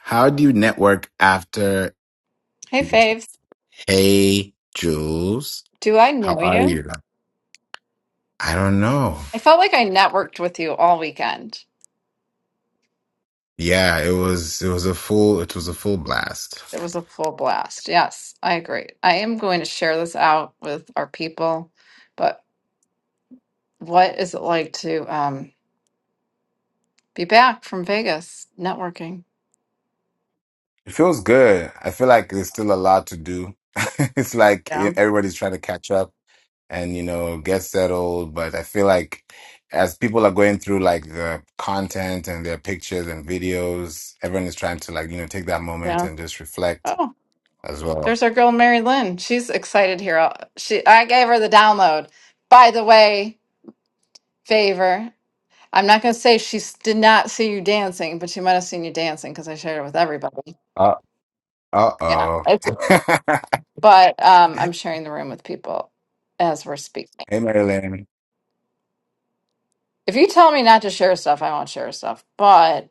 How do you network after? Hey, you say, Faves. Hey, Jules, Do I how know are you? you? I don't know. I felt like I networked with you all weekend. Yeah, it was it was a full it was a full blast. It was a full blast. Yes, I agree. I am going to share this out with our people, but what is it like to um, be back from Vegas networking? It feels good. I feel like there's still a lot to do. it's like e, Yeah. everybody's trying to catch up and you know get settled, but I feel like as people are going through like the content and their pictures and videos, everyone is trying to like you know take that moment Yeah. and just reflect Oh, as well. there's our girl, Mary Lynn. She's excited here. I'll- She, I gave her the download. By the way, favor. I'm not going to say she s- did not see you dancing, but she might have seen you dancing because I shared it with everybody. Uh uh Yeah, it's oh. but um, I'm sharing the room with people as we're speaking. Hey, Marilyn. If you tell me not to share stuff, I won't share stuff. But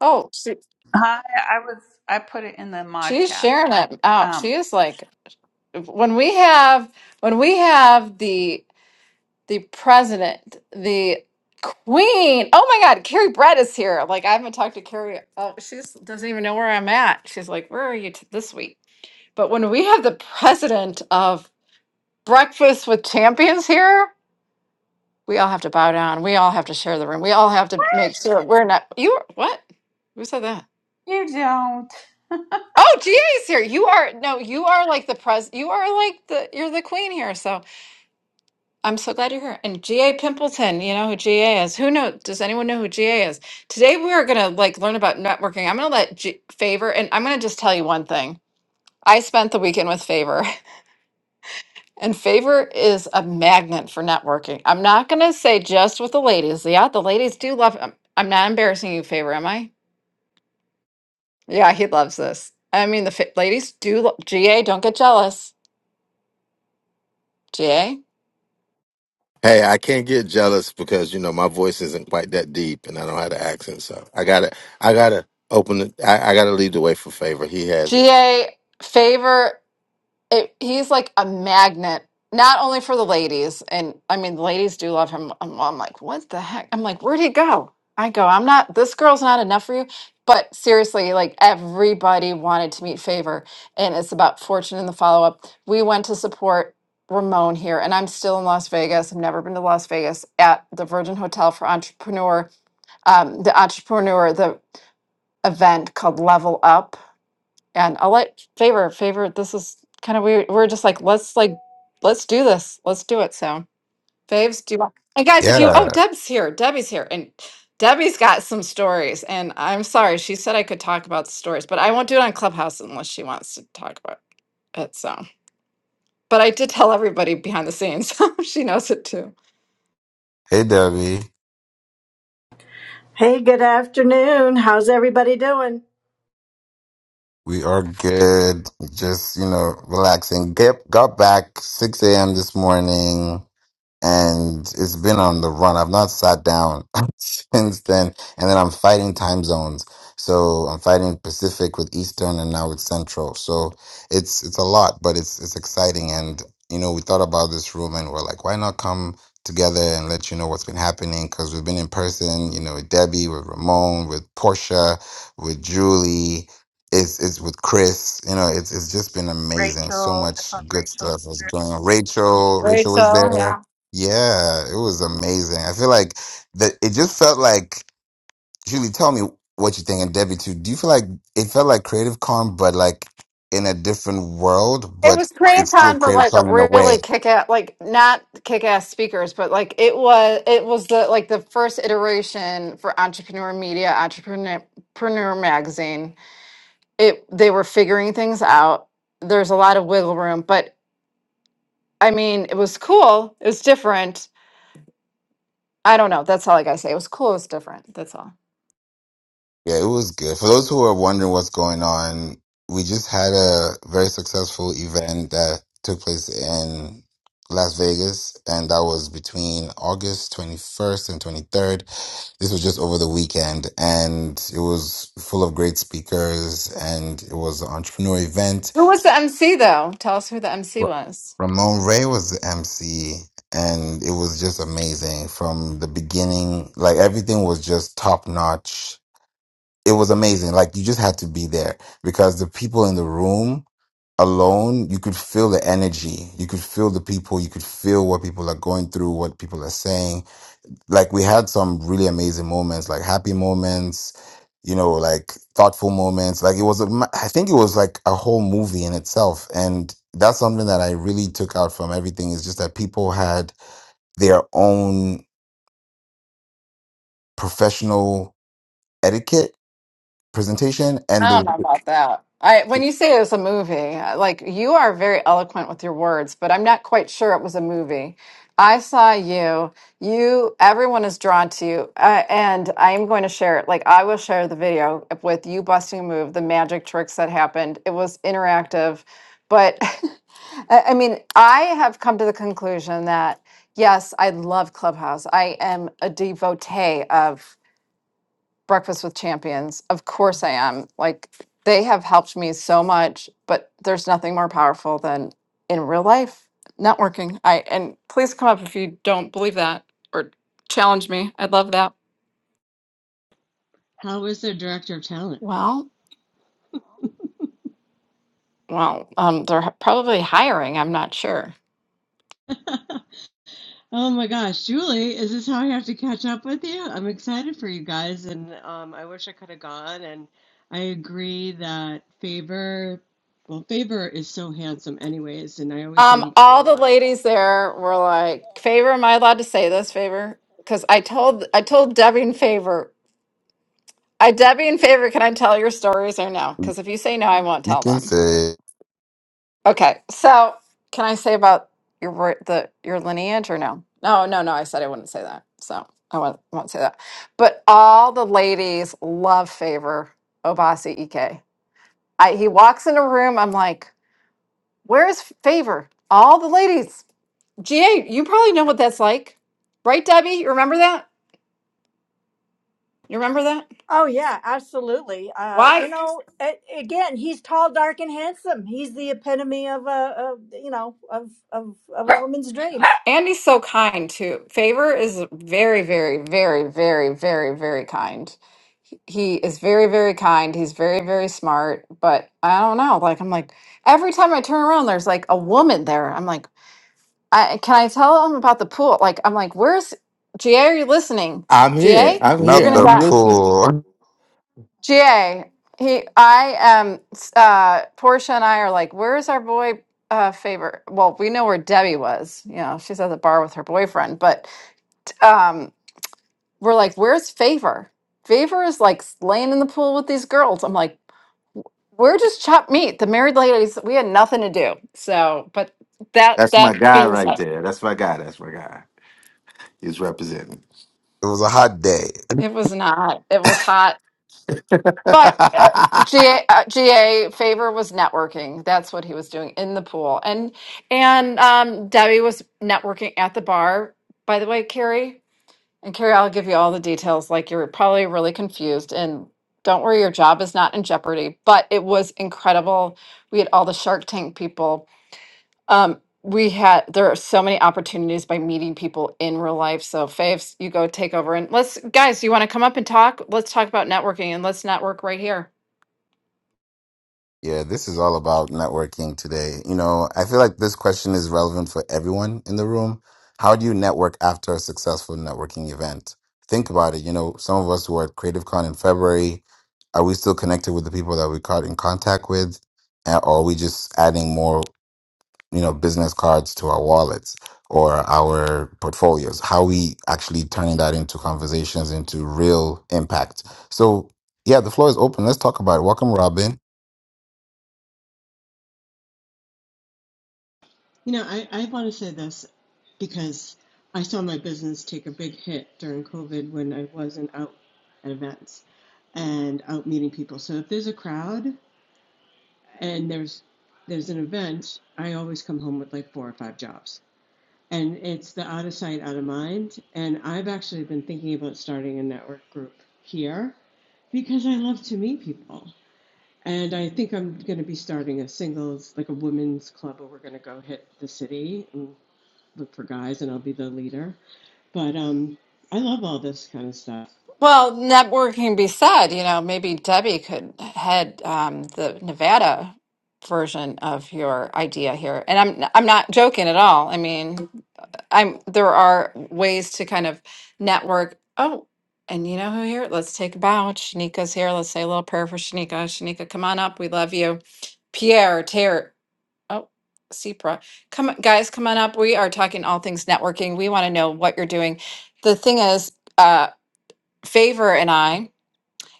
oh, she, Hi, I was I put it in the mod she's chat for sharing you. it out. Um, She is like when we have when we have the the president, the queen. Oh my God, Carrie Brett is here. Like I haven't talked to Carrie. Oh, she doesn't even know where I'm at. She's like, where are you t- this week? But when we have the president of Breakfast with Champions here. We all have to bow down. We all have to share the room. We all have to make sure we're not. You are- what? Who said that? you don't, Oh, GA's here. You are no. You are like the pres. You are like the. You're the queen here. So I'm so glad you're here. And GA Pimpleton, you know who GA is. Who know? Does anyone know who GA is? Today we are gonna like learn about networking. I'm gonna let G- Favor, and I'm gonna just tell you one thing. I spent the weekend with Favor. And favor is a magnet for networking. I'm not going to say just with the ladies. Yeah, the ladies do love. I'm, I'm not embarrassing you, favor, am I? Yeah, he loves this. I mean, the fa- ladies do. Lo- GA, don't get jealous. GA, Hey, I can't get jealous because you know my voice isn't quite that deep, and I don't have the accent. So I gotta, I gotta open the, I, I gotta lead the way for favor. He has it. GA, favor. it, he's like a magnet, not only for the ladies, and I mean, the ladies do love him. I'm, I'm like, what the heck? I'm like, where'd he go? I go, I'm not, this girl's not enough for you. But seriously, like everybody wanted to meet Favor, and it's about fortune in the follow up. We went to support Ramon here, and I'm still in Las Vegas. I've never been to Las Vegas at the Virgin Hotel for Entrepreneur, um, the Entrepreneur, the event called Level Up and I'll let favor, favor, this is kind of weird. We're just like, let's like, let's do this. Let's do it. So faves, do you want? And guys, if you, oh, Yeah. Deb's here. Debbie's here. And Debbie's got some stories. And I'm sorry, she said I could talk about the stories, but I won't do it on Clubhouse unless she wants to talk about it. So, but I did tell everybody behind the scenes. she knows it too. Hey, Debbie. Hey, good afternoon. How's everybody doing? We are good. Just, you know, relaxing. Get, got back 6 a.m. this morning. and it's been on the run. I've not sat down since then. And then I'm fighting time zones. So I'm fighting Pacific with Eastern and now it's Central. So it's it's a lot, but it's it's exciting. And you know, we thought about this room and we're like, why not come together and let you know what's been happening? Because we've been in person, you know, with Debbie, with Ramon, with Portia, with Julie. It's, it's with Chris, you know, it's, it's just been amazing. So Rachel. I thought much good Rachel. stuff was going on. Rachel, Rachel was Rachel, there yeah. yeah, it was amazing. I feel like that it just felt like Julie, tell me what you think and Debbie too. Do you feel like it felt like Creative Con but like in a different world, It but was created it's still for Creative like a Con in a way. really kick ass, like not kick ass speakers, but like it was, it was the like the first iteration for Entrepreneur Media, Entrepreneur Preneur Magazine. It they were figuring things out. There's a lot of wiggle room, but I mean, it was cool. It was different. I don't know. That's all I gotta say. It was cool. It was different. That's all. Yeah, it was good. For those who are wondering what's going on, we just had a very successful event that took place in Las Vegas and that was between August 21st and 23rd This was just over the weekend, and it was full of great speakers, and it was an entrepreneur event. Who was the MC though? Tell us who the MC was. Ramon Ray was the MC, and it was just amazing from the beginning. Like everything was just top notch. It was amazing. Like you just had to be there because the people in the room alone, you could feel the energy. You could feel the people. You could feel what people are going through, what people are saying like we had some really amazing moments like happy moments you know like thoughtful moments like it was a ma- i think it was like a whole movie in itself and that's something that i really took out from everything is just that people had their own professional etiquette presentation and I the don't know about that. I when you say it was a movie, uh, like you are very eloquent with your words, but I'm not quite sure it was a movie. I saw you. You, everyone is drawn to you, uh, and I am going to share it. Like I will share the video with you busting a move, the magic tricks that happened. It was interactive, but I I mean, I have come to the conclusion that yes, I love Clubhouse. I am a devotee of Breakfast with Champions. Of course I am. Like they have helped me so much, but there's nothing more powerful than in real life networking. I and please come up if you don't believe that or challenge me. I'd love that. How was their director of talent? Well, well, um, they're h- probably hiring. I'm not sure. oh my gosh, Julie, is this how I have to catch up with you? I'm excited for you guys, and um, I wish I could have gone. And I agree that Faber, well, Faber is so handsome, anyways, and I always say Um, he could be a all the model. ladies there were like, "Favor, am I allowed to say this? Favor, because I told I told Debbie and Favor, I Debbie and Favor, can I tell your stories or no? Because if you say no, I won't you tell them." can say Okay, so can I say about your ri- the your lineage or no? No, no, no. I said I wouldn't say that, so I won't, won't say that. But all the ladies love favor Obasi Ike. I, he walks in a room. I'm like, where's favor? All the ladies. GA, you probably know what that's like, right, Debbie? You remember that? You remember that? Oh, yeah, absolutely. Uh, Why? you know, a- again, he's tall, dark, and handsome. He's the epitome of a, of, you know, of, of, of a woman's dream. Andy's so kind too. Favor is very, very, very, very, very, very kind. He he is very, very kind. He's very, very smart. But I don't know. Like I'm like every time I turn around, there's like a woman there. I'm like, I can I tell him about the pool? Like I'm like, where's GA? Are you listening? I'm here. GA, I'm you're not here. gonna the I'm die. listening. pool it GA, he, I am. s- Uh, Portia and I are like, where's our boy? Uh, favor. Well, we know where Debbie was. You know, she's at the bar with her boyfriend, but um, were like, "Where's Favor? Favor is like laying in the pool with these girls." I'm like, "We're just chopped meat. The married ladies, we had nothing to do." So, but that That's that my guy being right said, there. That's my guy. That's my guy. He's representing. was a hot day it was not. It was hot. okay, But uh, GA, uh, GA favor was networking. That's what he was doing in the pool, and and um, Debbie was networking at the bar. By the way, Carrie, And Carrie, I'll give you all the details. Like you're probably really confused, and don't worry, your job is not in jeopardy. But it was incredible. We had all the Shark Tank people. Um, we had there are so many opportunities by meeting people in real life. So Faves, you go take over and let's guys, you want to come up and talk? Let's talk about networking and let's network right here. Yeah, this is all about networking today. You know, I feel like this question is relevant for everyone in the room. How do you network after a successful networking event? Think about it. You know, some of us who are at CreativeCon in February, are we still connected with the people that we caught in contact with? Uh, Or are we just adding more, you know, business cards to our wallets or our portfolios? How are we actually turning that into conversations, into real impact? So, yeah, the floor is open. Let's talk about it. Welcome, Robin. You know, I, I want to say this because I saw my business take a big hit during COVID when I wasn't out at events and out meeting people. So if there's a crowd, and there's there's an event, I always come home with like four or five jobs. And it's the out of sight, out of mind. And I've actually been thinking about starting a network group here because I love to meet people. And I think I'm going to be starting a singles, like a women's club, where we're going to go hit the city and look for guys, and I'll be the leader. But um, I love all this kind of stuff. Well, networking be said, you know, maybe Debbie could head um, the Nevada version of your idea here. And I'm I'm not joking at all. I mean, I'm there are ways to kind of network. Oh, and you know who here? Let's take a bow. Shanika's here. Let's say a little prayer for Shanika. Shanika, come on up. We love you. Pierre, Ter, oh, Sipra. Come on- guys, come on up. We are talking all things networking. We want to know what you're doing. The thing is, uh, Favor and I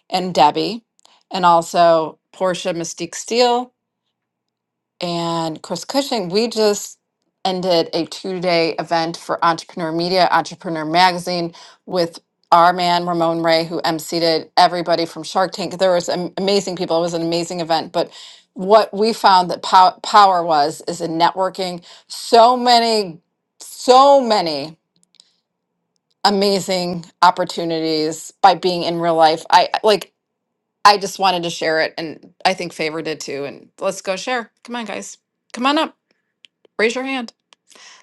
and Debbie and also Portia Mystique Steele and Chris Cushing, we just ended a two-day event for Entrepreneur Media, Entrepreneur Magazine with our man Ramon Ray, who emceeded everybody from Shark Tank. There was am- amazing people. It was an amazing event. But what we found that pow- power was is in networking. So many, so many amazing opportunities by being in real life. I I- like I just wanted to share it, and I think Favor did too. And let's go share. Come on, guys. Come on up. Raise your hand.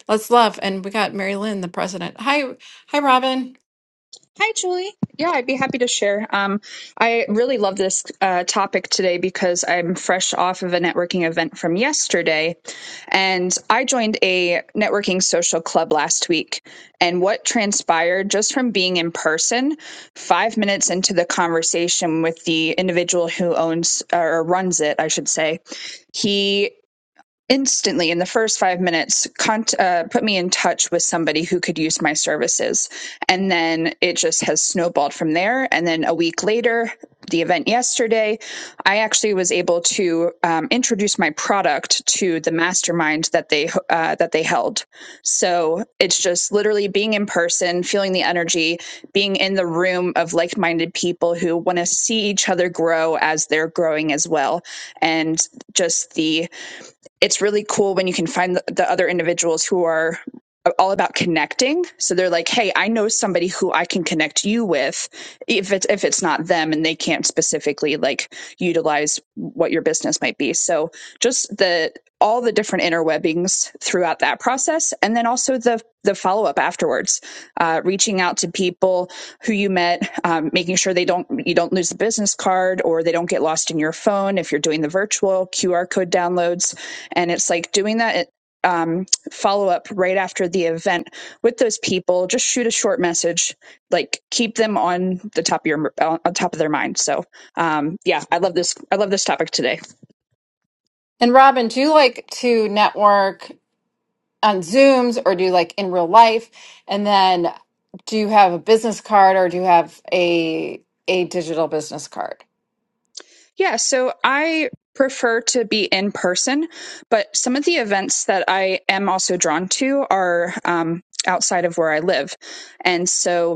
Let's love. And we got Mary Lynn, the president. Hi, hi, Robin. Hi, Julie. Yeah, I'd be happy to share. Um, I really love this uh, topic today because I'm fresh off of a networking event from yesterday. And I joined a networking social club last week. And what transpired just from being in person, five minutes into the conversation with the individual who owns or runs it, I should say, he instantly in the first five minutes cont- uh, put me in touch with somebody who could use my services and then it just has snowballed from there and then a week later the event yesterday i actually was able to um, introduce my product to the mastermind that they uh, that they held so it's just literally being in person feeling the energy being in the room of like-minded people who want to see each other grow as they're growing as well and just the it's really cool when you can find the, the other individuals who are all about connecting so they're like hey i know somebody who i can connect you with if it's if it's not them and they can't specifically like utilize what your business might be so just the all the different interwebbings throughout that process and then also the the follow-up afterwards uh, reaching out to people who you met um, making sure they don't you don't lose the business card or they don't get lost in your phone if you're doing the virtual qr code downloads and it's like doing that um, follow up right after the event with those people just shoot a short message like keep them on the top of your on top of their mind so um, yeah i love this i love this topic today And Robin, do you like to network on Zooms or do you like in real life? And then do you have a business card or do you have a a digital business card? yeah so i prefer to be in person but some of the events that i am also drawn to are um, outside of where i live and so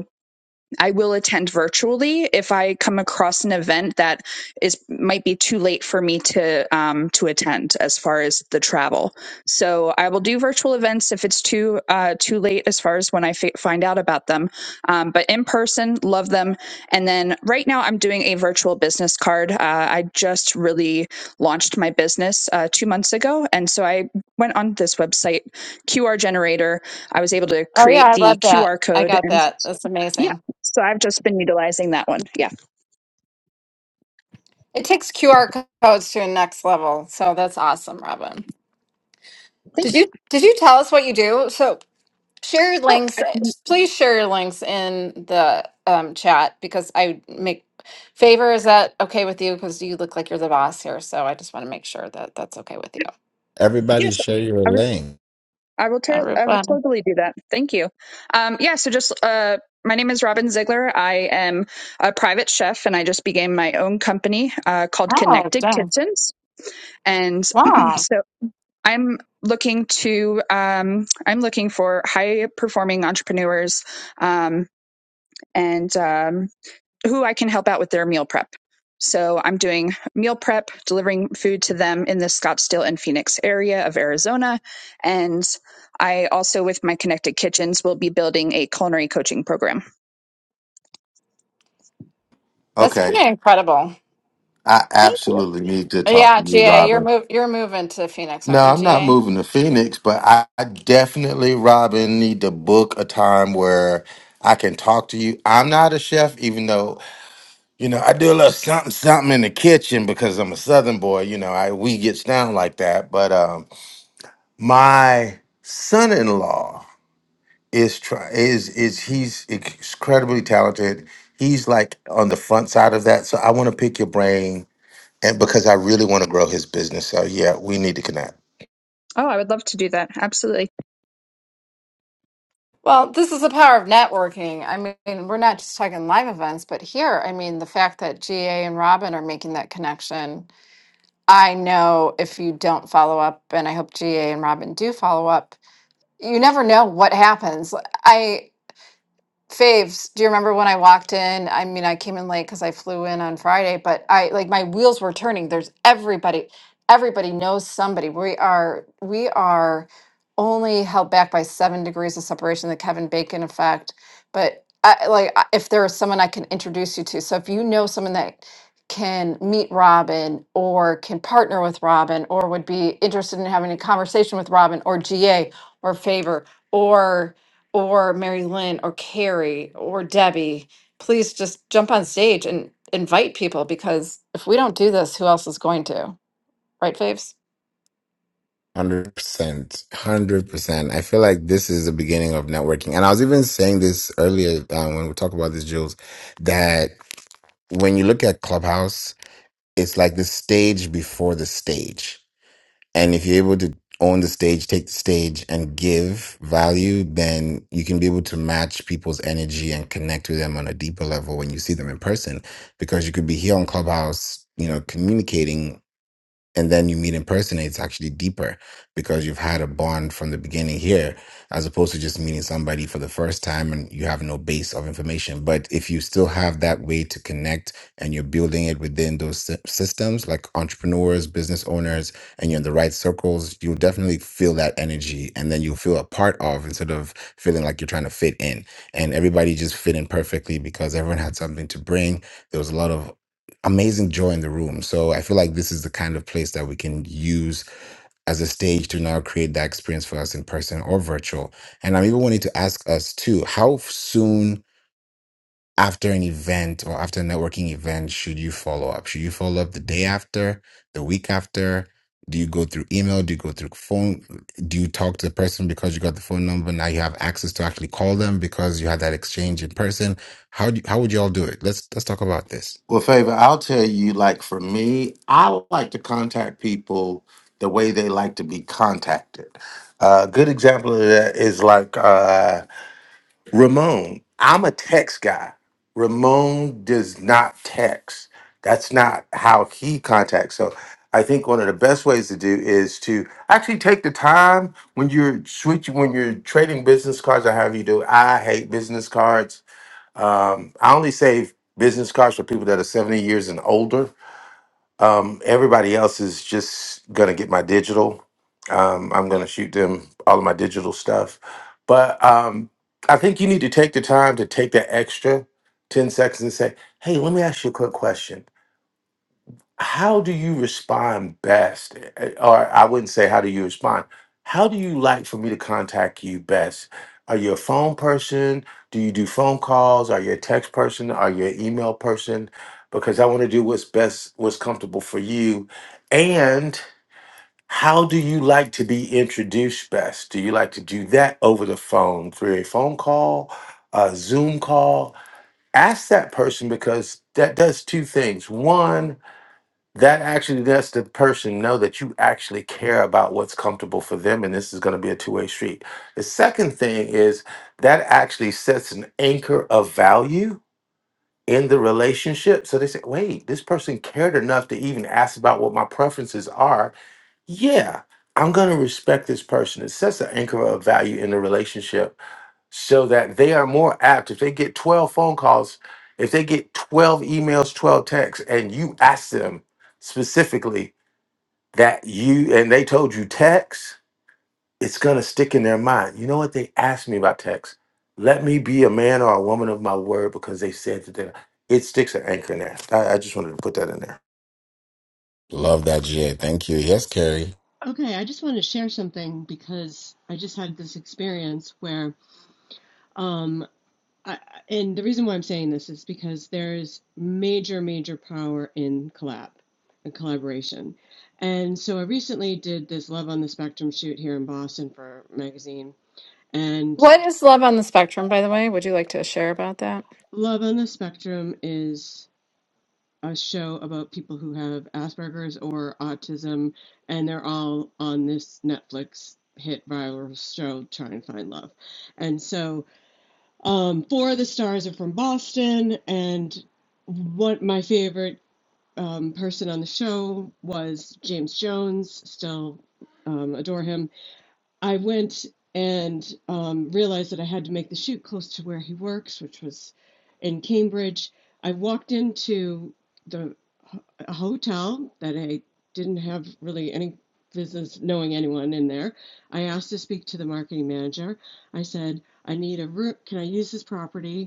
I will attend virtually if I come across an event that is might be too late for me to um, to attend as far as the travel. So I will do virtual events if it's too uh, too late as far as when I fi- find out about them. Um, but in person, love them. And then right now, I'm doing a virtual business card. Uh, I just really launched my business uh, two months ago, and so I went on this website QR generator. I was able to Oh yeah, create I the love that. QR I code got and that. That's yeah. amazing. So I've just been utilizing that one. Yeah. It takes QR codes to a next level. So that's awesome, Robin. Thank Did you. you did you tell us what you do? So share your Oh, links. I, Please share your links in the um, chat because I make favor. Is that okay with you? Because you look like you're the boss here, so I just want to make sure that that's okay with you. Everybody yes. share your I would, link. I will, ter- I would Everybody. totally do that. Thank you. Um, yeah. So just, uh, my name is Robin Ziegler. I am a private chef and I just began my own company, uh, called Oh, Connected dang! Kitchens. And Wow, so I'm looking to, um, I'm looking for high performing entrepreneurs, um, and, um, who I can help out with their meal prep. So I'm doing meal prep, delivering food to them in the Scottsdale and Phoenix area of Arizona. And I also, with my Connected Kitchens, will be building a culinary coaching program. that's pretty incredible. I Thank you. absolutely need to talk Yeah, to you, GA, you're Robin. move you're moving to Phoenix, No, aren't you, I'm not GA? moving to Phoenix, but I, I definitely, Robin, need to book a time where I can talk to you. I'm not a chef, even though. You know, I do a little something something in the kitchen because I'm a southern boy, you know, I we gets down like that. But um my son-in-law is try is is he's incredibly talented. He's like on the front side of that. So I want to pick your brain and because I really want to grow his business. So yeah, we need to connect. Oh, I would love to do that. Absolutely. Well, this is the power of networking. I mean, we're not just talking live events, but here, I mean, the fact that GA and Robin are making that connection I know if you don't follow up, and I hope GA and Robin do follow up, you never know what happens. I Faves, do you remember when I walked in? I mean, I came in late because I flew in on Friday, but I like my wheels were turning. There's everybody, everybody knows somebody. We are, we are only held back by seven degrees of separation, the Kevin Bacon effect. But I, like, I- if there is someone I can introduce you to, so if you know someone that can meet Robin or can partner with Robin or would be interested in having a conversation with Robin or GA or favor or or Mary Lynn or Carrie or Debbie, please just jump on stage and invite people because if we don't do this, who else is going to? Right, Faves? 100%. 100%. I feel like this is the beginning of networking. And I was even saying this earlier uh, when we talk about this, Jules, that when you look at Clubhouse, it's like the stage before the stage. And if you're able to own the stage, take the stage, and give value, then you can be able to match people's energy and connect with them on a deeper level when you see them in person. Because you could be here on Clubhouse, you know, communicating and then you meet in person and it's actually deeper because you've had a bond from the beginning here as opposed to just meeting somebody for the first time and you have no base of information but if you still have that way to connect and you're building it within those sy- systems like entrepreneurs business owners and you're in the right circles you'll definitely feel that energy and then you'll feel a part of instead of feeling like you're trying to fit in and everybody just fit in perfectly because everyone had something to bring there was a lot of amazing joy in the room. So I feel like this is the kind of place that we can use as a stage to now create that experience for us in person or virtual. And I'm even wanting to ask us too, how soon after an event or after a networking event should you follow up? Should you follow up the day after, the week after? Do you go through email? Do you go through phone? Do you talk to the person because you got the phone number? Now you have access to actually call them because you had that exchange in person. How do you, how would you all do it? Let's let's talk about this. Well, favor, I'll tell you, like for me, I like to contact people the way they like to be contacted. A good example of that is like uh Ramon, I'm a text guy. Ramon does not text. That's not how he contacts. So I think one of the best ways to do is to actually take the time when you're switching, when you're trading business cards or however you do. I hate business cards. Um, I only save business cards for people that are 70 years and older um, everybody else is just gonna get my digital. Um, I'm gonna shoot them all of my digital stuff. But um, I think you need to take the time to take that extra 10 seconds and say, hey, let me ask you a quick question how do you respond best? Eh, Or I wouldn't say how do you respond. How do you like for me to contact you best? Are you a phone person? Do you do phone calls? Are you a text person? Are you an email person? Because I want to do what's best, what's comfortable for you. And how do you like to be introduced best? Do you like to do that over the phone through a phone call, a Zoom call? Ask that person because that does two things. One, that actually lets the person know that you actually care about what's comfortable for them and this is going to be a two-way street the second thing is that actually sets an anchor of value in the relationship so they say wait this person cared enough to even ask about what my preferences are yeah i'm going to respect this person it sets an anchor of value in the relationship so that they are more apt if they get 12 phone calls if they get 12 emails 12 texts and you ask them specifically that you and they told you text, it's gonna stick in their mind. You know what they asked me about text? Let me be a man or a woman of my word because they said that they- it sticks an anchor in there. I, I just wanted to put that in there. Love that, Jay. Thank you. Yes, Carrie. Okay, I just want to share something because I just had this experience where um, I, and the reason why I'm saying this is because there's major, major power in collab and collaboration. And so I recently did this Love on the Spectrum shoot here in Boston for a magazine. And What is love on the spectrum, by the way? Would you like to share about that? Love on the Spectrum is a show about people who have Asperger's or autism, and they're all on this Netflix hit viral show, Try and Find Love. And so um, four of the stars are from Boston, and what my favorite um, person on the show was James Jones. Still um, adore him. I went and um, realized that I had to make the shoot close to where he works, which was in Cambridge. I walked into the a hotel that I didn't have really any business knowing anyone in there. I asked to speak to the marketing manager. I said, "I need a room. Can I use this property?"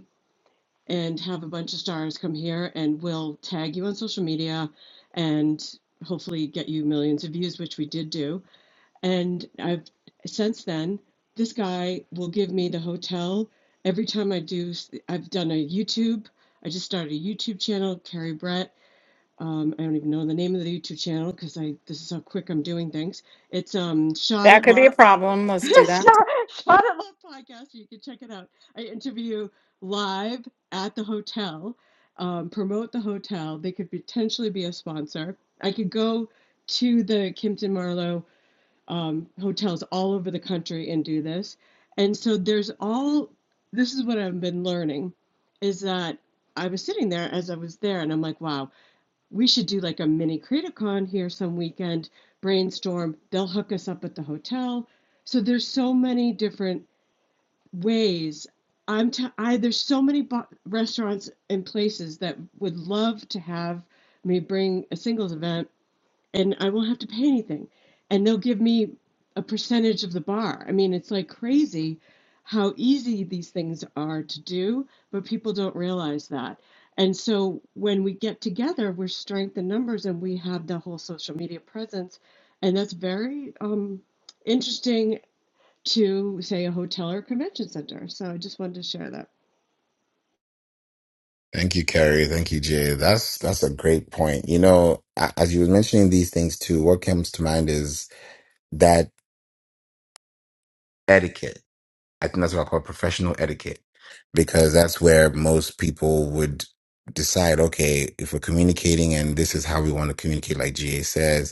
and have a bunch of stars come here and we'll tag you on social media and hopefully get you millions of views which we did do and i've since then this guy will give me the hotel every time i do i i've done a youtube i just started a youtube channel carrie brett um, i don't even know the name of the youtube channel because i this is how quick i'm doing things it's um shot That at could be a love problem. Let's do that. Shot, Shot at Love podcast. You can check it out. I interview live at the hotel, um, promote the hotel. They could potentially be a sponsor. I could go to the Kimpton Marlowe um, hotels all over the country and do this. And so there's all this is what I've been learning is that I was sitting there as I was there and I'm like, wow, we should do like a mini CreativeCon here some weekend, brainstorm. They'll hook us up at the hotel. So there's so many different ways. I'm t- I there's so many bo- restaurants and places that would love to have me bring a singles event and I won't have to pay anything. And they'll give me a percentage of the bar. I mean, it's like crazy how easy these things are to do, but people don't realize that. And so when we get together, we're strength in numbers and we have the whole social media presence. And that's very um, interesting to say a hotel or a convention center. So I just wanted to share that. Thank you, Carrie. Thank you, Jay. That's that's a great point. You know, a- as you were mentioning these things too, what comes to mind is that etiquette. I think that's what I call professional etiquette, because that's where most people would decide, okay, if we're communicating and this is how we want to communicate, like GA says,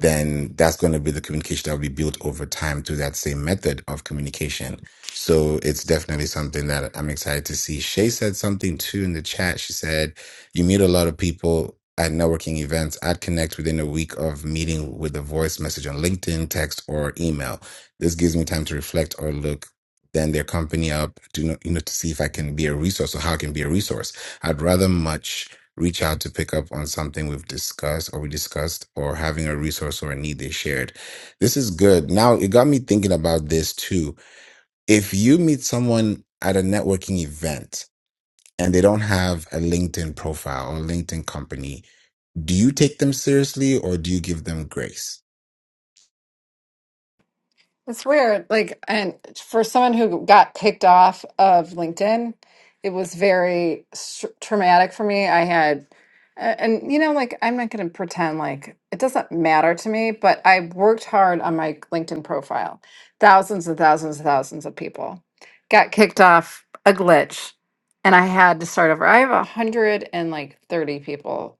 then that's going to be the communication that will be built over time through that same method of communication. So it's definitely something that I'm excited to see. Shay said something too in the chat. She said, You meet a lot of people at networking events. I'd connect within a week of meeting with a voice message on LinkedIn, text, or email. This gives me time to reflect or look. Then their company up, to know, you know, to see if I can be a resource or how I can be a resource. I'd rather much reach out to pick up on something we've discussed or we discussed or having a resource or a need they shared. This is good. Now, it got me thinking about this too. If you meet someone at a networking event and they don't have a LinkedIn profile or LinkedIn company, do you take them seriously or do you give them grace? It's weird. Like, and for someone who got kicked off of LinkedIn, it was very s- traumatic for me. I had, a- and you know, like, I'm not going to pretend like it doesn't matter to me, but I worked hard on my LinkedIn profile. Thousands and thousands and thousands of people got kicked off a glitch, and I had to start over. I have a hundred and like thirty people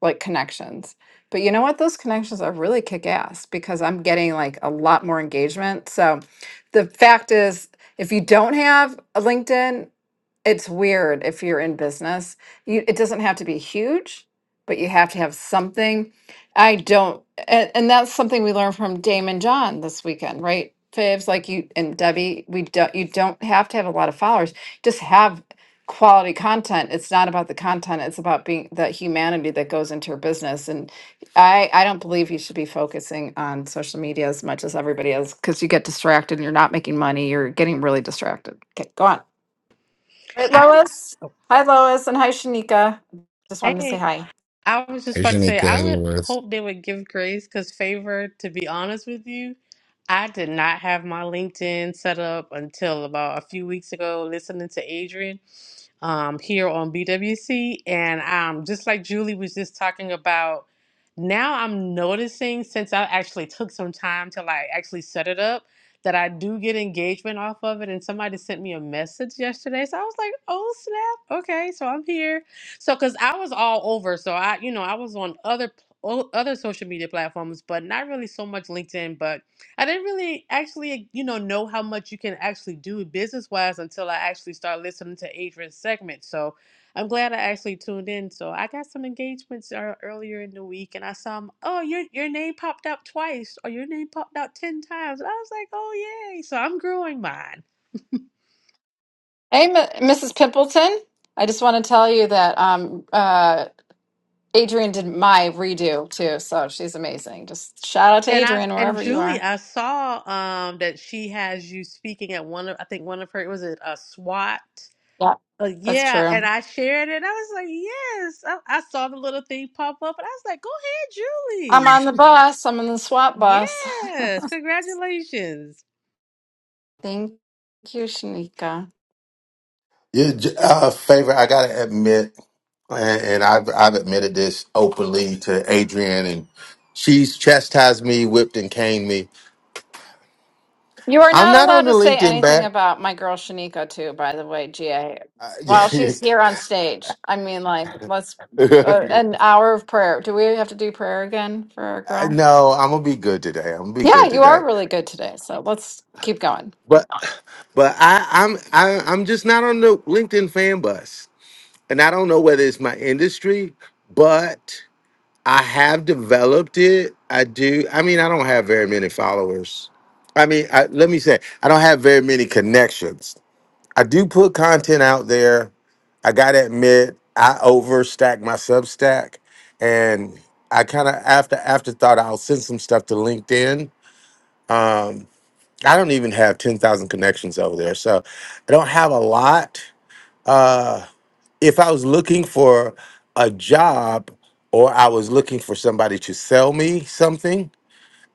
like connections. But you know what? Those connections are really kick ass because I'm getting like a lot more engagement. So the fact is, if you don't have a LinkedIn, it's weird if you're in business. You, it doesn't have to be huge, but you have to have something. I don't, and, and that's something we learned from Damon John this weekend, right? Faves like you and Debbie, we don't. You don't have to have a lot of followers. Just have quality content it's not about the content it's about being the humanity that goes into your business and i i don't believe you should be focusing on social media as much as everybody is because you get distracted and you're not making money you're getting really distracted okay go on right I was lois hi lois and hi shanika just wanted to say hey, hi I was just Hey, about to say Shanika, I would hello. Ruth. hope they would give grace because favor. To be honest with you, I did not have my LinkedIn set up until about a few weeks ago, listening to Adrian um, here on BWC. And um, just like Julie was just talking about, now I'm noticing since I actually took some time to like actually set it up that I do get engagement off of it. And somebody sent me a message yesterday. So I was like, oh snap. Okay. So I'm here. So, cause I was all over. So I, you know, I was on other, pl- o- other social media platforms, but not really so much LinkedIn, but I didn't really actually, you know, know how much you can actually do business wise until I actually start listening to Adrian's segment. So I'm glad I actually tuned in. So I got some engagements ear- earlier in the week, and I saw, 'em, oh, your your name popped out twice, or your name popped out ten times, and I was like, oh yay! So I'm growing mine. hey M- mrs pimpleton i just want to tell you that um uh adrian did my redo too so she's amazing just shout out to And I adrian and wherever you Julie, are I saw um that she has you speaking at one of I think one of her was it a SWAT yeah Uh, that's yeah, true and I shared it. I was like, yes. I, I saw the little thing pop up, and I was like, go ahead, I'm Julie. on the bus. I'm on the swap bus. Yes, congratulations. Thank you, Shanika. Yeah, J- uh, favor. I gotta admit, and, and I've I've admitted this openly to Adrian, and she's chastised me, whipped and caned me. You are I'm not not allowed on the to say LinkedIn anything back. about my girl Shanika, too, by the way, GA, while she's I- here on stage. I mean, like, let's uh, an hour of prayer. Do we have to do prayer again for our I- girl? no, I'm gonna be good today. I'm gonna be Yeah, good you today. are really good today. So let's keep going. But I, I'm I, I'm just not on the LinkedIn fan bus, and I don't know whether it's my industry, but I have developed it. I do. I mean, I don't have very many followers. I mean, I, let me say, I don't have very many connections. I do put content out there. I gotta admit, I overstack my Substack, and I kind of after afterthought, I'll send some stuff to LinkedIn. Um, I don't even have 10,000 connections over there. So I don't have a lot. Uh, if I was looking for a job or I was looking for somebody to sell me something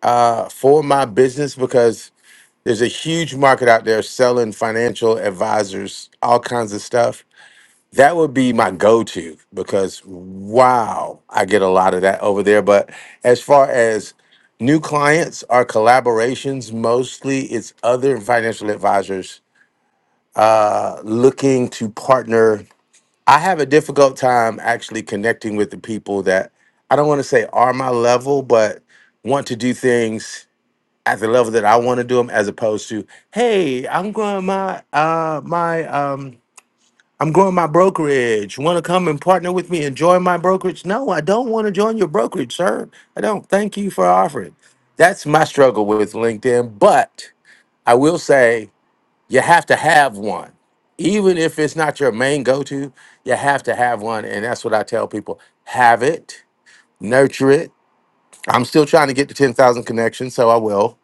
uh, for my business, because there's a huge market out there selling financial advisors, all kinds of stuff that would be my go-to because wow, I get a lot of that over there. But as far as new clients or collaborations, mostly it's other financial advisors uh, looking to partner. I have a difficult time actually connecting with the people that I don't want to say are my level, but want to do things at the level that I want to do them, as opposed to, hey, I'm going my uh, my um, I'm growing my brokerage. Want to come and partner with me and join my brokerage? No, I don't want to join your brokerage, sir. I don't. Thank you for offering. That's my struggle with LinkedIn. But I will say you have to have one. Even if it's not your main go to, you have to have one. And that's what I tell people have it, nurture it. I'm still trying to get to 10,000 connections, so I will.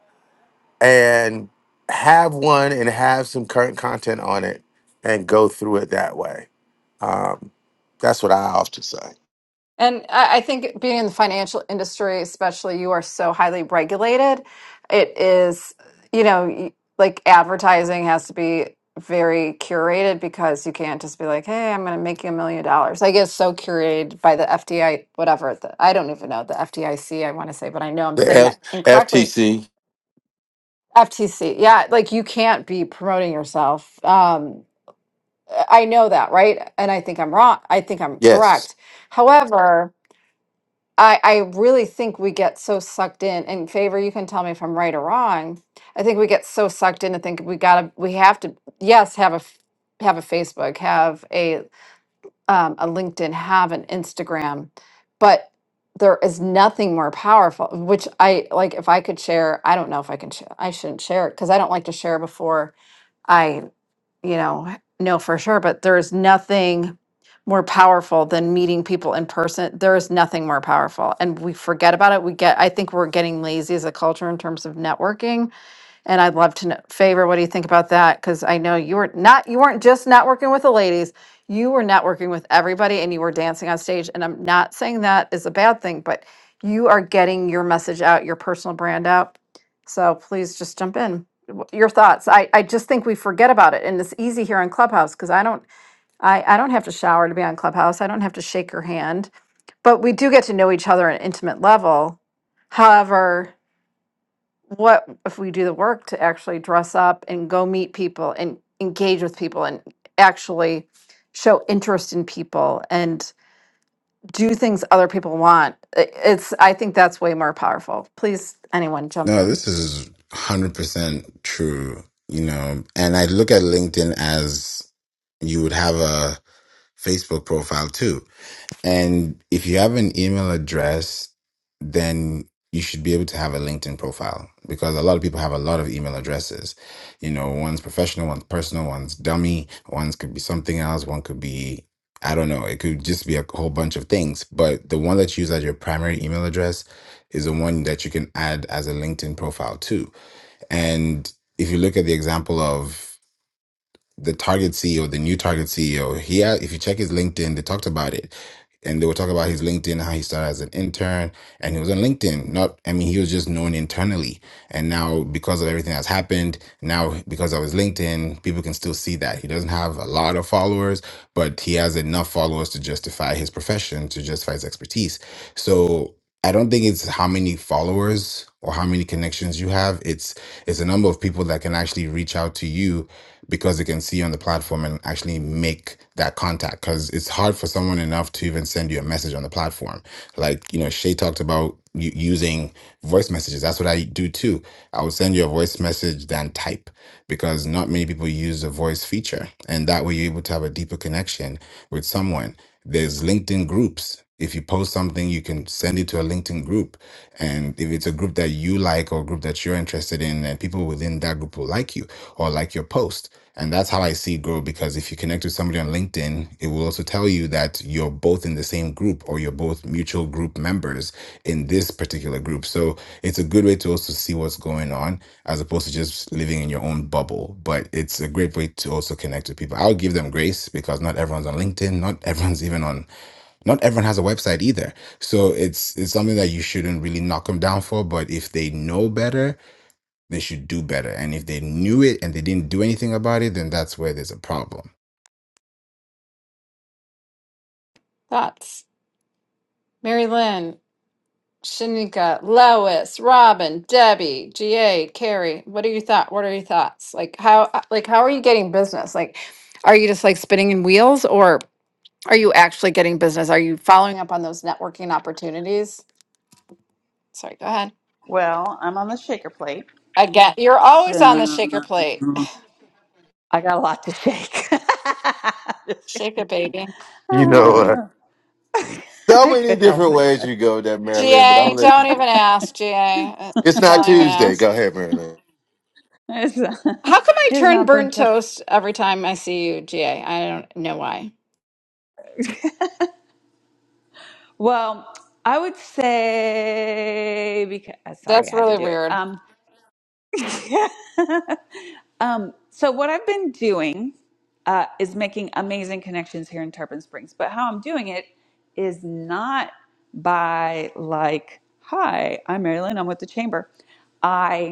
And have one and have some current content on it and go through it that way. That's what I often say. And I I think being in the financial industry, especially, you are so highly regulated. It is, you know, y- like advertising has to be very curated because you can't just be like, hey, I'm going to make you a million dollars. Like it's so curated by the FDI, whatever. The, I don't even know the FDIC, I C, I want to say, but I know I'm The saying that F- incorrectly. FTC, FTC. Yeah. Like you can't be promoting yourself. Um, I know that, right? And I think I'm wrong. I think I'm yes. correct. However, I, I really think we get so sucked in and favor you can tell me if i'm right or wrong i think we get so sucked in to think we gotta we have to yes have a f- have a facebook have a um, a linkedin have an instagram but there is nothing more powerful which i like if i could share i don't know if i can sh- i shouldn't share it because i don't like to share before you know, h- know for sure, but there's nothing more powerful than meeting people in person. There is nothing more powerful. And we forget about it. We get, I think we're getting lazy as a culture in terms of networking and I'd love to know, favor, what do you think about that? Because I know you were not, you weren't just not working with the ladies, you were not working with everybody and you were dancing on stage. And I'm not saying that is a bad thing, but you are getting your message out, your personal brand out. So please just jump in. W- Your thoughts. I, I just think we forget about it. And it's easy here on Clubhouse because I don't I, I don't have to shower to be on Clubhouse. I don't have to shake your hand. But we do get to know each other on an intimate level. However, what if we do the work to actually dress up and go meet people and engage with people and actually show interest in people and do things other people want I- it's i think that's way more powerful please anyone jump No, in this is 100% true, you know, and I look at LinkedIn as you would have a Facebook profile too And if you have an email address, then you should be able to have a LinkedIn profile because a lot of people have a lot of email addresses. You know, one's professional, one's personal, one's dummy, one's could be something else, one could be, I don't know, it could just be a whole bunch of things. But the one that you use as your primary email address is the one that you can add as a LinkedIn profile too. And if you look at the example of the target CEO, the new target CEO, he had, if you check his LinkedIn, they talked about it. And they were talking about his LinkedIn, how he started as an intern and he was on LinkedIn. Not, I mean, he was just known internally. And now because of everything that's happened, now because of his LinkedIn, people can still see that. He doesn't have a lot of followers, but he has enough followers to justify his profession, to justify his expertise. So I don't think it's how many followers or how many connections you have. It's it's the number of people that can actually reach out to you because they can see you on the platform and actually make that contact. Because it's hard for someone enough to even send you a message on the platform. Like you know, Shay talked about u- using voice messages. That's what I do too. I will send you a voice message than type because not many people use the voice feature, and that way you're able to have a deeper connection with someone. There's LinkedIn groups post. If you post something, you can send it to a LinkedIn group. And if it's a group that you like or a group that you're interested in, then people within that group will like you or like your post. And that's how I see it grow because if you connect with somebody on LinkedIn, it will also tell you that you're both in the same group or you're both mutual group members in this particular group. So it's a good way to also see what's going on as opposed to just living in your own bubble. But it's a great way to also connect with people. I'll give them grace because not everyone's on LinkedIn, not everyone's even on not everyone has a website either. So it's it's something that you shouldn't really knock them down for. But if they know better, they should do better. And if they knew it and they didn't do anything about it, then that's where there's a problem. thoughts mary lynn shanika lois robin debbie ga carrie what are your thought what are your thoughts like how like how are you getting business like are you just like spinning in wheels or Are you actually getting business? Are you following up on those networking opportunities? Sorry, go ahead. Well, I'm on the shaker plate, I get you're always on the so shaker plate. I got a lot to shake. Just Shake kidding. it, baby. You know, uh, Ah, so I many could help different it. ways you go there, Marilyn. But I'm GA, gonna let don't even you. ask, GA. Uh, It's not Don't even Tuesday. ask. Go ahead, Marilyn. It's not, How come I it's turn not burnt burnt toast. toast every time I see you, GA? I don't know why. Well, I would say because sorry, That's I had to really do it. weird. Um. Um, so what I've been doing uh, is making amazing connections here in Tarpon Springs, but how I'm doing it is not by like, "Hi, I'm Marilyn. I'm with the Chamber." I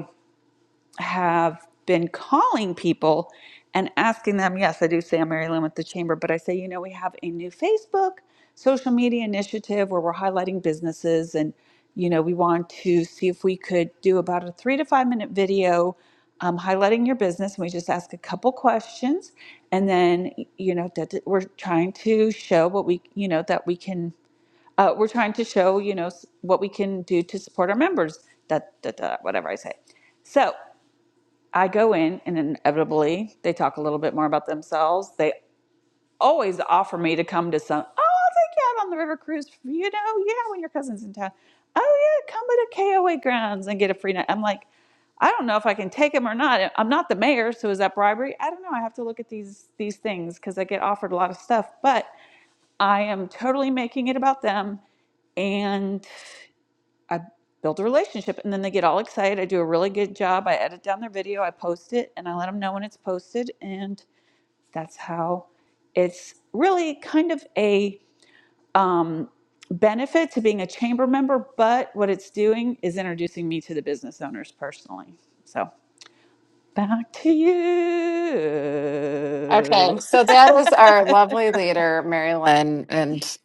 have been calling people and asking them, yes, I do say I'm Mary Lynn with the Chamber, but I say, you know, we have a new Facebook social media initiative where we're highlighting businesses and, you know, we want to see if we could do about a three to five minute video um, highlighting your business. And we just ask a couple questions. And then, you know, that that we're trying to show what we, you know, that we can, uh, we're trying to show, you know, s- what we can do to support our members, that, that, that whatever I say. So I go in, and inevitably they talk a little bit more about themselves. They always offer me to come to some. Oh, I'll take you out on the river cruise. You know, yeah, when your cousin's in town. Oh yeah, come to KOA grounds and get a free night. I'm like, I don't know if I can take him or not. I'm not the mayor, so is that bribery? I don't know. I have to look at these these things because I get offered a lot of stuff, but I am totally making it about them. And I build a relationship and then they get all excited. I do a really good job. I edit down their video, I post it, and I let them know when it's posted. And that's how it's really kind of a um, benefit to being a chamber member. But what it's doing is introducing me to the business owners personally. So back to Okay, you. so that is our lovely leader, Mary Lynn, and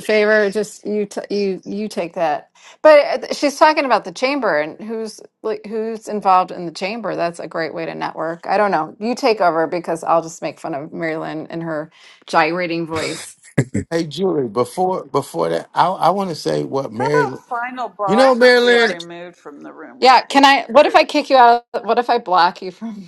favor just you t- you you take that but uh, she's talking about the chamber and who's like who's involved in the chamber that's a great way to network i don't know you take over because i'll just make fun of marilyn and her gyrating voice Hey, Julie. Before before that, I I want to say what How Mary. about final You boss know, get Marilyn. removed from the room? yeah Where can is i he? what Where if is i kick you out of, what if i block you from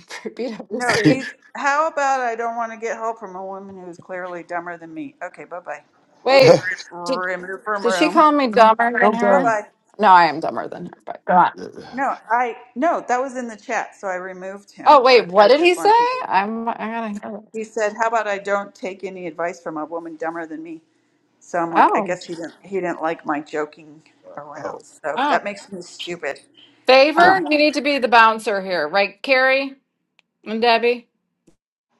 No, bwc he's. How about I don't want to get help from a woman who is clearly dumber than me? Okay, bye bye. We'll wait just did, remove from did she room. call me dumber than Don't Bye go. her bye. no i am dumber than her but go on. No, I no. That was in the chat, so I removed oh him. wait I, what I did he just say want people. to- i'm i gotta hear He said, "How about I don't take any advice from a woman dumber than me?" So I'm like, I guess it. he didn't. He didn't like my joking around. Oh, So oh that makes me stupid. yeah. Favor, Um, you need to be the bouncer here, right, Carrie and Debbie?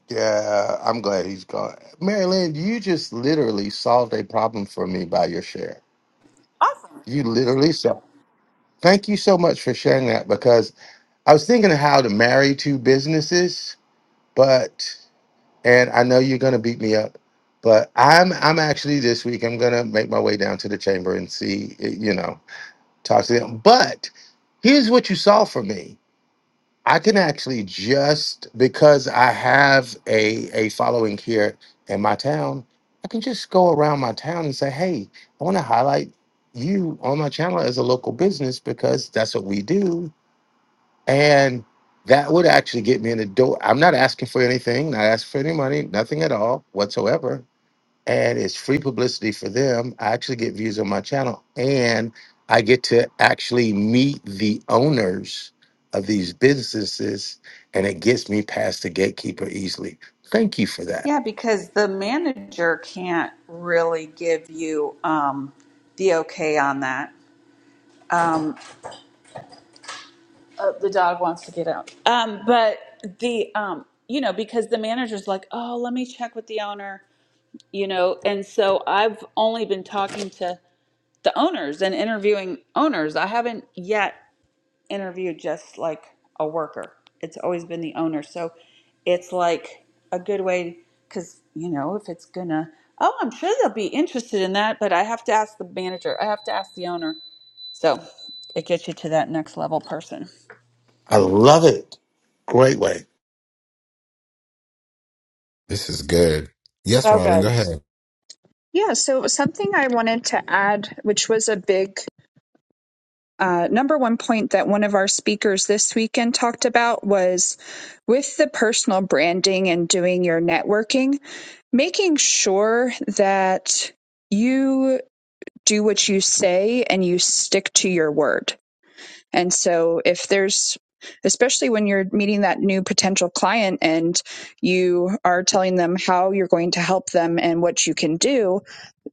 Yeah, I'm glad he's gone. Marilyn, you just literally solved a problem for me by your share. awesome. You literally solved. Thank you so much for sharing that because I was thinking of how to marry two businesses but and I know you're gonna beat me up, but I'm I'm actually this week I'm gonna make my way down to the chamber and see eh, you know talk to them. But here's what you saw from me. I can actually just because I have a a following here in my town, I can just go around my town and say, hey, I want to highlight you on my channel as a local business because that's what we do and that would actually get me in the door. I'm not asking for anything, not asking for any money, nothing at all whatsoever. And it's free publicity for them. I actually get views on my channel and I get to actually meet the owners of these businesses and it gets me past the gatekeeper easily. Thank you for that. Yeah, because the manager can't really give you um, the okay on that. Um, uh, the dog wants to get out. Um, but the, um, you know, because the manager's like, oh, let me check with the owner, you know, and so I've only been talking to the owners and interviewing owners. I haven't yet interviewed just like a worker. It's always been the owner. So it's like a good way because, you know, if it's gonna, oh, I'm sure they'll be interested in that, but I have to ask the manager, I have to ask the owner. So it gets you to that next level person. I love it. Great way. This is good. Yes, So Robin, go good. ahead. Yeah. So something I wanted to add, which was a big uh, number one point that one of our speakers this weekend talked about was with the personal branding and doing your networking, making sure that you do what you say and you stick to your word. And so if there's Especially when you're meeting that new potential client and you are telling them how you're going to help them and what you can do,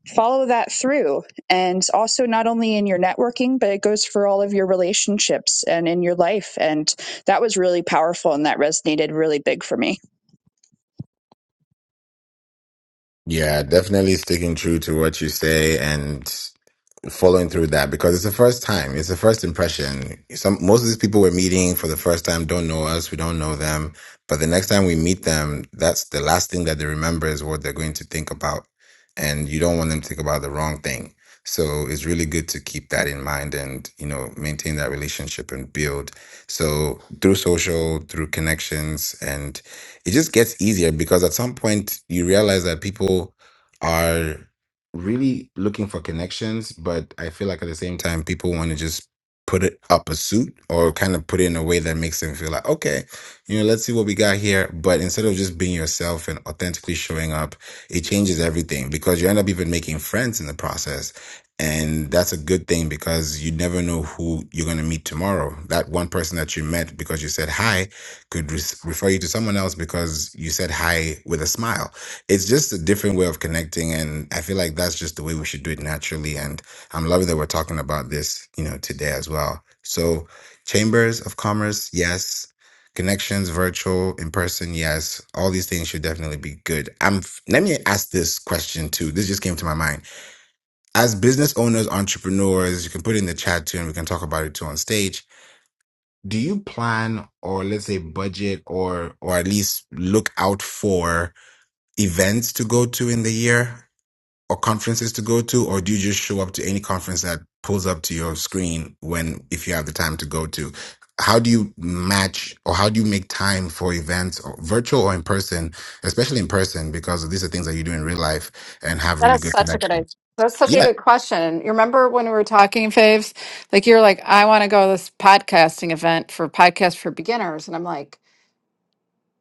follow that through and also not only in your networking but it goes for all of your relationships and in your life and that was really powerful and that resonated really big for me Yeah, definitely sticking true to what you say. and. following through that because it's the first time, it's the first impression. Some most of these people we're meeting for the first time don't know us, we don't know them, but the next time we meet them, that's the last thing that they remember is what they're going to think about, and you don't want them to think about the wrong thing. So it's really good to keep that in mind and you know maintain that relationship and build. So through social, through connections, and it just gets easier because at some point you realize that people are really looking for connections, but I feel like at the same time, people want to just put it up a suit or kind of put it in a way that makes them feel like, okay, you know, let's see what we got here. But instead of just being yourself and authentically showing up, it changes everything because you end up even making friends in the process. And that's a good thing because you never know who you're going to meet tomorrow. That one person that you met because you said hi could re- refer you to someone else because you said hi with a smile it's just a different way of connecting and i feel like that's just the way we should do it naturally and i'm loving that we're talking about this you know today as well so chambers of commerce yes connections virtual in person yes all these things should definitely be good i'm let me ask this question too this just came to my mind as business owners entrepreneurs you can put it in the chat too and we can talk about it too on stage do you plan or let's say budget or or at least look out for events to go to in the year or conferences to go to, or do you just show up to any conference that pulls up to your screen when if you have the time to go to? How do you match or how do you make time for events, or virtual or in person, especially in person, because these are things that you do in real life and have That really is good such a good idea. connections? That's such a Yeah. good question. You remember when we were talking, Faves? Like you're like, I want to go to this podcasting event for podcast for beginners, and I'm like,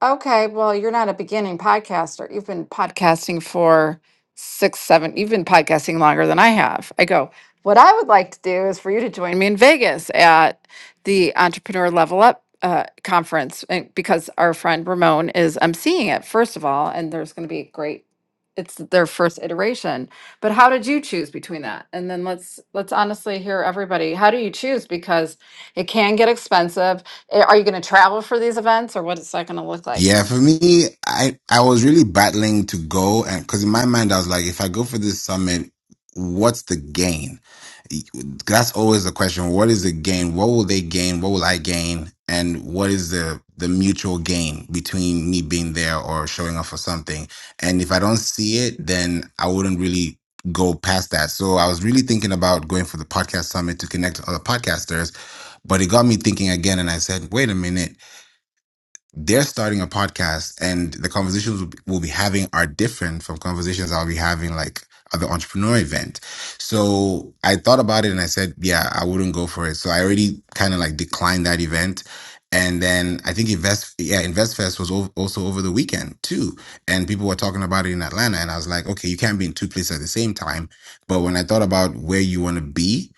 Okay, well, you're not a beginning podcaster. You've been podcasting for six, seven, you've been podcasting longer than I have. I go, what I would like to do is for you to join me in Vegas at the Entrepreneur Level Up uh, conference and- because our friend Ramon is emceeing it, first of all, and there's going to be a great it's their first iteration but how did you choose between that and then let's let's honestly hear everybody how do you choose because it can get expensive Eh, Are you going to travel for these events or what is that going to look like? Yeah, for me, I I was really battling to go, and because in my mind I was like, if I go for this summit, what's the gain? That's always the question. What is the gain? What will they gain? What will I gain? And what is the the mutual gain between me being there or showing up for something? And if I don't see it, then I wouldn't really go past that. So I was really thinking about going for the podcast summit to connect to other podcasters, but it got me thinking again, and I said, wait a minute they're starting a podcast and the conversations we'll be we'll be having are different from conversations I'll be having like at the entrepreneur event. So I thought about it and I said, yeah, I wouldn't go for it. So I already kind of like declined that event. And then I think Invest, yeah, InvestFest was ov- also over the weekend too. And people were talking about it in Atlanta. And I was like, okay, you can't be in two places at the same time. But when I thought about where you want to be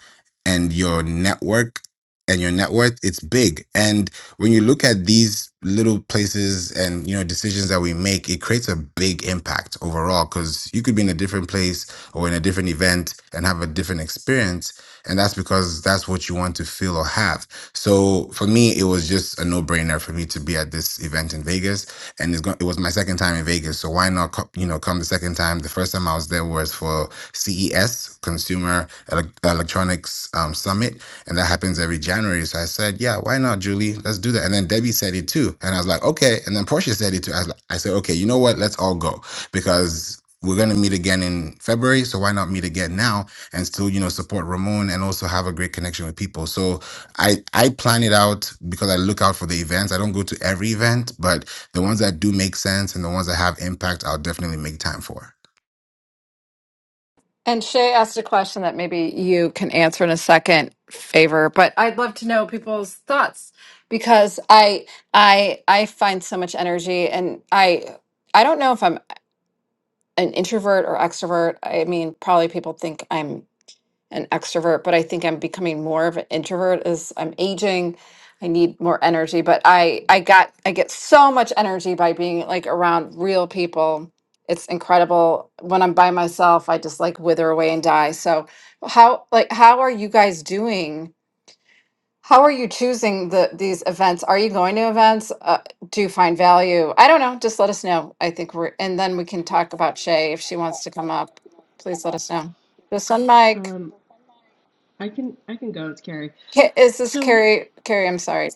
and your network and your net worth, it's big. and when you look at these little places and you know decisions that we make it creates a big impact overall because you could be in a different place or in a different event and have a different experience and that's because that's what you want to feel or have so for me it was just a no-brainer for me to be at this event in vegas and it's going it was my second time in vegas so why not co- you know come the second time the first time i was there was for ces consumer Ele- electronics um, summit and that happens every January. So I said, yeah, why not, Julie? Let's do that. And then Debbie said it too. And I was like, okay. And then Portia said it too. I, was like, I said, okay, you know what? Let's all go because we're going to meet again in February. So why not meet again now and still, you know, support Ramon and also have a great connection with people. So I, I plan it out because I look out for the events. I don't go to every event, but the ones that do make sense and the ones that have impact, I'll definitely make time for. And Shay asked a question that maybe you can answer in a second favor, but I'd love to know people's thoughts because I I I find so much energy and I I don't know if I'm an introvert or extrovert. I mean, probably people think I'm an extrovert, but I think I'm becoming more of an introvert as I'm aging. I need more energy, but I I got I get so much energy by being like around real people. It's incredible. When I'm by myself, I just like wither away and die. So, how like how are you guys doing? How are you choosing the these events? Are you going to events? Uh, do you find value? I don't know. Just let us know. I think we're and then we can talk about Shay if she wants to come up. Please let us know. Just on mic. Um, I can I can go. It's Carrie. Ca- Is this So Carrie? Carrie, I'm sorry.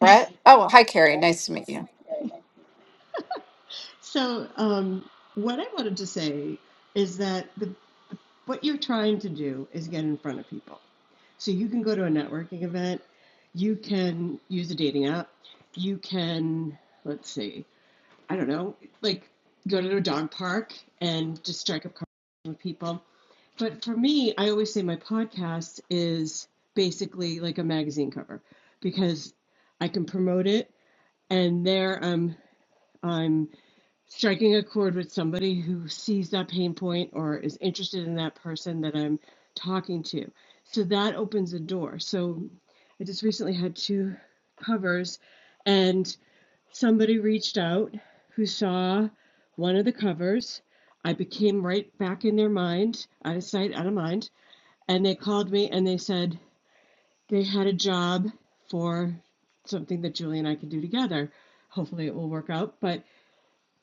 Brett? Oh, hi, Carrie. Nice to meet you. so um, what I wanted to say is that the What you're trying to do is get in front of people. So you can go to a networking event, you can use a dating app, you can, let's see, I don't know, like go to a dog park and just strike up conversation with people. But for me, I always say my podcast is basically like a magazine cover because I can promote it and there I'm I'm striking a chord with somebody who sees that pain point or is interested in that person that I'm talking to. So that opens a door. So I just recently had two covers and somebody reached out who saw one of the covers. I became right back in their mind, out of sight, out of mind. And they called me and they said they had a job for something that Julie and I could do together. Hopefully it will work out. But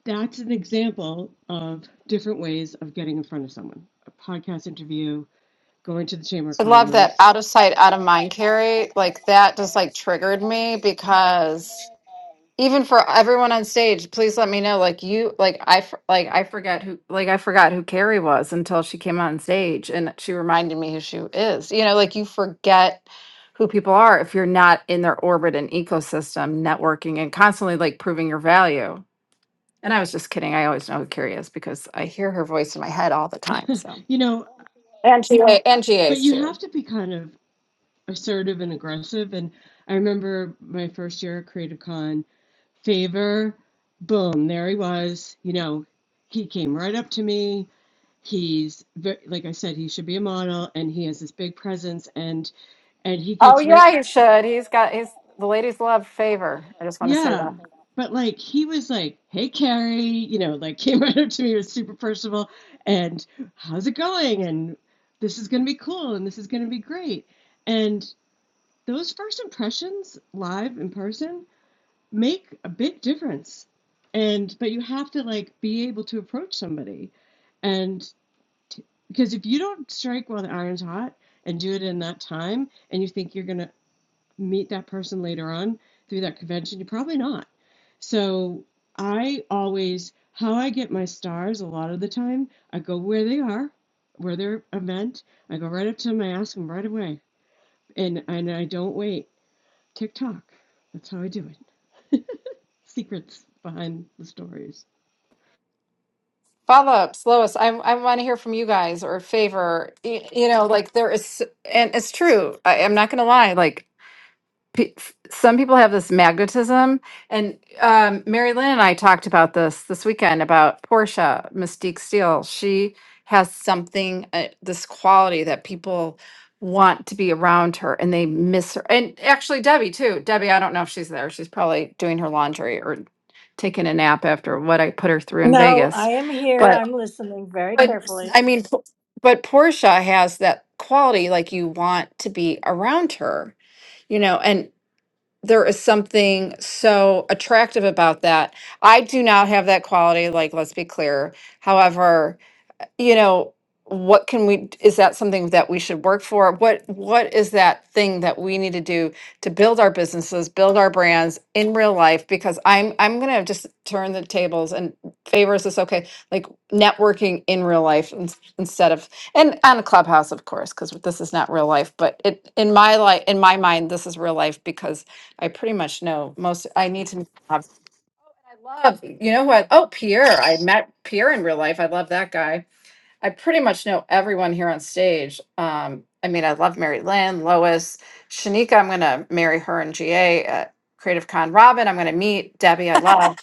that's an example of different ways of getting in front of someone. A podcast interview, going to the Chamber of I love that Commerce. out of sight, out of mind, Carrie. Like that just like triggered me because even for everyone on stage, please let me know. Like you, like I, f- like I forgot who, like I forgot who Carrie was until she came on stage and she reminded me who she is. You know, like you forget who people are if you're not in their orbit and ecosystem, networking and constantly like proving your value. And I was just kidding. I always know who Carrie is because I hear her voice in my head all the time. So You know, And she, Yeah. and but GA's you have too. to be kind of assertive and aggressive. And I remember my first year at Creative Con, Favor, boom, there he was. You know, he came right up to me. He's like I said, he should be a model, and he has this big presence, and and he Oh gets right. yeah, you should. He's got his the ladies love favor. I just want to say Yeah. that. But like he was like, "Hey Carrie," you know, like came right up to me, was super personable, and how's it going? And this is gonna be cool, and this is gonna be great. And those first impressions, live in person, make a big difference. And but you have to like be able to approach somebody, and t- because if you don't strike while the iron's hot and do it in that time, and you think you're gonna meet that person later on through that convention? You're probably not. So I always, how I get my stars a lot of the time, I go where they are, where they're a meant. I go right up to them, I ask them right away. And, and I don't wait. TikTok. That's how I do it. Secrets behind the stories. Follow ups, Lois. I I want to hear from you guys or favor. You, you know, like there is, and it's true. I, I'm not going to lie. Like pe- s- some people have this magnetism and um, mary lynn and i talked about this this weekend about portia mystique steele she has something uh, this quality that people want to be around her and they miss her and actually debbie too debbie i don't know if she's there she's probably doing her laundry or taking a nap after what i put her through in No, vegas I am here. but I'm listening very but carefully. i mean Po- but portia has that quality like you want to be around her you know there is something so attractive about that. I do not have that quality, like, let's be clear. However, you know, what can we, is that something that we should work for? What, what is that thing that we need to do to build our businesses, build our brands in real life? Because I'm, I'm going to just turn the tables and favors this, okay, like networking in real life ins- instead of, and on a clubhouse, of course, because this is not real life, but it, in my life, in my mind, this is real life because I pretty much know most, I need to have, love, you know what? Oh, Pierre, I met Pierre in real life. I love that guy. I pretty much know everyone here on stage. Um, I mean, I love Mary Lynn, Lois, Shanika. I'm going to marry her in GA at Creative Con. Robin, I'm going to meet Debbie. I love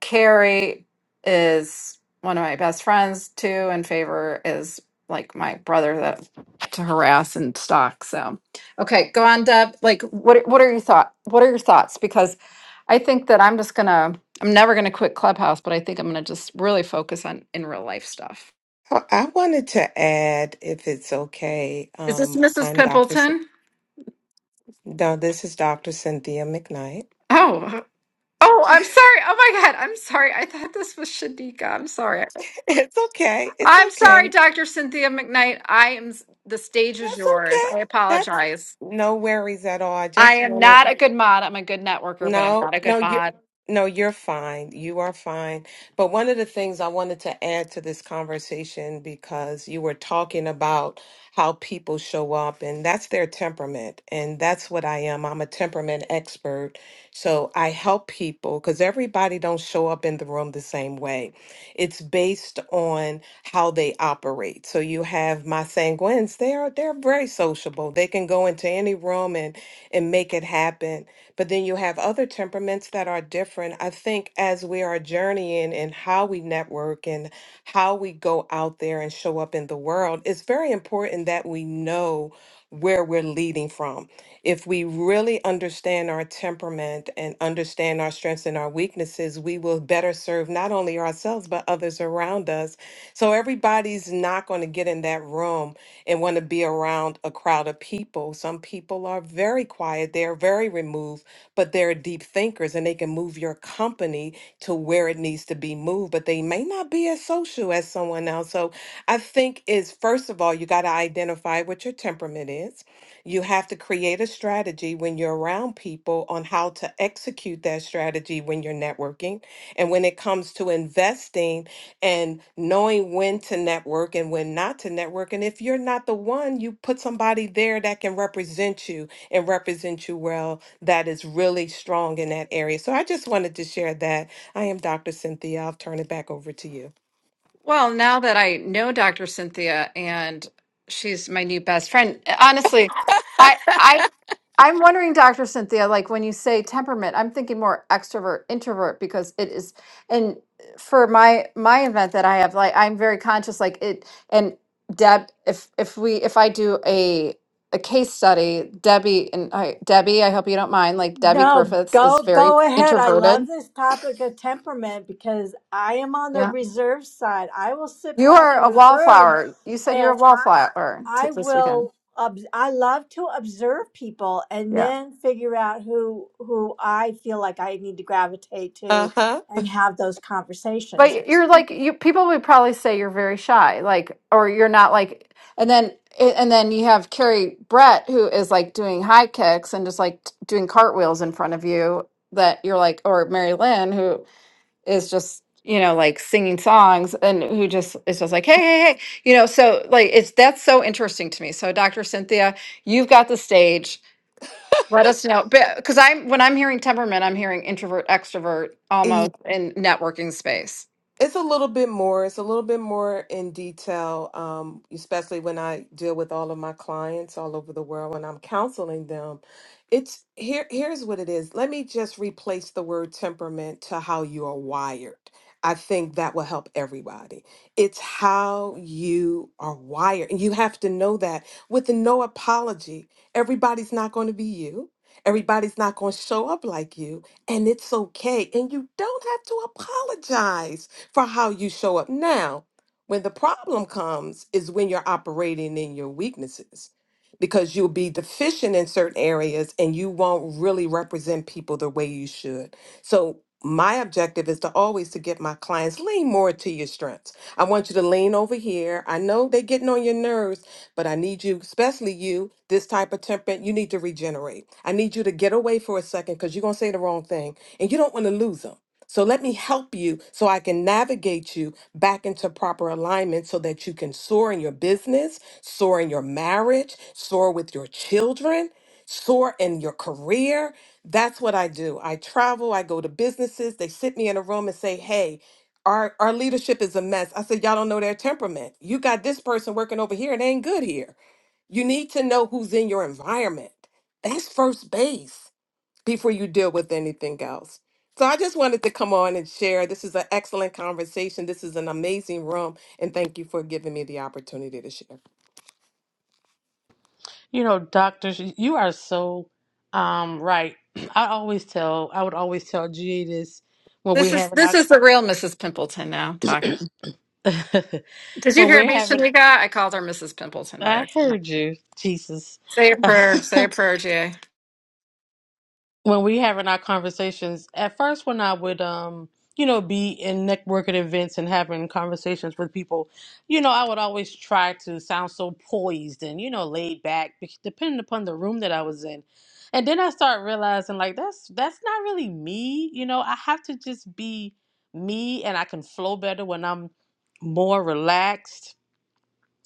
Carrie is one of my best friends too, and Favor is like my brother that to harass and stalk. So, okay, go on, Deb. Like, what what are your thought? What are your thoughts? Because I think that I'm just gonna. I'm never gonna quit Clubhouse, but I think I'm gonna just really focus on in real life stuff. I I wanted to add, if it's okay, Is this um, Mrs. I'm Dr. Cyn- Pimpleton? No, this is Dr. Cynthia McKnight. Oh, oh, I'm sorry. Oh my God, I'm sorry. I thought this was Shadika. I'm sorry. It's okay. It's I'm sorry, okay. Dr. Cynthia McKnight. I am, the stage is That's yours. okay. I That's apologize. no worries at all. I I just am wanted not a good mod. I'm a good networker, but I'm No, not a good no, you mod. no, you're fine. You are fine. But one of the things I wanted to add to this conversation because you were talking about how people show up and that's their temperament and that's what I am. I'm a temperament expert. So I help people cuz everybody don't show up in the room the same way. It's based on how they operate. So you have my sanguines, they're they're very sociable. They can go into any room and and make it happen but then you have other temperaments that are different. I think as we are journeying and how we network and how we go out there and show up in the world, it's very important that we know where we're leading from. If we really understand our temperament and understand our strengths and our weaknesses, we will better serve not only ourselves, but others around us. So everybody's not going to get in that room and want to be around a crowd of people. Some people are very quiet, they're very removed but they're deep thinkers and they can move your company to where it needs to be moved, but they may not be as social as someone else. So I think is first of all, you got to identify what your temperament is. You have to create a strategy when you're around people on how to execute that strategy when you're networking. And when it comes to investing and knowing when to network and when not to network. And if you're not the one, you put somebody there that can represent you and represent you well that is really strong in that area. So I just wanted to share that. I am Dr. Cynthia. I'll turn it back over to you. Well, now that I know Dr. Cynthia and she's my new best friend, honestly, I, I I'm wondering, Dr. Cynthia, like when you say temperament, I'm thinking more extrovert, introvert, because it is, and for my my event that I have, like I'm very conscious, like it, and Deb, if if we if I do a a case study, Debbie and I, Debbie, I hope you don't mind, like Debbie No, Griffiths is go very go ahead. I love introverted. this topic of temperament because I am on the Yeah, reserve side. I will sit you back are in a the room wallflower. You said you're a and I wallflower t- I this weekend. will obs- I love to observe people and Yeah. then figure out who who I feel like I need to gravitate Uh to huh. and have those conversations. But you're like you people would probably say you're very shy, like or you're not like and then and then you have Carrie Brett who is like doing high kicks and just like t- doing cartwheels in front of you that you're like or Mary Lynn who is just you know like singing songs and who just is just like hey hey hey you know so like it's that's so interesting to me so Dr. Cynthia you've got the stage let us know because I'm when I'm hearing temperament I'm hearing introvert extrovert almost in networking space It's a little bit more. It's a little bit more in detail, um, especially when I deal with all of my clients all over the world when I'm counseling them. It's here. Here's what it is. Let me just replace the word temperament to how you are wired. I think that will help everybody. It's how you are wired, and you have to know that with no apology. Everybody's not going to be you. Everybody's not going to show up like you, and it's okay. And you don't have to apologize for how you show up now when the problem comes is when you're operating in your weaknesses because you'll be deficient in certain areas and you won't really represent people the way you should so my objective is to always to get my clients lean more to your strengths i want you to lean over here i know they're getting on your nerves but I need you, especially you, this type of temperament, you need to regenerate. I need you to get away for a second because you're going to say the wrong thing and you don't want to lose 'em. So let me help you so I can navigate you back into proper alignment so that you can soar in your business, soar in your marriage, soar with your children, soar in your career. That's what I do. I travel, I go to businesses, they sit me in a room and say, hey, our, our leadership is a mess. I said, y'all don't know their temperament. You got this person working over here, it ain't good here. You need to know who's in your environment. That's first base before you deal with anything else. So I just wanted to come on and share. This is an excellent conversation. This is an amazing room. And thank you for giving me the opportunity to share. You know, doctors, you are so um right. I always tell, I would always tell G this when This we're is having this our is the real Mrs. Pimpleton now. Talk. Did you when hear we're me, having. Shanika? I called her Mrs. Pimpleton by I accident. heard you, Jesus. Say a prayer. Say a prayer, GA. when we having our conversations at first when i would um you know be in networking events and having conversations with people you know i would always try to sound so poised and you know laid back be- depending upon the room that i was in and then i start realizing like that's that's not really me you know i have to just be me and i can flow better when i'm more relaxed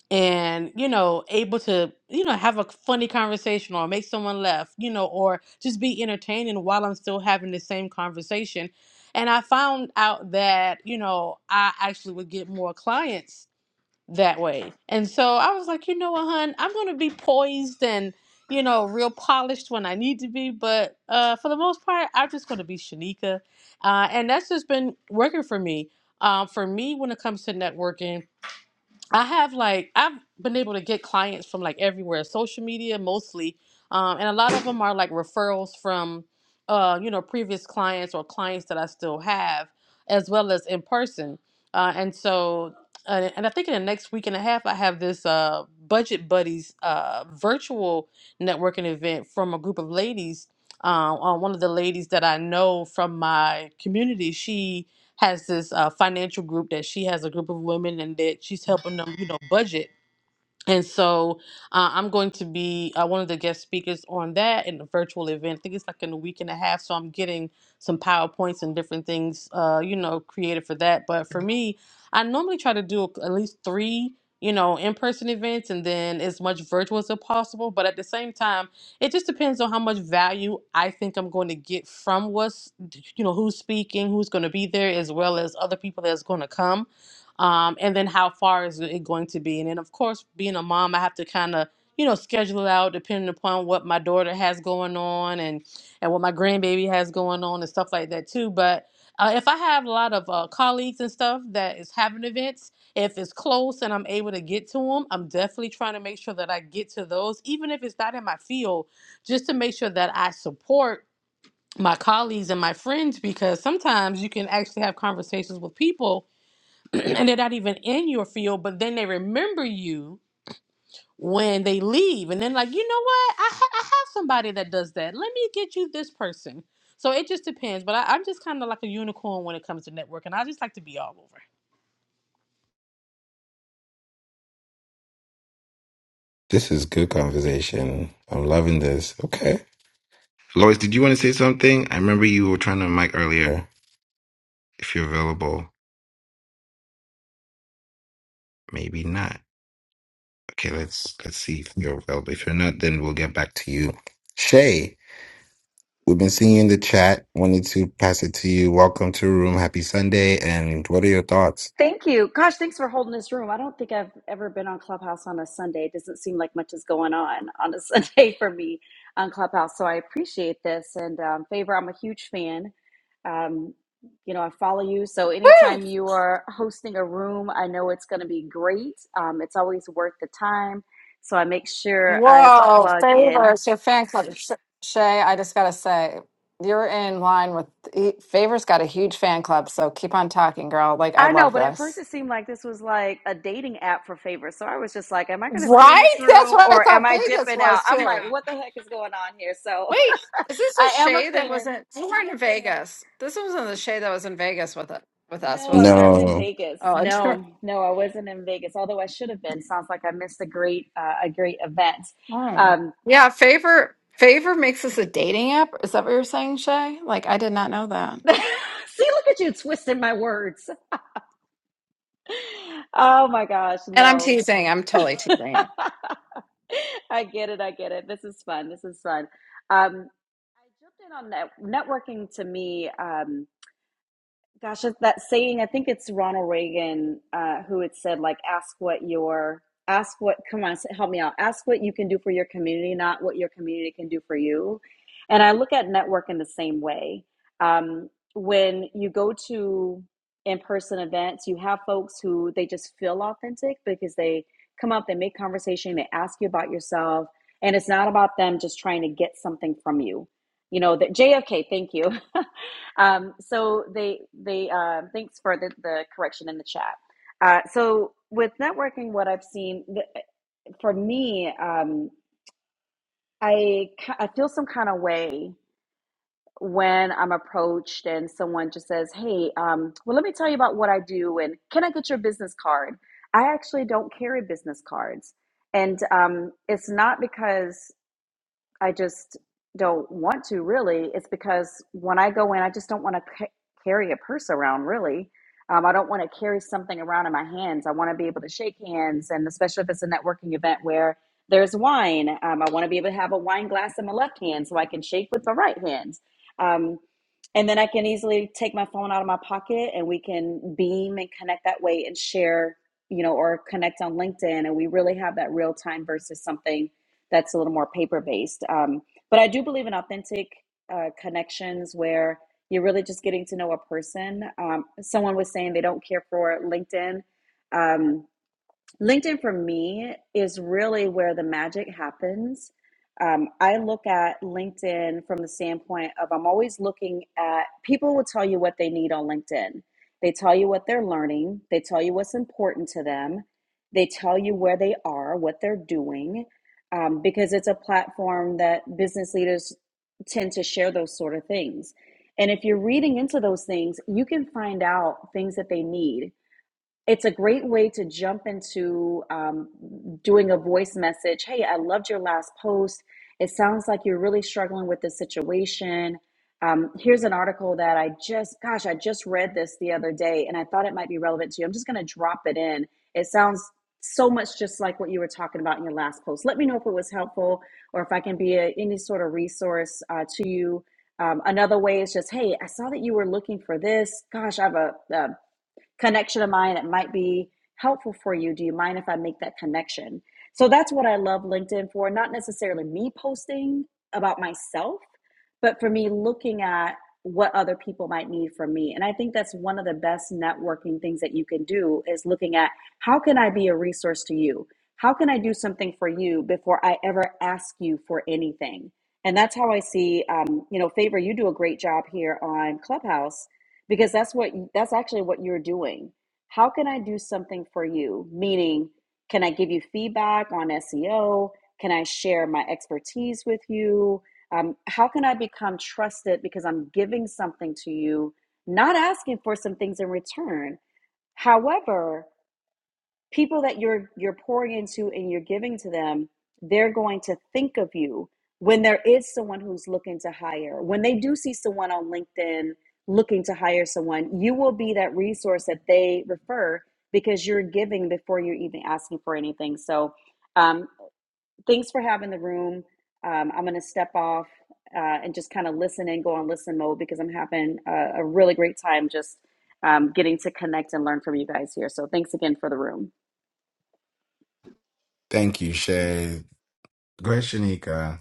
and you know able to you know have a funny conversation or make someone laugh you know or just be entertaining while i'm still having the same conversation and i found out that you know i actually would get more clients that way and so i was like you know what hun i'm going to be poised and you know real polished when i need to be but uh for the most part i'm just going to be shanika uh and that's just been working for me uh, for me when it comes to networking I have like I've been able to get clients from like everywhere, social media mostly, um, and a lot of them are like referrals from, uh, you know, previous clients or clients that I still have, as well as in person. Uh, and so, uh, and I think in the next week and a half, I have this uh, budget buddies uh, virtual networking event from a group of ladies. Uh, uh, one of the ladies that I know from my community, she has this uh, financial group that she has a group of women and that she's helping them, you know, budget and so uh, I'm going to be uh, one of the guest speakers on that in a virtual event. I think it's like in a week and a half. So I'm getting some PowerPoints and different things, uh, you know, created for that. But for me, I normally try to do uh, at least three, you know, in person events and then as much virtual as possible. But at the same time, it just depends on how much value I think I'm going to get from what's, you know, who's speaking, who's going to be there, as well as other people that's going to come um, and then how far is it going to be? And then, of course, being a mom, I have to kind of you know schedule it out depending upon what my daughter has going on and and what my grandbaby has going on and stuff like that too. But uh, if I have a lot of uh, colleagues and stuff that is having events, if it's close and I'm able to get to them, I'm definitely trying to make sure that I get to those, even if it's not in my field, just to make sure that I support my colleagues and my friends because sometimes you can actually have conversations with people and they're not even in your field, but then they remember you when they leave, and then like, you know what? I ha- I have somebody that does that. Let me get you this person. So it just depends, but I, I'm just kind of like a unicorn when it comes to networking. I just like to be all over. This is good conversation. I'm loving this. Okay. Lois, did you want to say something? I remember you were trying to mic earlier. If you're available, maybe not. Okay, let's let's see if you're available. If you're not, then we'll get back to you. Shay, we've been seeing you in the chat. Wanted to pass it to you. Welcome to the room. Happy Sunday. And what are your thoughts? Thank you. Gosh, thanks for holding this room. I don't think I've ever been on Clubhouse on a Sunday. It doesn't seem like much is going on on a Sunday for me on Clubhouse. So I appreciate this. And um, Favor, I'm a huge fan. Um, you know, I follow you. So Woo! anytime you are hosting a room, I know it's going to be great. Um, it's always worth the time. So I make sure I Whoa, plug in. favors your fan club, Sh- Shay. I just gotta say, you're in line with he, favors. Got a huge fan club, so keep on talking, girl. Like I I know, love but at first this. it seemed like this was like a dating app for favorites. So I was just like, am I going to stay in this Right? That's room what I or am thought I Vegas dipping out? was I'm too. like, what the heck is going on here? So Wait, is this a I am a Shay that fan. wasn't? We weren't in Vegas. This wasn't the Shay that was in Vegas with it with us, No, I wasn't it? wasn't in No, Vegas. Oh, No, no, I wasn't in Vegas. Although I should have been. Sounds like I missed a great, uh, a great event. Oh. Um, Yeah, Favor Favor makes this a dating app. Is that what you're saying, Shay? Like I did not know that. see, look at you twisting my words. Oh my gosh, And I'm no. teasing. I'm totally teasing you. I get it. I get it. This is fun. This is fun. Um, I jumped in on net- networking to me. Um, Gosh, that saying, I think it's Ronald Reagan uh, who had said, like, ask what your, ask what, come on, help me out. Ask what you can do for your community, not what your community can do for you. And I look at network in the same way. Um, when you go to in-person events, you have folks who they just feel authentic because they come up, they make conversation, they ask you about yourself, and it's not about them just trying to get something from you. You know, that JFK, thank you. Um, so they they um, thanks for the, the correction in the chat. Uh, so with networking, what I've seen th- for me, um, I ki- I feel some kind of way when I'm approached and someone just says, "Hey, um, well, let me tell you about what I do and can I get your business card?" I actually don't carry business cards, and um, it's not because I just don't want to really. It's because when I go in, I just don't want to ca- carry a purse around really. Um, I don't want to carry something around in my hands. I want to be able to shake hands, and especially if it's a networking event where there's wine, um, I want to be able to have a wine glass in my left hand so I can shake with my right hand. Um, and then I can easily take my phone out of my pocket and we can beam and connect that way and share, you know, or connect on LinkedIn. And we really have that real time versus something that's a little more paper based. Um, but I do believe in authentic uh, connections where you're really just getting to know a person. Um, someone was saying they don't care for LinkedIn. Um, LinkedIn for me is really where the magic happens. Um, I look at LinkedIn from the standpoint of I'm always looking at people will tell you what they need on LinkedIn. They tell you what they're learning, they tell you what's important to them, they tell you where they are, what they're doing, um, because it's a platform that business leaders tend to share those sort of things. And if you're reading into those things, you can find out things that they need it's a great way to jump into um, doing a voice message. Hey, I loved your last post. It sounds like you're really struggling with this situation. Um, here's an article that I just, gosh, I just read this the other day and I thought it might be relevant to you. I'm just going to drop it in. It sounds so much just like what you were talking about in your last post. Let me know if it was helpful or if I can be a, any sort of resource uh, to you. Um, another way is just, hey, I saw that you were looking for this. Gosh, I have a, a connection of mine that might be helpful for you. Do you mind if I make that connection? So that's what I love LinkedIn for, not necessarily me posting about myself, but for me looking at what other people might need from me and i think that's one of the best networking things that you can do is looking at how can i be a resource to you how can i do something for you before i ever ask you for anything and that's how i see um, you know favor you do a great job here on clubhouse because that's what that's actually what you're doing how can i do something for you meaning can i give you feedback on seo can i share my expertise with you um, how can i become trusted because i'm giving something to you not asking for some things in return however people that you're you're pouring into and you're giving to them they're going to think of you when there is someone who's looking to hire when they do see someone on linkedin looking to hire someone you will be that resource that they refer because you're giving before you're even asking for anything so um, Thanks for having the room. Um, I'm going to step off uh, and just kind of listen and go on listen mode because I'm having a, a really great time just um, getting to connect and learn from you guys here. So thanks again for the room. thank you, Shay. Great, Shanika.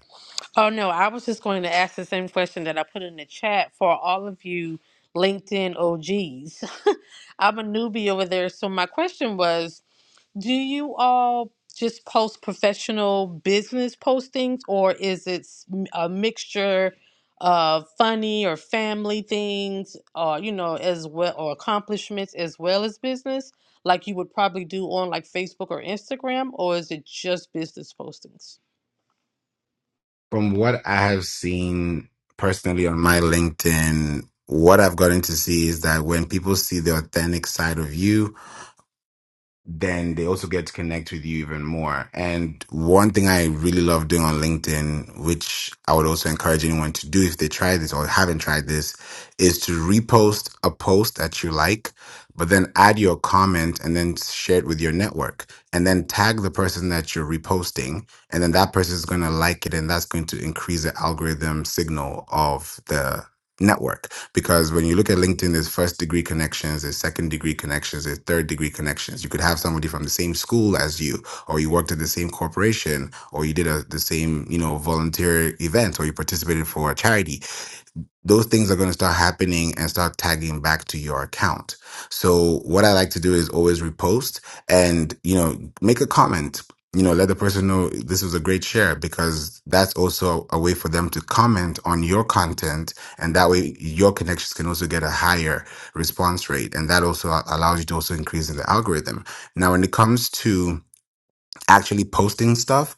Oh no, I was just going to ask the same question that I put in the chat for all of you LinkedIn OGs. I'm a newbie over there, so my question was. Do you all just post professional business postings, or is it s- m- a mixture of funny or family things, or you know, as well, or accomplishments as well as business, like you would probably do on like Facebook or Instagram, or is it just business postings? From what I have seen personally on my LinkedIn, what I've gotten to see is that when people see the authentic side of you, then they also get to connect with you even more. And one thing I really love doing on LinkedIn, which I would also encourage anyone to do if they try this or haven't tried this, is to repost a post that you like, but then add your comment and then share it with your network and then tag the person that you're reposting. And then that person is going to like it and that's going to increase the algorithm signal of the network. Because when you look at LinkedIn, there's first degree connections, there's second degree connections, there's third degree connections. You could have somebody from the same school as you, or you worked at the same corporation, or you did a, the same, you know, volunteer event, or you participated for a charity those things are going to start happening and start tagging back to your account. So what I like to do is always repost and, you know, make a comment, you know, let the person know this was a great share because that's also a way for them to comment on your content. And that way your connections can also get a higher response rate. And that also allows you to also increase in the algorithm. Now, when it comes to actually posting stuff,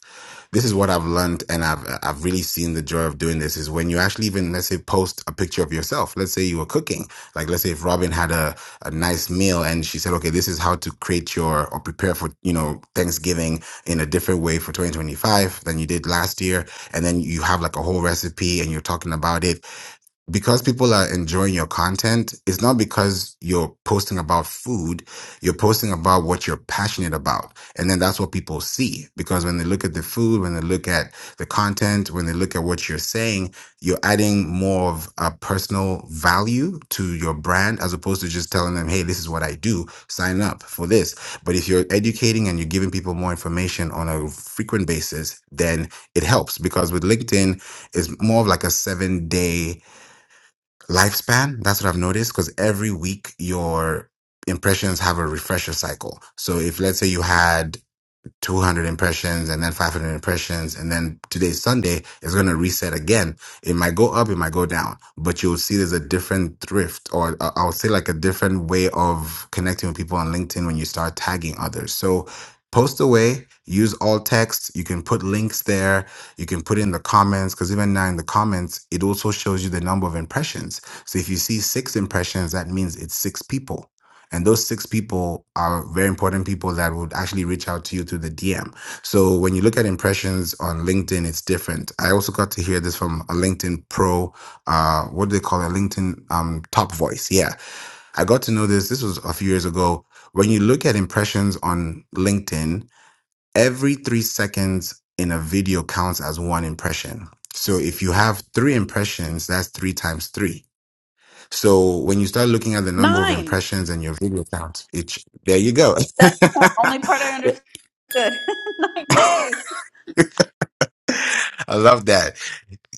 this is what I've learned and I've I've really seen the joy of doing this is when you actually even let's say post a picture of yourself. Let's say you were cooking. Like let's say if Robin had a, a nice meal and she said, okay, this is how to create your or prepare for, you know, Thanksgiving in a different way for 2025 than you did last year. And then you have like a whole recipe and you're talking about it because people are enjoying your content, it's not because you're posting about food, you're posting about what you're passionate about. And then that's what people see. Because when they look at the food, when they look at the content, when they look at what you're saying, you're adding more of a personal value to your brand as opposed to just telling them, hey, this is what I do, sign up for this. But if you're educating and you're giving people more information on a frequent basis, then it helps. Because with LinkedIn, it's more of like a seven day lifespan. That's what I've noticed because every week your impressions have a refresher cycle. So if let's say you had 200 impressions and then 500 impressions and then today's sunday is going to reset again it might go up it might go down but you'll see there's a different thrift or uh, i'll say like a different way of connecting with people on linkedin when you start tagging others so post away use alt text you can put links there you can put in the comments because even now in the comments it also shows you the number of impressions so if you see six impressions that means it's six people and those six people are very important people that would actually reach out to you through the DM. So when you look at impressions on LinkedIn, it's different. I also got to hear this from a LinkedIn pro, uh, what do they call it? LinkedIn um, top voice. Yeah. I got to know this. This was a few years ago. When you look at impressions on LinkedIn, every three seconds in a video counts as one impression. So if you have three impressions, that's three times three. So when you start looking at the number of Nine. impressions and your video counts, it there you go. That's the only part I understood. Nine. I Yay. love that.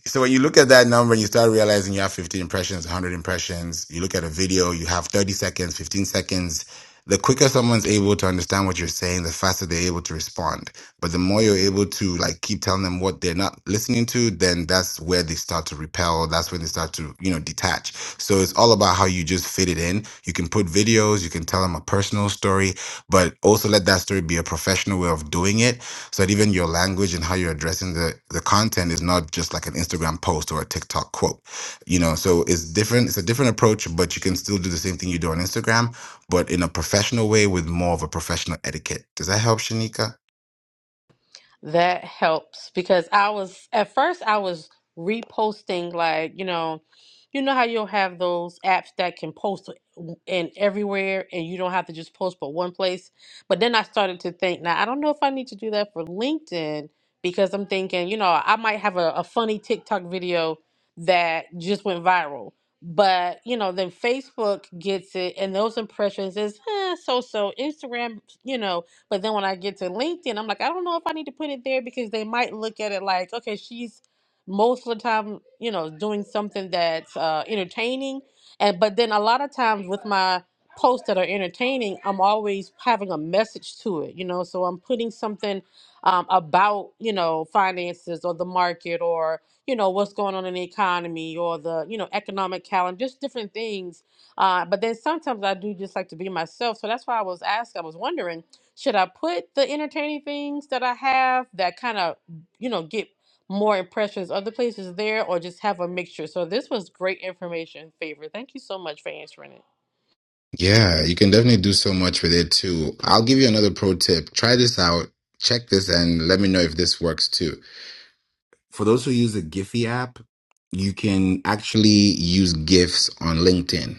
so when you look at that number and you start realizing you have 50 impressions 100 impressions you look at a video you have 30 seconds 15 seconds the quicker someone's able to understand what you're saying the faster they're able to respond but the more you're able to like keep telling them what they're not listening to then that's where they start to repel that's when they start to you know detach so it's all about how you just fit it in you can put videos you can tell them a personal story but also let that story be a professional way of doing it so that even your language and how you're addressing the the content is not just like an Instagram post or a TikTok quote. You know, so it's different. It's a different approach, but you can still do the same thing you do on Instagram, but in a professional way with more of a professional etiquette. Does that help, Shanika? That helps because I was at first I was reposting like, you know, you know how you'll have those apps that can post w- in everywhere and you don't have to just post but one place. But then I started to think, now I don't know if I need to do that for LinkedIn because I'm thinking, you know, I might have a, a funny TikTok video that just went viral. But, you know, then Facebook gets it and those impressions is eh, so so. Instagram, you know, but then when I get to LinkedIn, I'm like, I don't know if I need to put it there because they might look at it like, okay, she's most of the time, you know, doing something that's uh, entertaining. And but then a lot of times with my posts that are entertaining, I'm always having a message to it, you know. So I'm putting something um, about, you know, finances or the market or you know what's going on in the economy or the you know economic calendar, just different things. Uh, but then sometimes I do just like to be myself. So that's why I was asking, I was wondering should I put the entertaining things that I have that kind of, you know, get more impressions of the places there or just have a mixture? So this was great information, Favor. Thank you so much for answering it. Yeah, you can definitely do so much with it too. I'll give you another pro tip. Try this out. Check this and let me know if this works too. For those who use the Giphy app, you can actually use GIFs on LinkedIn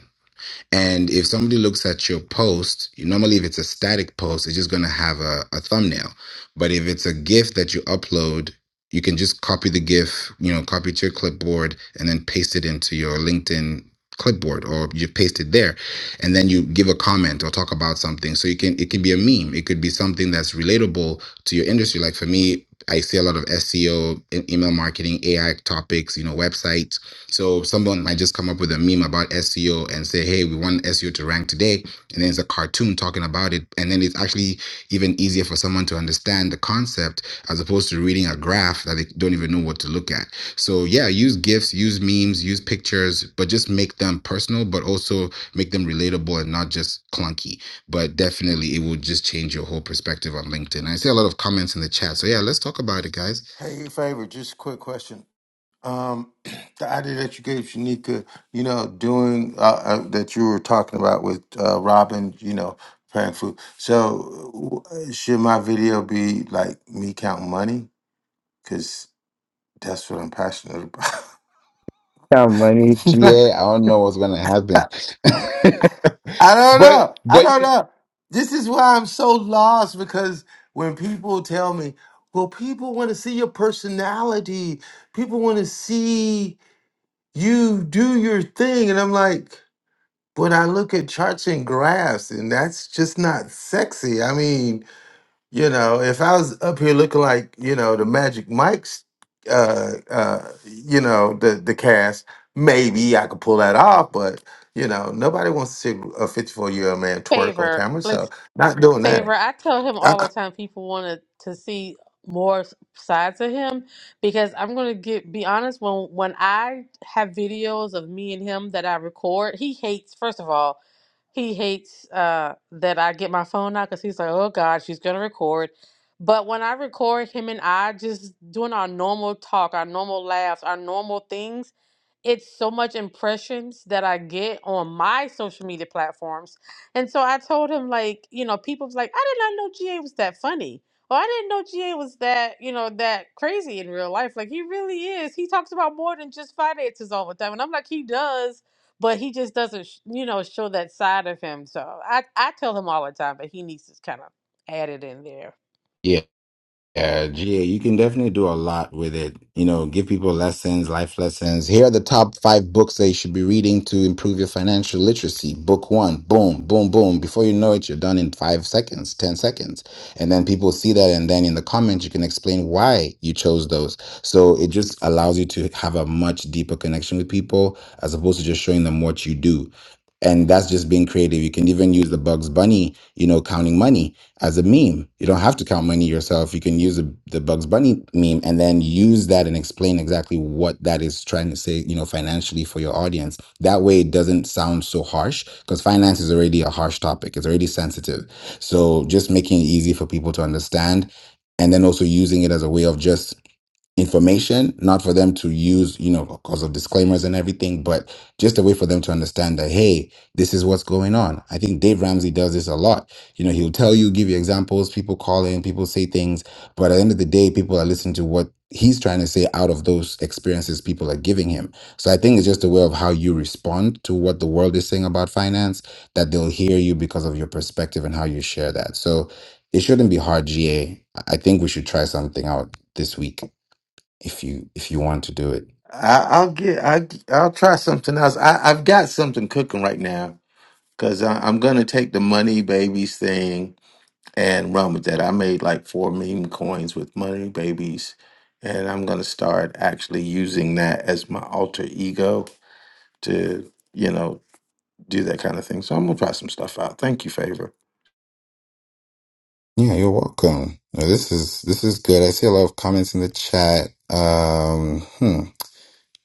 And if somebody looks at your post, you- normally if it's a static post, it's just going to have a, a thumbnail. But if it's a GIF that you upload, you can just copy the GIF, you know, copy it to your clipboard and then paste it into your LinkedIn clipboard or you paste it there and then you give a comment or talk about something so you can it can be a meme it could be something that's relatable to your industry like for me i see a lot of seo e- email marketing ai topics you know websites so someone might just come up with a meme about SEO and say, hey, we want SEO to rank today. And then it's a cartoon talking about it. And then it's actually even easier for someone to understand the concept as opposed to reading a graph that they don't even know what to look at. So yeah, use GIFs, use memes, use pictures, but just make them personal, but also make them relatable and not just clunky. But definitely it will just change your whole perspective on LinkedIn. I see a lot of comments in the chat. So yeah, let's talk about it, guys. Hey, favor, just a quick question. Um, the idea that you gave Shanika, you know, doing uh, uh, that you were talking about with uh, Robin, you know, preparing food. So, w- uh, should my video be like me counting money? Because that's what I'm passionate about. got money. Yeah, I don't know what's gonna happen. I don't but know. I but don't you, know. This is why I'm so lost because when people tell me, well, people want to see your personality, people want to see you do your thing. And I'm like, When I look at charts and graphs, and that's just not sexy. I mean, you know, if I was up here looking like, you know, the Magic Mike's, uh, uh, you know, the the cast, maybe I could pull that off. But you know, nobody wants to see a fifty four year old man twerk on Favor, camera, so Let's, not doing Favor, that. I tell him I, all the I, time people wanted to to see more s- sides of him because I'm going to get be honest when when I have videos of me and him that I record, he hates first of all He hates uh, that I get my phone out because he's like, oh God, she's going to record. But when I record him and I just doing our normal talk, our normal laughs, our normal things, it's so much impressions that I get on my social media platforms. And so I told him, like, you know, people's like, I did not know GA was that funny. Or I didn't know GA was that, you know, that crazy in real life. Like, he really is. He talks about more than just finances all the time. And I'm like, he does but he just doesn't sh- you know show that side of him so i i tell him all the time but he needs to kind of add it in there yeah. Yeah, GA, you can definitely do a lot with it. You know, give people lessons, life lessons. Here are the top five books that you should be reading to improve your financial literacy. Book one, boom, boom, boom. Before you know it, you're done in five seconds, 10 seconds. And then people see that. And then in the comments, you can explain why you chose those. So it just allows you to have a much deeper connection with people as opposed to just showing them what you do. And that's just being creative. You can even use the Bugs Bunny, you know, counting money as a meme. You don't have to count money yourself. You can use the, the Bugs Bunny meme and then use that and explain exactly what that is trying to say, you know, financially for your audience. That way it doesn't sound so harsh because finance is already a harsh topic. It's already sensitive. So just making it easy for people to understand and then also using it as a way of just information, not for them to use, you know, because of disclaimers and everything, but just a way for them to understand that, hey, this is what's going on. I think Dave Ramsey does this a lot. You know, he'll tell you, give you examples, people call in, people say things, but at the end of the day, people are listening to what he's trying to say out of those experiences people are giving him. So I think it's just a way of how you respond to what the world is saying about finance that they'll hear you because of your perspective and how you share that. So it shouldn't be hard, GA. I I think we should try something out this week if you if you want to do it. I- I'll get, I, I'll try something else. I, I've got something cooking right now because I'm gonna take the money babies thing and run with that. I made like four meme coins with money babies, and I'm gonna start actually using that as my alter ego to, you know, do that kind of thing. So I'm gonna try some stuff out. Thank you, favor. Yeah, you're welcome. Uh, This is this is good. I see a lot of comments in the chat. Um, hmm.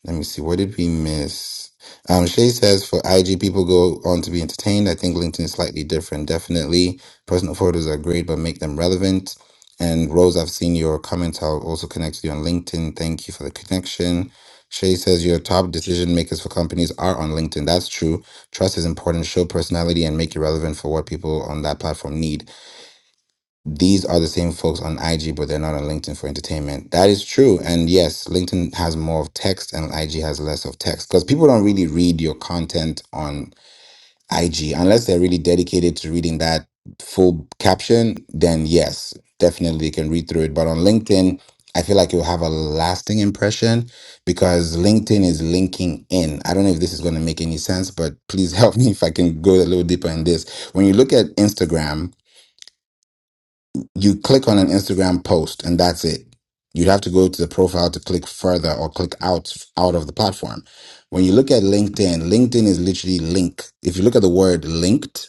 Let me see. What did we miss? Um, Shay says for IG, people go on to be entertained. I think LinkedIn is slightly different. Definitely, personal photos are great, but make them relevant. And Rose, I've seen your comments. I'll also connect with you on LinkedIn. Thank you for the connection. Shay says your top decision makers for companies are on LinkedIn. That's true. Trust is important. Show personality and make it relevant for what people on that platform need these are the same folks on IG, but they're not on LinkedIn for entertainment. That is true. And yes, LinkedIn has more of text and IG has less of text because people don't really read your content on IG unless they're really dedicated to reading that full caption. Then, yes, definitely can read through it. But on LinkedIn, I feel like you'll have a lasting impression because LinkedIn is linking in. I don't know if this is going to make any sense, but please help me if I can go a little deeper in this. When you look at Instagram, you click on an Instagram post and that's it. You'd have to go to the profile to click further or click out out of the platform. When you look at LinkedIn, LinkedIn is literally link. If you look at the word linked,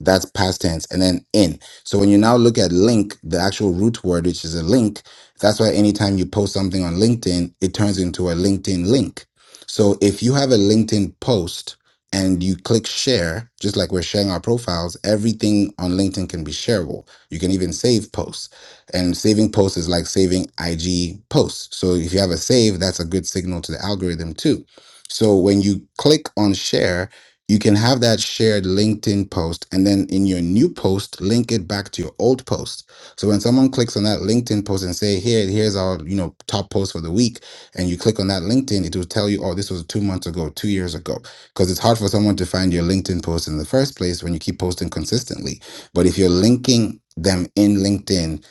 that's past tense and then in so when you now look at link the actual root word which is a link that's why anytime you post something on linkedin it turns into a linkedin link so if you have a linkedin post and you click share just like we're sharing our profiles everything on linkedin can be shareable you can even save posts and saving posts is like saving ig posts so if you have a save that's a good signal to the algorithm too so when you click on share you can have that shared LinkedIn post and then in your new post, link it back to your old post. So when someone clicks on that LinkedIn post and say, here, here's our, you know, top post for the week. And you click on that LinkedIn, it will tell you, oh, this was two months ago, two years ago. Cause it's hard for someone to find your LinkedIn post in the first place when you keep posting consistently. But if you're linking them in LinkedIn,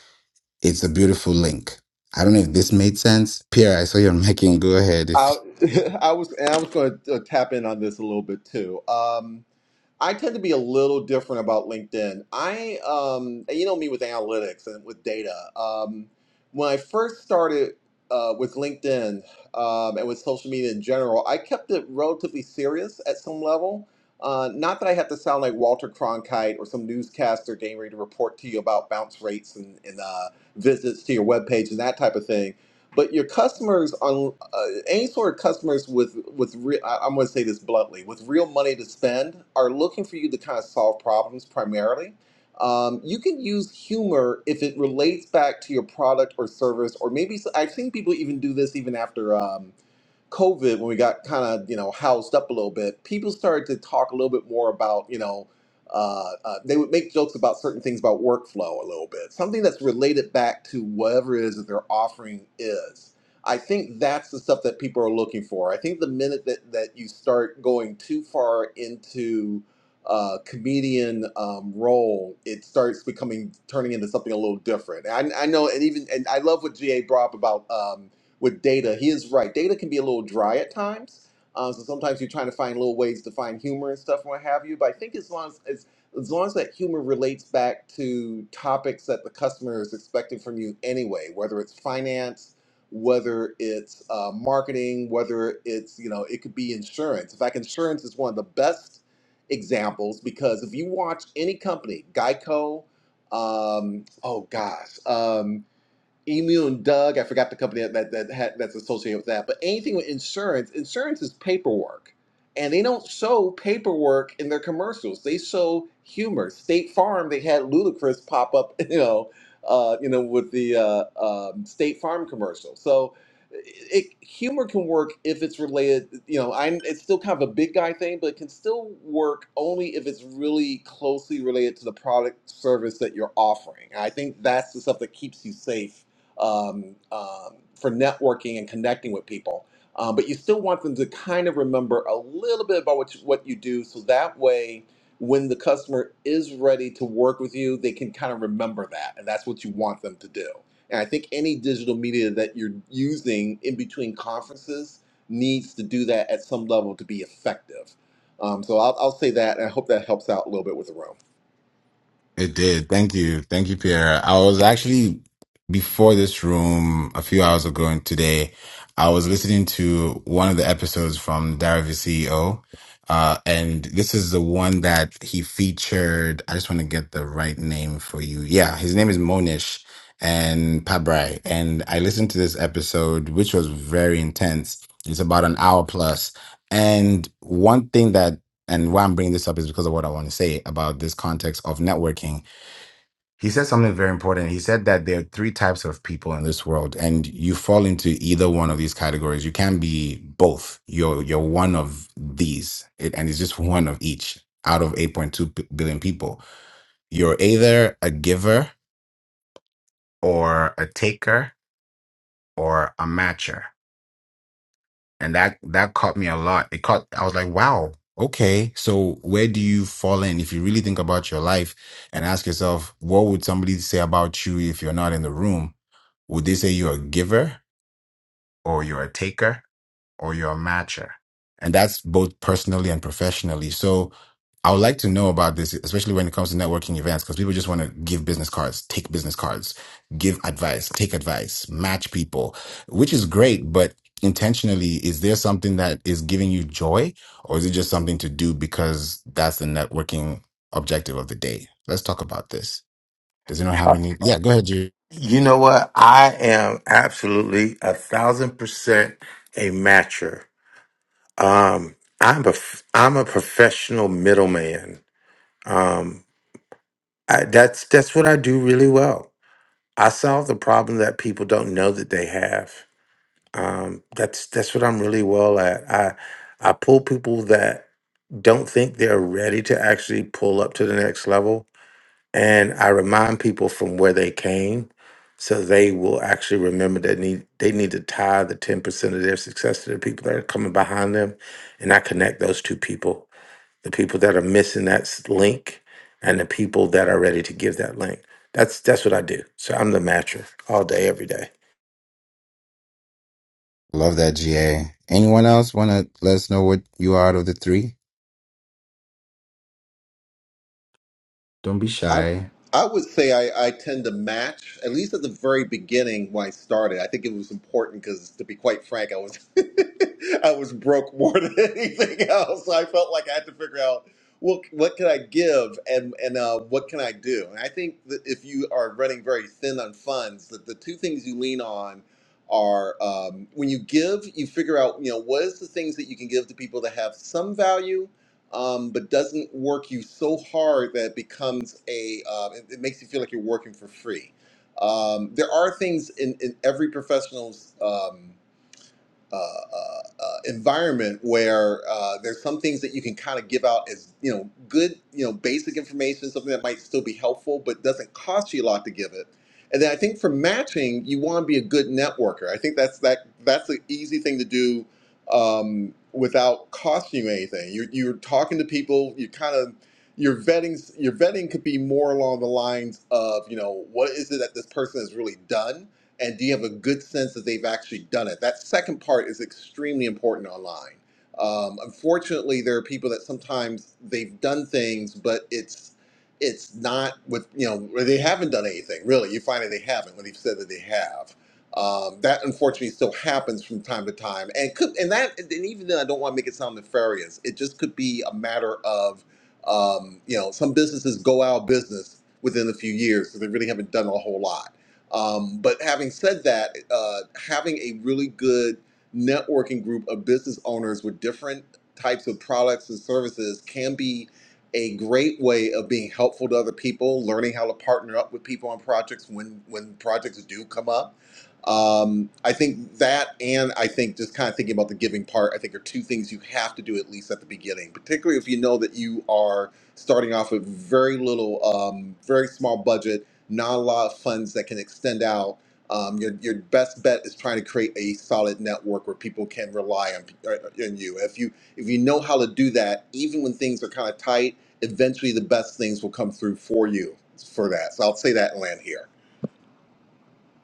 it's a beautiful link. I don't know if this made sense. Pierre, I saw your mic. and Go ahead. I, I was and I was going to tap in on this a little bit too. Um, I tend to be a little different about LinkedIn. I um, and you know me with analytics and with data. Um, when I first started uh, with LinkedIn um, and with social media in general, I kept it relatively serious at some level. Uh, not that I have to sound like Walter Cronkite or some newscaster getting ready to report to you about bounce rates and, and uh, visits to your webpage and that type of thing but your customers are uh, any sort of customers with with real I, i'm going to say this bluntly with real money to spend are looking for you to kind of solve problems primarily um, you can use humor if it relates back to your product or service or maybe s- i've seen people even do this even after Um, COVID, when we got kind of you know housed up a little bit, people started to talk a little bit more about you know uh, uh, they would make jokes about certain things about workflow a little bit, something that's related back to whatever it is that their offering is. I think that's the stuff that people are looking for. I think the minute that that you start going too far into uh, comedian um, role, it starts becoming turning into something a little different. And I, I know, and even and I love what GA brought up about. um, with data, he is right. Data can be a little dry at times. Um, so sometimes you're trying to find little ways to find humor and stuff and what have you. But I think as long as, as as long as that humor relates back to topics that the customer is expecting from you anyway, whether it's finance, whether it's uh, marketing, whether it's you know it could be insurance. In fact, insurance is one of the best examples because if you watch any company, Geico, um, oh gosh. Um, Emu and Doug. I forgot the company that that, that had, that's associated with that. But anything with insurance, insurance is paperwork, and they don't show paperwork in their commercials. They show humor. State Farm. They had Ludacris pop up, you know, uh, you know, with the uh, um, State Farm commercial. So. It, humor can work if it's related, you know. I'm. It's still kind of a big guy thing, but it can still work only if it's really closely related to the product service that you're offering. I think that's the stuff that keeps you safe um, um, for networking and connecting with people. Um, but you still want them to kind of remember a little bit about what you, what you do, so that way, when the customer is ready to work with you, they can kind of remember that, and that's what you want them to do. And I think any digital media that you're using in between conferences needs to do that at some level to be effective. Um, so I'll, I'll say that, and I hope that helps out a little bit with the room. It did. Thank you. Thank you, Pierre. I was actually before this room a few hours ago and today, I was listening to one of the episodes from Diary of a CEO. Uh, and this is the one that he featured. I just want to get the right name for you. Yeah, his name is Monish and Pabrai. And I listened to this episode, which was very intense. It's about an hour plus. And one thing that and why I'm bringing this up is because of what I want to say about this context of networking. He said something very important. He said that there are three types of people in this world, and you fall into either one of these categories. You can be both. You're you're one of these, it, and it's just one of each out of 8.2 p- billion people. You're either a giver or a taker or a matcher and that that caught me a lot it caught i was like wow okay so where do you fall in if you really think about your life and ask yourself what would somebody say about you if you're not in the room would they say you're a giver or you're a taker or you're a matcher. And that's both personally and professionally. So I would like to know about this, especially when it comes to networking events, because people just want to give business cards, take business cards, give advice, take advice, match people, which is great. But intentionally, is there something that is giving you joy or is it just something to do because that's the networking objective of the day? Let's talk about this. Does anyone have Uh, any? Yeah, go ahead, Jerry. You know what? I am absolutely a thousand percent a matcher. Um, I'm a f- I'm a professional middleman. Um, I, that's that's what I do really well. I solve the problem that people don't know that they have. Um, that's that's what I'm really well at. I I pull people that don't think they're ready to actually pull up to the next level, and I remind people from where they came, so they will actually remember that need they need to tie the ten percent of their success to the people that are coming behind them, and I connect those two people the people that are missing that s- link and the people that are ready to give that link. That's that's what I do. So I'm the matcher all day, every day. Love that GA. Anyone else want to let us know what you are out of the three? Don't be I shy. I would say I, I tend to match, at least at the very beginning when I started. I think it was important because, to be quite frank, I was I was broke more than anything else. So I felt like I had to figure out well, what can I give and and uh, what can I do. And I think that if you are running very thin on funds, that the two things you lean on are um, when you give, you figure out you know what is the things that you can give to people that have some value um, but doesn't work you so hard that it becomes a uh, it, it makes you feel like you're working for free. Um, there are things in, in every professional's um, uh, uh, uh, environment where uh, there's some things that you can kind of give out as you know good you know basic information something that might still be helpful but doesn't cost you a lot to give it and then i think for matching you want to be a good networker i think that's that that's an easy thing to do um, without costing you anything you're, you're talking to people you kind of your vetting your vetting could be more along the lines of you know what is it that this person has really done and do you have a good sense that they've actually done it? That second part is extremely important online. Um, unfortunately, there are people that sometimes they've done things, but it's it's not with you know where they haven't done anything really. You find that they haven't when they've said that they have. Um, that unfortunately still happens from time to time, and could and that and even then I don't want to make it sound nefarious. It just could be a matter of um, you know some businesses go out of business within a few years because they really haven't done a whole lot um, but having said that, uh, having a really good networking group of business owners with different types of products and services can be a great way of being helpful to other people, learning how to partner up with people on projects when when projects do come up. Um, I think that, and I think just kind of thinking about the giving part, I think are two things you have to do at least at the beginning, particularly if you know that you are starting off with very little, um, very small budget not a lot of funds that can extend out. Um, your, your best bet is trying to create a solid network where people can rely on, uh, on you. If you if you know how to do that, even when things are kind of tight, eventually the best things will come through for you for that. So I'll say that and land here. I,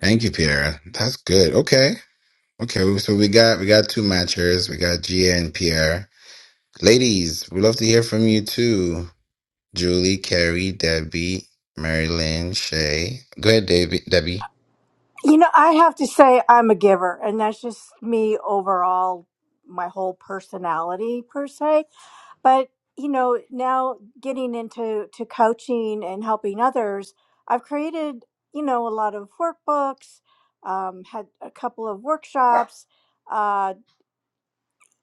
Thank you, Pierre. That's good. Okay. Okay. So we got we got two matchers. We got Gia and Pierre. Ladies, we'd love to hear from you too. Julie, Carrie, Debbie, Marilyn, Shay. Go ahead, Debbie. Debbie. You know, I have to say I'm a giver, and that's just me overall, my whole personality per se. But you know, now getting into to coaching and helping others, I've created you know a lot of workbooks, um, had a couple of workshops, uh,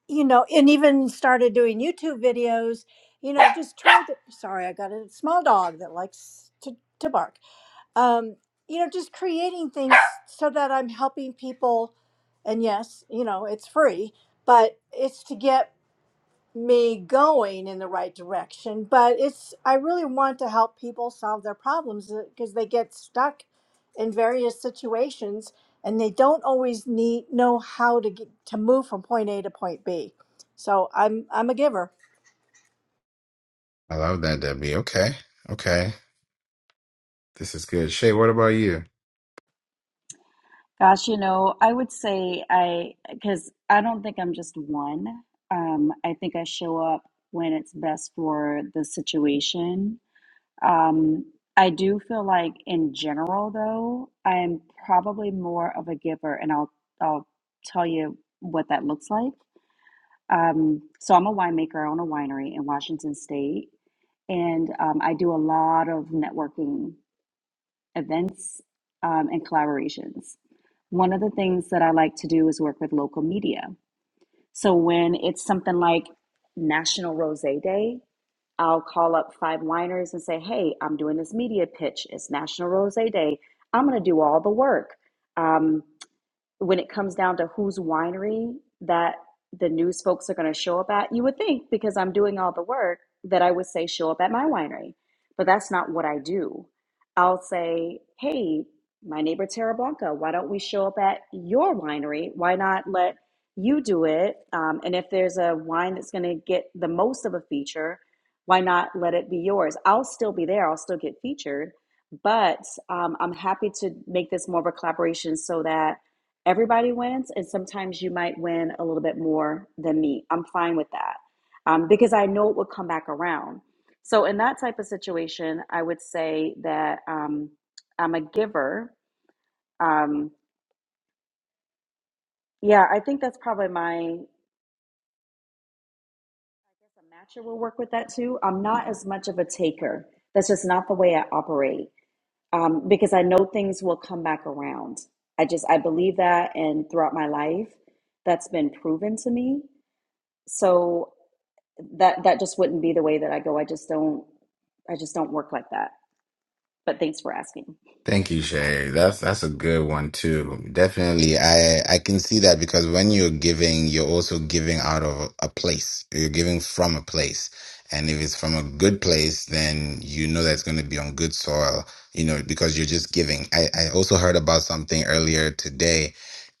you know, and even started doing YouTube videos. You know, just trying to. Sorry, I got a small dog that likes to to bark um, you know, just creating things so that I'm helping people. And yes, you know, it's free, but it's to get me going in the right direction. But it's, I really want to help people solve their problems because they get stuck in various situations and they don't always need know how to get to move from point A to point B. So I'm I'm a giver. I love that, Debbie. Okay. Okay. This is good. Shay, what about you? Gosh, you know, I would say I, because I don't think I'm just one. Um, I think I show up when it's best for the situation. Um, I do feel like in general though, I am probably more of a giver and I'll I'll tell you what that looks like. Um, so I'm a winemaker, I own a winery in Washington State, and um, I do a lot of networking events um, and collaborations. One of the things that I like to do is work with local media. So when it's something like National Rosé Day, I'll call up five wineries and say, hey, I'm doing this media pitch. It's National Rose Day. I'm going to do all the work. Um, when it comes down to whose winery that the news folks are going to show up at, you would think because I'm doing all the work that I would say show up at my winery, but that's not what I do. I'll say, hey, my neighbor Terra Blanca, why don't we show up at your winery? Why not let you do it? Um, and if there's a wine that's going to get the most of a feature, why not let it be yours? I'll still be there. I'll still get featured, but um, I'm happy to make this more of a collaboration so that everybody wins and sometimes you might win a little bit more than me i'm fine with that um, because i know it will come back around so in that type of situation i would say that um, i'm a giver um, yeah i think that's probably my a matcher will work with that too i'm not as much of a taker that's just not the way i operate um, because i know things will come back around i just i believe that and throughout my life that's been proven to me so that that just wouldn't be the way that I go. I just don't I just don't work like that. But thanks for asking. Thank you, Shay. That's that's a good one too. Definitely, I I can see that because when you're giving, you're also giving out of a place. You're giving from a place, and if it's from a good place, then you know that's going to be on good soil. You know because you're just giving. I I also heard about something earlier today.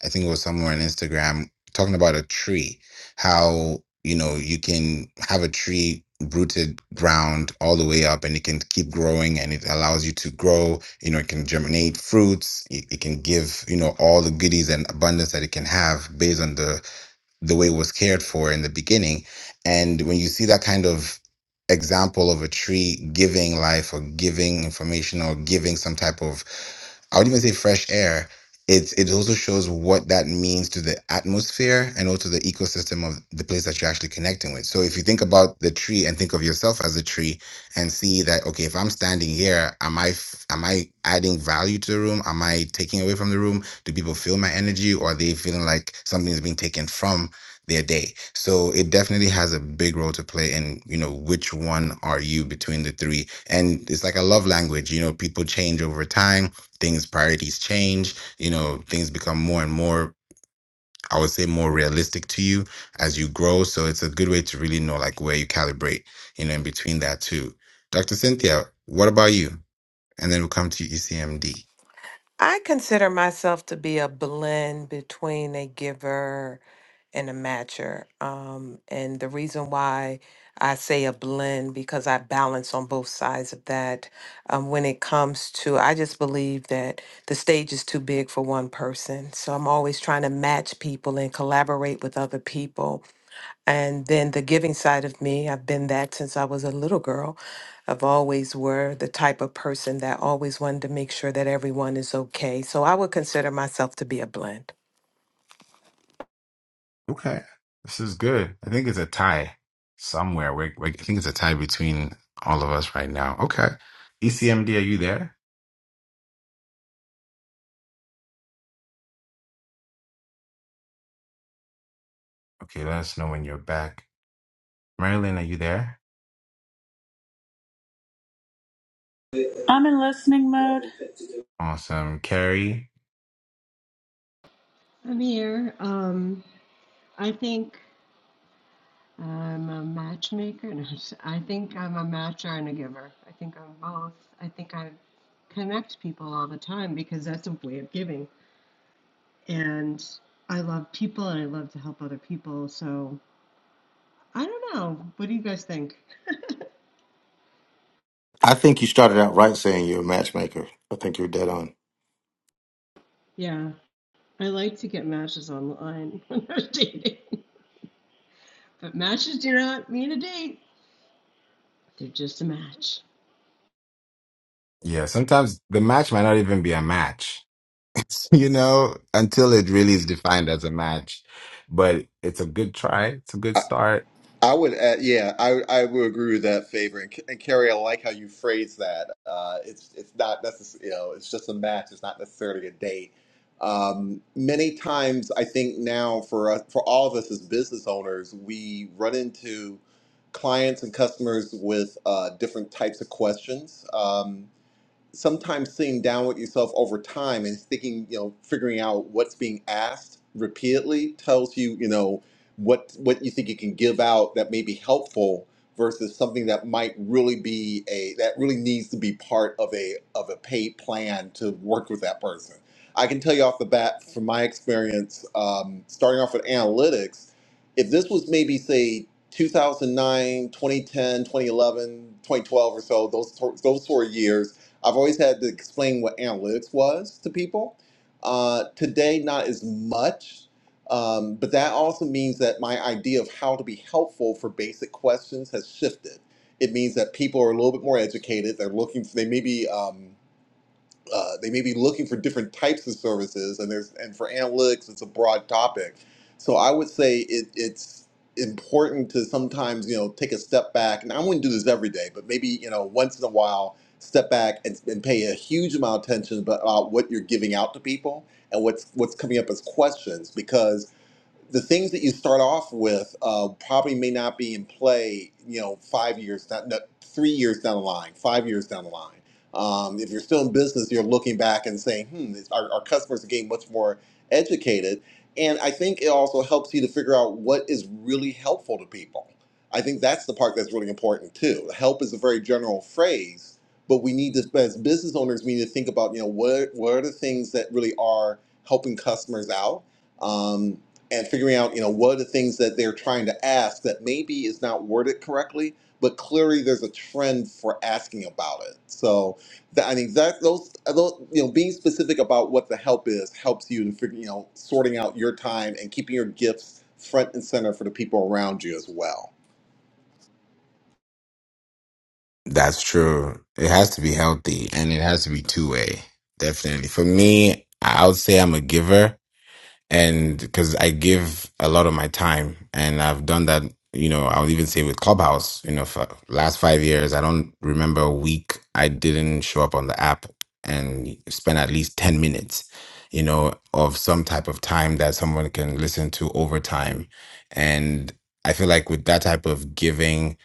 I think it was somewhere on Instagram talking about a tree how you know you can have a tree rooted ground all the way up and it can keep growing and it allows you to grow you know it can germinate fruits it, it can give you know all the goodies and abundance that it can have based on the the way it was cared for in the beginning and when you see that kind of example of a tree giving life or giving information or giving some type of I would even say fresh air. It it also shows what that means to the atmosphere and also the ecosystem of the place that you're actually connecting with. So if you think about the tree and think of yourself as a tree and see that okay, if I'm standing here, am I f- am I adding value to the room? Am I taking away from the room? Do people feel my energy, or are they feeling like something is being taken from their day? So it definitely has a big role to play in you know which one are you between the three, and it's like a love language. You know, people change over time things priorities change you know things become more and more i would say more realistic to you as you grow so it's a good way to really know like where you calibrate you know in between that too dr cynthia what about you and then we'll come to ecmd I consider myself to be a blend between a giver and a matcher. Um, and the reason why I say a blend because I balance on both sides of that. Um, when it comes to, I just believe that the stage is too big for one person. So I'm always trying to match people and collaborate with other people and then the giving side of me, I've been that since I was a little girl. I've always were the type of person that always wanted to make sure that everyone is okay. So I would consider myself to be a blend. Okay, this is good. I think it's a tie somewhere. We're, we I think it's a tie between all of us right now. Okay, ECMD, are you there? Okay, let us know when you're back. Marilyn, are you there? I'm in listening mode. Awesome, Carrie. Amir, um, I think I'm a matchmaker. No, i think I'm a matcher and a giver. I think I'm both. I think I connect people all the time because that's a way of giving. And I love people and I love to help other people. So I don't know. What do you guys think? I think you started out right saying you're a matchmaker. I think you're dead on. Yeah, I like to get matches online when I'm dating. But matches do not mean a date, they're just a match. Yeah, sometimes the match might not even be a match. you know, until it really is defined as a match. But it's a good try. It's a good start. I would, add, yeah, I I would agree with that favor. And, and Carrie, I like how you phrase that. Uh, it's it's not necessarily, you know, it's just a match. It's not necessarily a date. Um, many times, I think now for us, for all of us as business owners, we run into clients and customers with uh, different types of questions. Um, sometimes sitting down with yourself over time and thinking, you know, figuring out what's being asked repeatedly tells you, you know, what what you think you can give out that may be helpful versus something that might really be a that really needs to be part of a of a paid plan to work with that person. I can tell you off the bat from my experience, um, starting off with analytics, if this was maybe say 2009, 2010, 2011, 2012, or so, those those four years I've always had to explain what analytics was to people. Uh, today, not as much, um, but that also means that my idea of how to be helpful for basic questions has shifted. It means that people are a little bit more educated. They're looking. They may be. Um, uh, they may be looking for different types of services and there's and for analytics it's a broad topic so i would say it, it's important to sometimes you know take a step back and i wouldn't do this every day but maybe you know once in a while step back and, and pay a huge amount of attention about what you're giving out to people and what's what's coming up as questions because the things that you start off with uh, probably may not be in play, you know, five years, down, no, three years down the line, five years down the line. Um, if you're still in business, you're looking back and saying, hmm, this, our, our customers are getting much more educated. And I think it also helps you to figure out what is really helpful to people. I think that's the part that's really important too. Help is a very general phrase, but we need to, as business owners, we need to think about, you know, what, what are the things that really are helping customers out? Um, and figuring out you know what are the things that they're trying to ask that maybe is not worded correctly but clearly there's a trend for asking about it so that i think that those, uh, those you know being specific about what the help is helps you in figuring you know sorting out your time and keeping your gifts front and center for the people around you as well That's true. It has to be healthy and it has to be two way. Definitely. For me, I would say I'm a giver. and because I give a lot of my time, and I've done that. You know, i would even say with Clubhouse. You know, for last five years, I don't remember a week I didn't show up on the app and spend at least ten minutes. You know, of some type of time that someone can listen to over time, and I feel like with that type of giving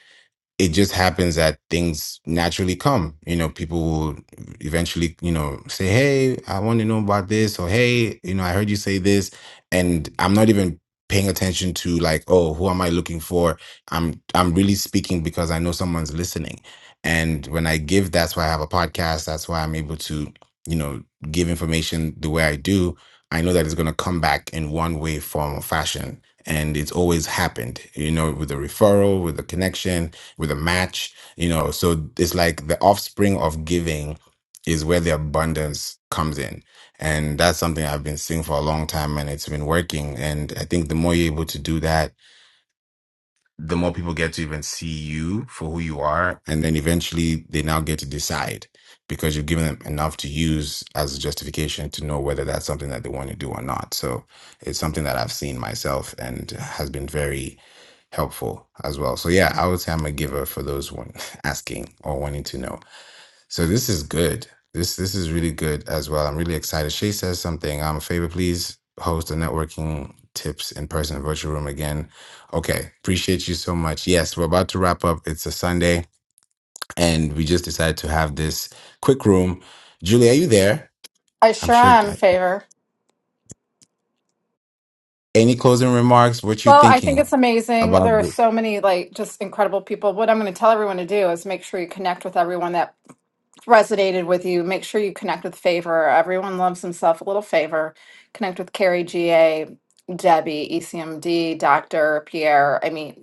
it just happens that things naturally come. You know, people will eventually, you know, say, Hey, I want to know about this, or Hey, you know, I heard you say this. And I'm not even paying attention to like, oh, who am I looking for? I'm I'm really speaking because I know someone's listening. And when I give, that's why I have a podcast. That's why I'm able to, you know, give information the way I do. I know that it's gonna come back in one way, form, or fashion. And it's always happened, you know, with a referral, with a connection, with a match, you know. So it's like the offspring of giving is where the abundance comes in. And that's something I've been seeing for a long time and it's been working. And I think the more you're able to do that, the more people get to even see you for who you are. And then eventually they now get to decide because you've given them enough to use as a justification to know whether that's something that they want to do or not. So it's something that I've seen myself and has been very helpful as well. So yeah, I would say I'm a giver for those one asking or wanting to know. So this is good. This this is really good as well. I'm really excited. Shay says something. I'm a favor, please host a networking tips in person virtual room again. Okay, appreciate you so much. Yes, we're about to wrap up. It's a Sunday, and we just decided to have this quick room. Julie, are you there? I I'm sure sure. am, Favor. Any closing remarks? What you Well, I think it's thinking amazing. about? There are The- so many like just incredible people. What I'm going to tell everyone to do is make sure you connect with everyone that resonated with you, make sure you connect with Favor. Everyone loves himself a little favor. Connect with Carrie GA, Debbie, ECMD, Dr. Pierre. I mean,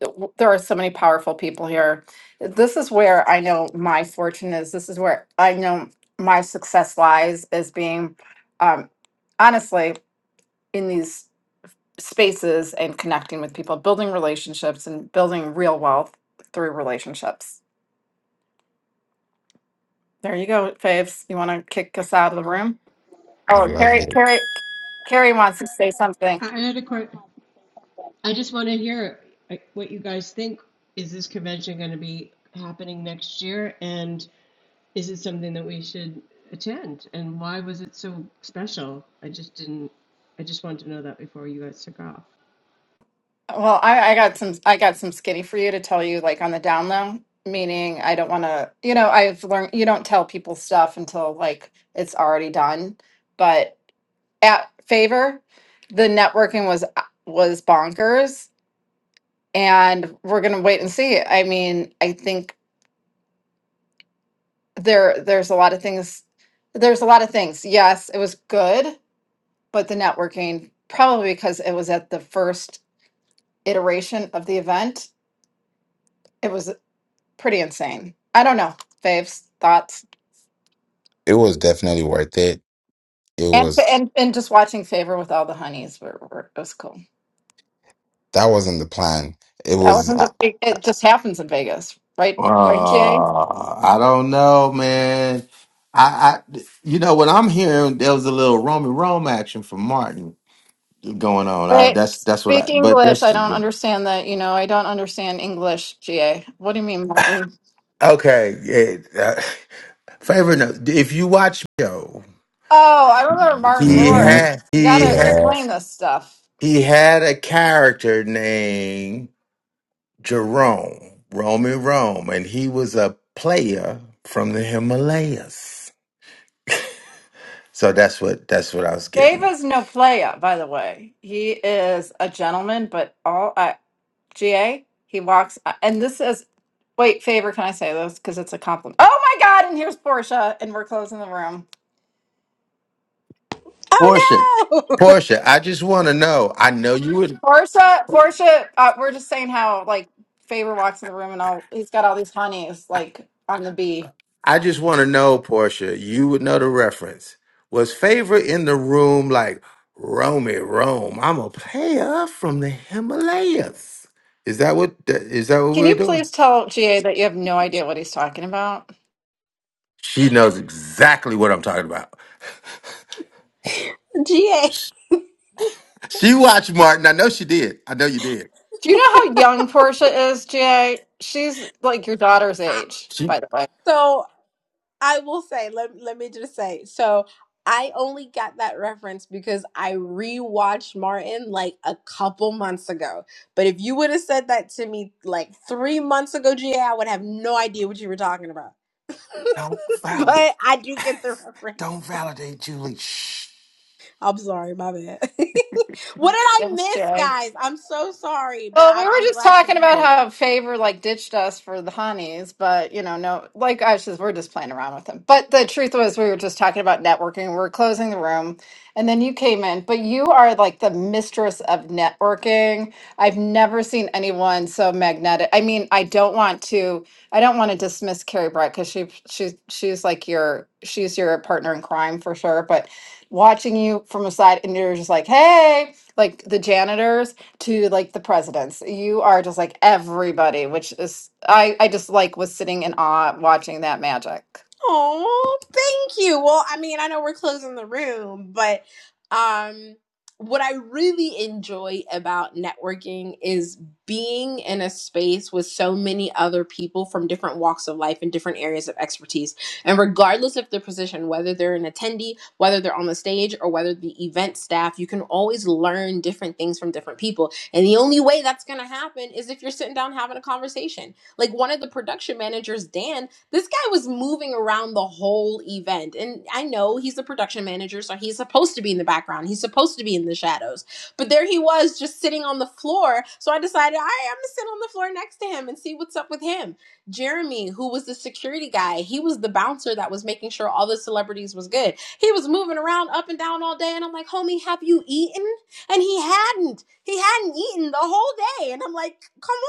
th- w- there are so many powerful people here. This is where I know my fortune is. This is where I know my success lies is being um, honestly in these spaces and connecting with people, building relationships and building real wealth through relationships. There you go, Faves. You want to kick us out of the room? I Oh, love Carrie, it. Carrie, Carrie wants to say something. I had a question. I just want to hear like, what you guys think. Is this convention going to be happening next year? And is it something that we should attend? And why was it so special? I just didn't, I just wanted to know that before you guys took off. Well, I, I got some, I got some skinny for you to tell you, like on the down low. Meaning, I don't want to, you know, I've learned you don't tell people stuff until like it's already done. But at favor, the networking was uh, was bonkers, and we're gonna wait and see. I mean, I think there there's a lot of things. There's a lot of things. Yes, it was good, but the networking probably because it was at the first iteration of the event. It was pretty insane. I don't know. Faves, thoughts? It was definitely worth it. It And so, was. and, and just watching Favor with all the honeys were, were it was cool. That wasn't the plan. It That was. wasn't the I- big. it just happens in Vegas, right? Uh, Right, GA? I don't know, man. I, I, you know, what I'm hearing there was a little Roman Rome action from Martin going on. I, Wait, that's that's what speak I. But English. that's I just don't been- understand that, you know, I don't understand English, GA. What do you mean, Martin? okay. yeah, uh, favorite note: If you watch Joe, Oh, I remember Martin he Mhm. Lawrence. had You he gotta had. explain this stuff. he had a character named Jerome, Roman Rome, and he was a player from the Himalayas. So that's what that's what I was getting. Fava's no playa, by the way. He is a gentleman, but all I GA. He walks, uh, and this is, wait, favor, can I say this? Because it's a compliment. Oh my God, and here's Portia, and we're closing the room. Portia, Oh no, Portia, I just want to know. I know you would. Portia, Portia, uh, we're just saying how, like, favor walks in the room and all, he's got all these honeys, like, on the bee. I just want to know, Portia. You would know the reference. Was favor in the room like Romy Rome? I'm a player from the Himalayas. Is that what is that what Can we were you doing? please tell GA that you have no idea what he's talking about? She knows exactly what I'm talking about. GA. She watched Martin. I know she did. I know you did. Do you know how young Portia is, GA? She's like your daughter's age, She by the way. So I will say, let, let me just say, so I only got that reference because I rewatched Martin like a couple months ago. But if you would have said that to me like three months ago, GA, I would have no idea what you were talking about. don't validate. but I do get the Don't reference. validate Julie. Shh. I'm sorry, my bad. what did I Thanks, miss, GA. guys? I'm so sorry, but Well, we I'm, were I'm just glad to talking be about here. how Favor like ditched us for the honeys, but you know, no, like I was just, we're just playing around with them. But the truth was, we were just talking about networking. We were closing the room, and then you came in. But you are like the mistress of networking. I've never seen anyone so magnetic. I mean, I don't want to, I don't want to dismiss Carrie Brett because she, she's, she's like your, she's your partner in crime for sure. But watching you from a side, and you're just like, hey, like the janitors to like the presidents. You are just like everybody, which is I I just like was sitting in awe watching that magic. Oh, thank you. Well, I mean, I know we're closing the room, but um what I really enjoy about networking is being in a space with so many other people from different walks of life and different areas of expertise. And regardless of their position, whether they're an attendee, whether they're on the stage, or whether the event staff, you can always learn different things from different people. And the only way that's going to happen is if you're sitting down having a conversation like one of the production managers dan this guy was moving around the whole event. And I know he's the production manager, so he's supposed to be in the background. He's supposed to be in the shadows. But there he was just sitting on the floor. So I decided, all right, I'm going to sit on the floor next to him and see what's up with him. Jeremy, who was the security guy, he was the bouncer that was making sure all the celebrities was good. He was moving around up and down all day. And I'm like, homie, have you eaten? And he hadn't. He hadn't eaten the whole day. And I'm like,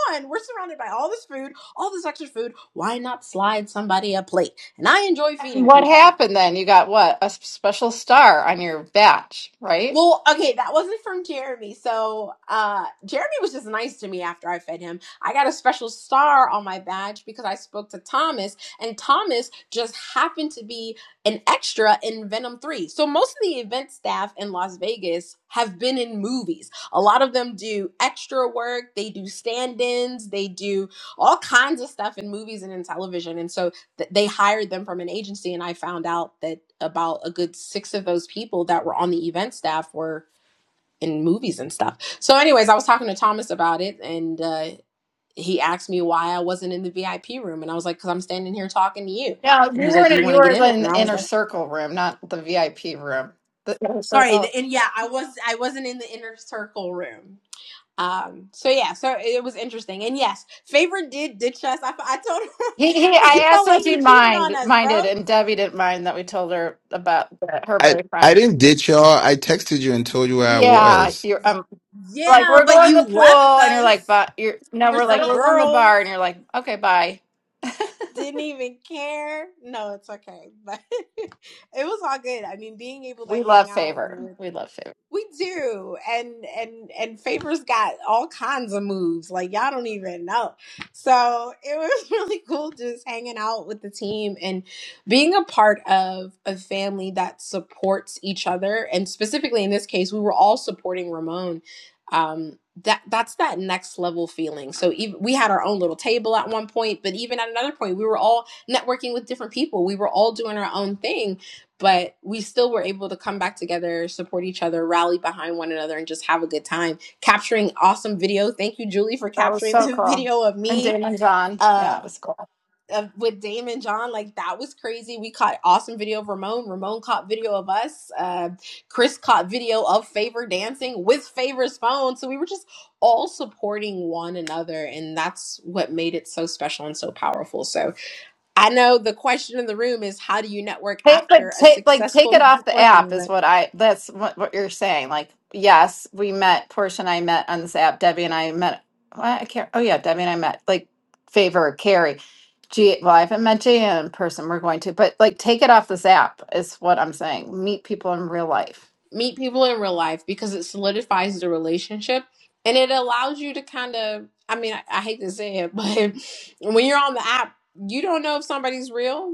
on? We're surrounded by all this food, all this extra food. Why not slide somebody a plate? And I enjoy And feeding what people. happened then? You got what? A s- special star on your batch, right? Well, okay, that wasn't from Jeremy. So uh, Jeremy was just nice to me after I fed him. I got a special star on my badge because I spoke to Thomas, and Thomas just happened to be an extra in Venom 3. So most of the event staff in Las Vegas have been in movies. A lot of them do extra work, they do stand ins, they do all kinds of stuff in movies and in television. And so they hired them from an agency and i found out that about a good six of those people that were on the event staff were in movies and stuff so anyways i was talking to thomas about it and uh, he asked me why i wasn't in the vip room and i was like because i'm standing here talking to you No, you and he was like do you weren't. want You to were get in there in and the i was inner like circle room, not the VIP room. The inner sorry the, circle. and yeah i was i wasn't in the inner circle room um so yeah so it was interesting and yes favor did ditch us i, I told him He, he it I asked felt like if he he cheated on mind us minded, bro and Debbie didn't mind that we told her about the- her I boyfriend. I didn't ditch y'all. I texted you and told you where I Yeah, was. you're um, like Yeah, we're but going to you the left pool, and you're like, us but you're no, for we're like some we're going to the girls. bar, and you're like, okay, bye. Didn't even care. No, it's okay. But it was all good. I mean, being able to We hang love out favor. with. We love favor. We do. And and and Favor's got all kinds of moves. Like y'all don't even know. So it was really cool just hanging out with the team and being a part of a family that supports each other. And specifically in this case, we were all supporting Ramon. Um that that's that next level feeling. So even, we had our own little table at one point, but even at another point, we were all networking with different people. We were all doing our own thing but we still were able to come back together, support each other, rally behind one another, and just have a good time. Capturing awesome video. Thank you, Julie, for That was capturing so the cool. video of And me Damon John. uh Yeah, it was cool. of, with Dame and John. Like that was crazy. We caught awesome video of Ramon. Ramon caught video of us. Uh, Chris caught video of Favor dancing with Favor's phone. So we were just all supporting one another, and that's what made it so special and so powerful. So I know the question in the room is how do you network Take, but after a take, like, take it successful off the networking app is event? what I, that's what, what you're saying. Like, yes, we met, Portia and I met on this app. Debbie and I met, well, I can't, oh yeah, Debbie and I met, like, Favor, Carrie. G, well, I haven't met Jay in person. We're going to, but like, take it off this app is what I'm saying. Meet people in real life. Meet people in real life because it solidifies the relationship and it allows you to kind of, I mean, I, I hate to say it, but when you're on the app, you don't know if somebody's real.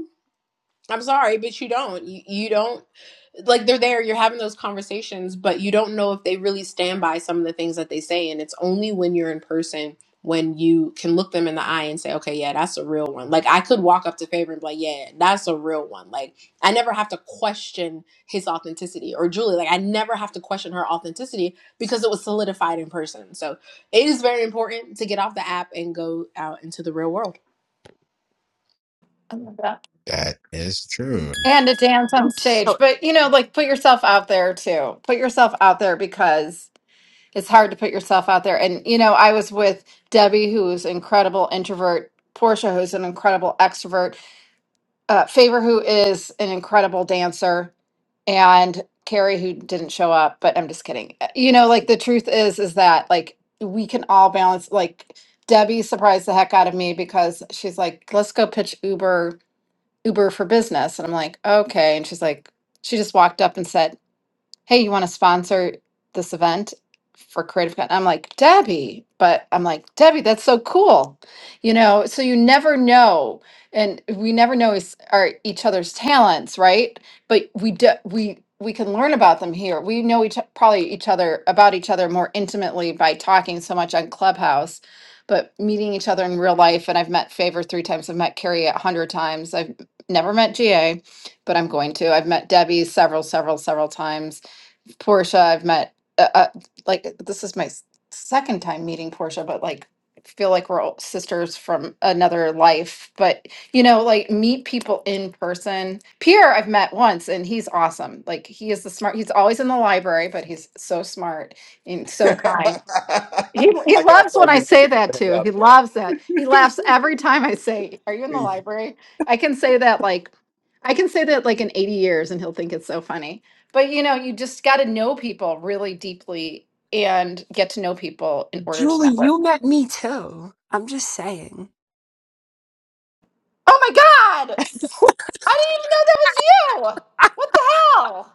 I'm sorry, but you don't. You, you don't like they're there, you're having those conversations, but you don't know if they really stand by some of the things that they say. And it's only when you're in person when you can look them in the eye and say, okay, yeah, that's a real one. Like I could walk up to Favor and be like, yeah, that's a real one. Like I never have to question his authenticity or Julie. Like I never have to question her authenticity because it was solidified in person. So it is very important to get off the app and go out into the real world. Yeah. That is true. And to dance on stage. So, But, you know, like, put yourself out there too. Put yourself out there because it's hard to put yourself out there. And you know, I was with Debbie, who's an incredible introvert, Portia, who's an incredible extrovert, uh, Favor, who is an incredible dancer, and Carrie, who didn't show up. But I'm just kidding. Uh, You know, like the truth is, is that like we can all balance. Like Debbie surprised the heck out of me because she's like, "Let's go pitch Uber, Uber for business," and I'm like, "Okay," and she's like, she just walked up and said hey, you want to sponsor this event for Creative Con? I'm like, Debbie, but I'm like, Debbie, that's so cool. You know, so you never know. And we never know is our each other's talents, right? But we do, we we can learn about them here. We know each probably each other about each other more intimately by talking so much on Clubhouse, but meeting each other in real life. And I've met Favor three times. I've met Carrie a hundred times. I've never met GA, but I'm going to. I've met Debbie several, several, several times Portia I've met. Uh, uh, like this is my s- second time meeting Portia, but like I feel like we're all sisters from another life. But you know, like meet people in person. Pierre I've met once, and he's awesome. Like he is the smart. He's always in the library, but he's so smart and so kind. He, he I gotta loves when find I new say places that to hang too. out He loves that. He laughs every time I say, Are you in the too. library? I can say that like, I can say that like in 80 years and he'll think it's so funny. But you know, you just got to know people really deeply and get to know people in order to Julie, network. you met me too. I'm just saying. Oh my God. I didn't even know that was you. What the hell?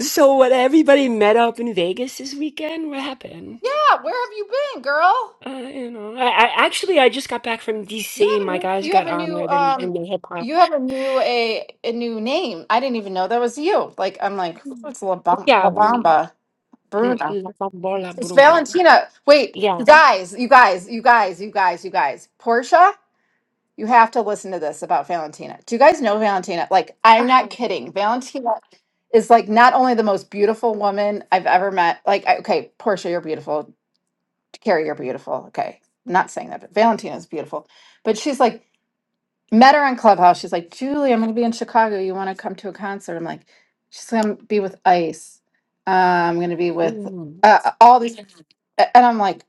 So, what everybody met up in Vegas this weekend? What happened? Yeah. Where have you been, girl? Uh, you know, I, I actually I just got back from You DC. have a My new guys you have got a new honored in, um in the hip hop. you have a new a a new name. I didn't even know that was you. Like I'm like, oh, it's La, Bam- Yeah, La mm, Bamba mm, Bruno. La Bambola It's Bruna. Valentina. Wait, you Yeah. guys, you guys, you guys, you guys, you guys. Portia, you have to listen to this about Valentina. Do you guys know Valentina? Like, I'm Uh-huh. not kidding. Valentina is like not only the most beautiful woman I've ever met. Like, I, okay, Portia, you're beautiful. Carrie, you're beautiful. Okay, I'm not saying that, but Valentina is beautiful. But she's like met her on Clubhouse. She's like, Julie, I'm going to be in Chicago. You want to come to a concert? I'm like, she's going to be with Ice. Uh, I'm going to be with Mm. uh, uh, all these. a- And I'm like,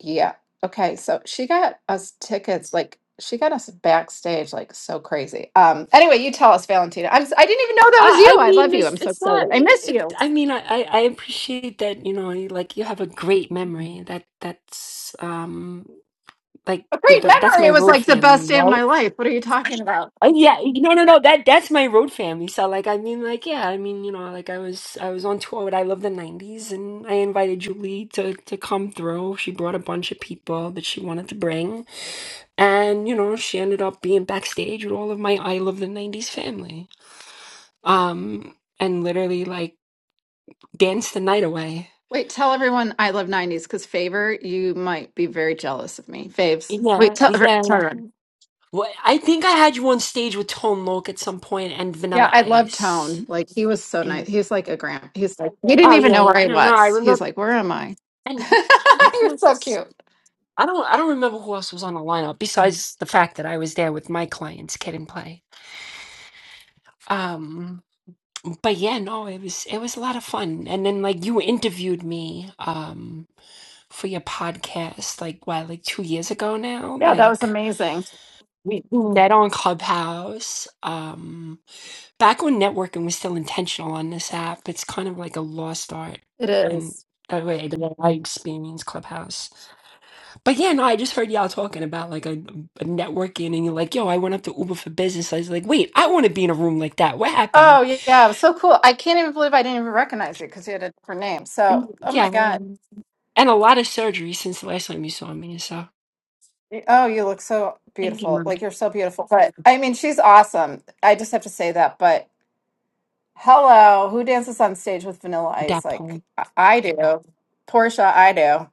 yeah. Okay. So she got us tickets. Like, she got us backstage, like, so crazy. Um, anyway, you tell us, Valentina. I'm, s- I didn't even know that was you. I I I love mean, you. it's I'm so it's excited. not. I miss It's, you. I mean, I, I I appreciate that. You know, you, like you have a great memory. That that's um. like A with great that's memory. my It was road like the best family, day of right? my life. What are you talking about? Uh, yeah, no, no, no. That that's my road family. So like, I mean, like, yeah, I mean, you know, like I was I was on tour with I Love the '90s, and I invited Julie to to come through. She brought a bunch of people that she wanted to bring, and you know, she ended up being backstage with all of my I Love the '90s family. Um, and literally like danced the night away. Wait, tell everyone I love 90s because Favor, you might be very jealous of me. Faves. Wait, Yeah, tell, tell yeah. everyone. Well, I think I had you on stage with Tone Loc at some point and Yeah, I Vanilla love Ice. Tone. Like he was so nice. He's like a grand. He's like he didn't Oh even yeah, know where yeah. I No, no, I was. He's remember. like, where am I? And uh, who You're was so this? cute. I don't. I don't remember who else was on the lineup besides the fact that I was there with my clients, kid and play. Um, but yeah, no, it was it was a lot of fun. And then like you interviewed me um for your podcast like what like two years ago now. Yeah, that was Like amazing. we we met on Clubhouse. Um, back when networking was still intentional on this app, it's kind of like a lost art. It And is. that way, the I experience Clubhouse. But yeah, no, I just heard y'all talking about like a, a networking and you're like, yo, I went up to Uber for business. I was like, wait, I want to be in a room like that. What Oh happened? yeah, yeah, it was so cool. I can't even believe I didn't even recognize you because you had a different name. Mm, So, oh my Yeah. God. um, And a lot of surgery since the last time you saw me. So Oh, you look so thank you, beautiful. mom. Like you're so beautiful. But I mean, she's awesome. I just have to say that. But Hello, who dances on stage with Vanilla Ice? That Like Paul. I I do. Portia, I do.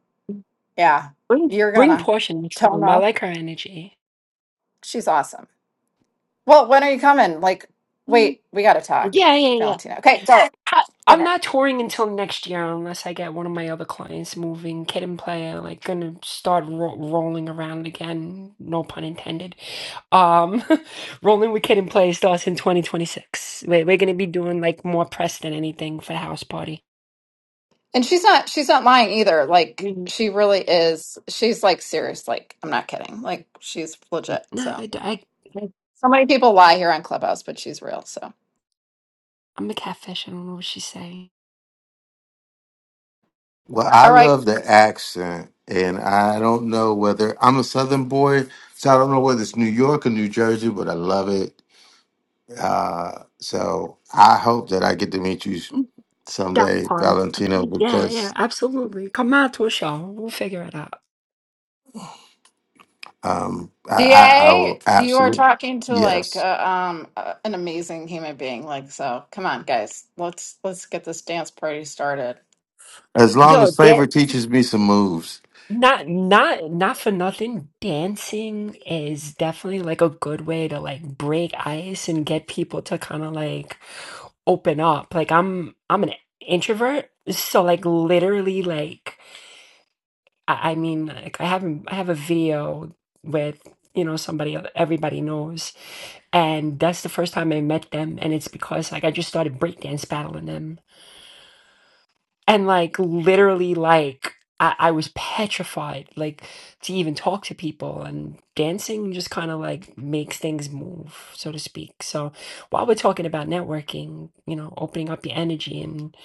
Yeah. Bring, You're bring gonna. Portia next time. I Toma, like her energy. she's awesome. Well, when are you coming? Like, Mm. wait, we gotta talk, Yeah, yeah, yeah. Valentina. Okay, go. I, I'm Okay. not touring until next year unless I get one of my other clients moving, kid and player, like gonna start ro- rolling around again. No pun intended Um, Rolling with Kid and Play starts in 2026. We're, we're gonna be doing like more press than anything for the house party. And she's not she's not lying either. Like Mm, she really is. She's like serious. Like I'm not kidding. Like she's legit. No, So I, d- I, so many people lie here on Clubhouse, but she's real. So am a catfish. I don't know what she's saying. Well, I all right, love the accent, and I don't know whether I'm a Southern boy, so I don't know whether it's New York or New Jersey, but I love it. Uh, so I hope that I get to meet you Mm, That someday, part. I Valentino, mean, Yeah, yeah, because absolutely. Come out to a show. We'll figure it out. um, I, I, I Da, will you are absolutely talking to like yes. uh, um uh, an amazing human being. Like, so come on, guys, let's let's get this dance party started. As long Yo, as Favor that teaches me some moves. Not not not for nothing. Dancing is definitely like a good way to like break ice and get people to kind of like open up. Like I'm I'm an introvert, so like literally like I, I mean like I have I have a video with you know somebody everybody knows, and that's the first time I met them, and it's because like I just started breakdance battling them and like literally like I, I was petrified like to even talk to people and dancing just kind of like makes things move so to speak so while we're talking about networking you know opening up your energy and